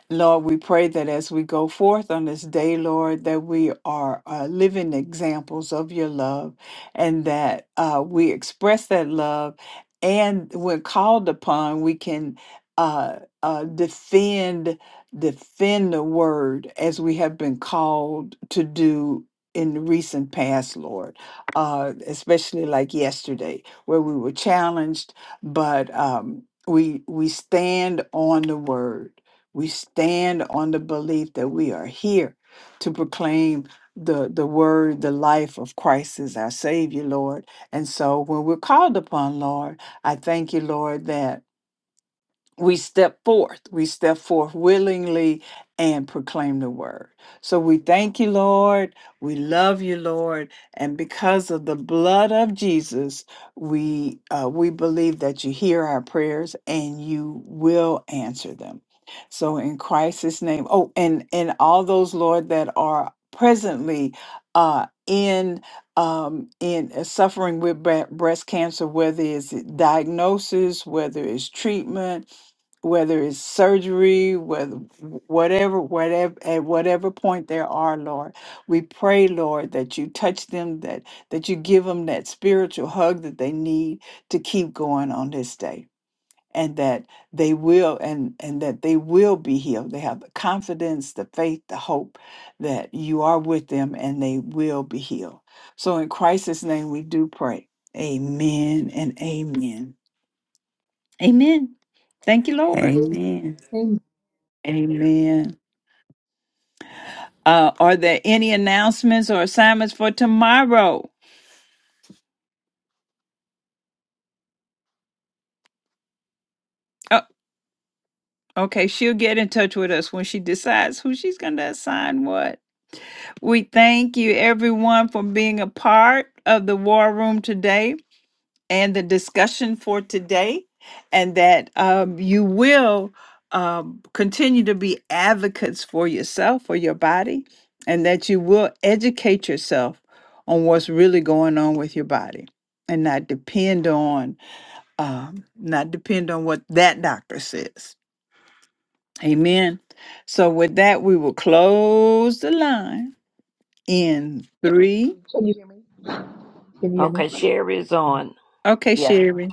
Speaker 2: Lord, we pray that as we go forth on this day, Lord, that we are uh, living examples of your love and that uh, we express that love. And when called upon, we can uh, uh, defend defend the word as we have been called to do in the recent past, Lord, uh, especially like yesterday, where we were challenged, but um, we we stand on the word we stand on the belief that we are here to proclaim the, the word, the life of Christ as our Savior, Lord. And so when we're called upon, Lord, I thank you, Lord, that we step forth. We step forth willingly and proclaim the word. So we thank you, Lord. We love you, Lord. And because of the blood of Jesus, we uh, we believe that you hear our prayers and you will answer them. So in Christ's name. Oh, and and all those Lord that are presently uh, in um, in uh, suffering with bre- breast cancer, whether it's diagnosis, whether it's treatment whether it's surgery, whether whatever, whatever at whatever point there are, Lord, we pray, Lord, that you touch them, that that you give them that spiritual hug that they need to keep going on this day. And that they will and and that they will be healed. They have the confidence, the faith, the hope that you are with them and they will be healed. So in Christ's name we do pray. Amen and amen. Amen. Thank you, Lord.
Speaker 5: Amen.
Speaker 2: Amen. Uh, are there any announcements or assignments for tomorrow? Oh, okay, she'll get in touch with us when she decides who she's going to assign what. We thank you, everyone, for being a part of the war room today. and the discussion for today, and that um, you will um, continue to be advocates for yourself, for your body, and that you will educate yourself on what's really going on with your body and not depend on um, not depend on what that doctor says amen so with that we will close the line in three
Speaker 4: Can you hear
Speaker 9: Okay,
Speaker 4: me?
Speaker 9: Sherry is on.
Speaker 2: okay
Speaker 4: Yes.
Speaker 2: sherry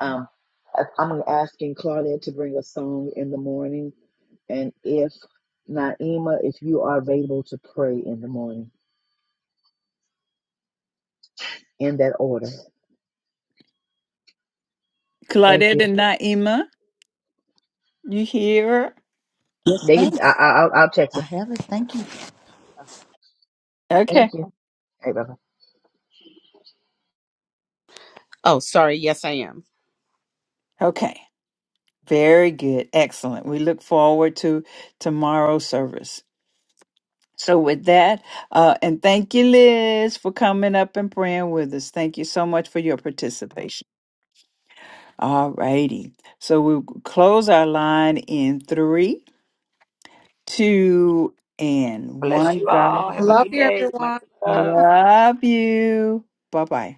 Speaker 4: Um, I, I'm asking Claudia to bring a song in the morning, and if Naima, if you are available to pray in the morning, in that order. Thank
Speaker 2: claudette
Speaker 4: you.
Speaker 2: and naima you hear
Speaker 4: They, can- I, I, I'll I'll text
Speaker 6: I
Speaker 4: them.
Speaker 6: have it. Thank you.
Speaker 2: Okay.
Speaker 4: Thank you. Hey bye.
Speaker 17: Oh, sorry. Yes, I am.
Speaker 2: Okay, very good, excellent. We look forward to tomorrow's service. So, with that, uh, and thank you, Liz, for coming up and praying with us. Thank you so much for your participation. All righty. So, we'll close our line in three, two, and
Speaker 9: Bless
Speaker 2: one.
Speaker 9: you all.
Speaker 1: I
Speaker 9: Have a
Speaker 2: God
Speaker 1: love
Speaker 9: good
Speaker 1: you,
Speaker 9: day. My
Speaker 1: everyone.
Speaker 9: love.
Speaker 1: Bye.
Speaker 2: love you. Bye bye.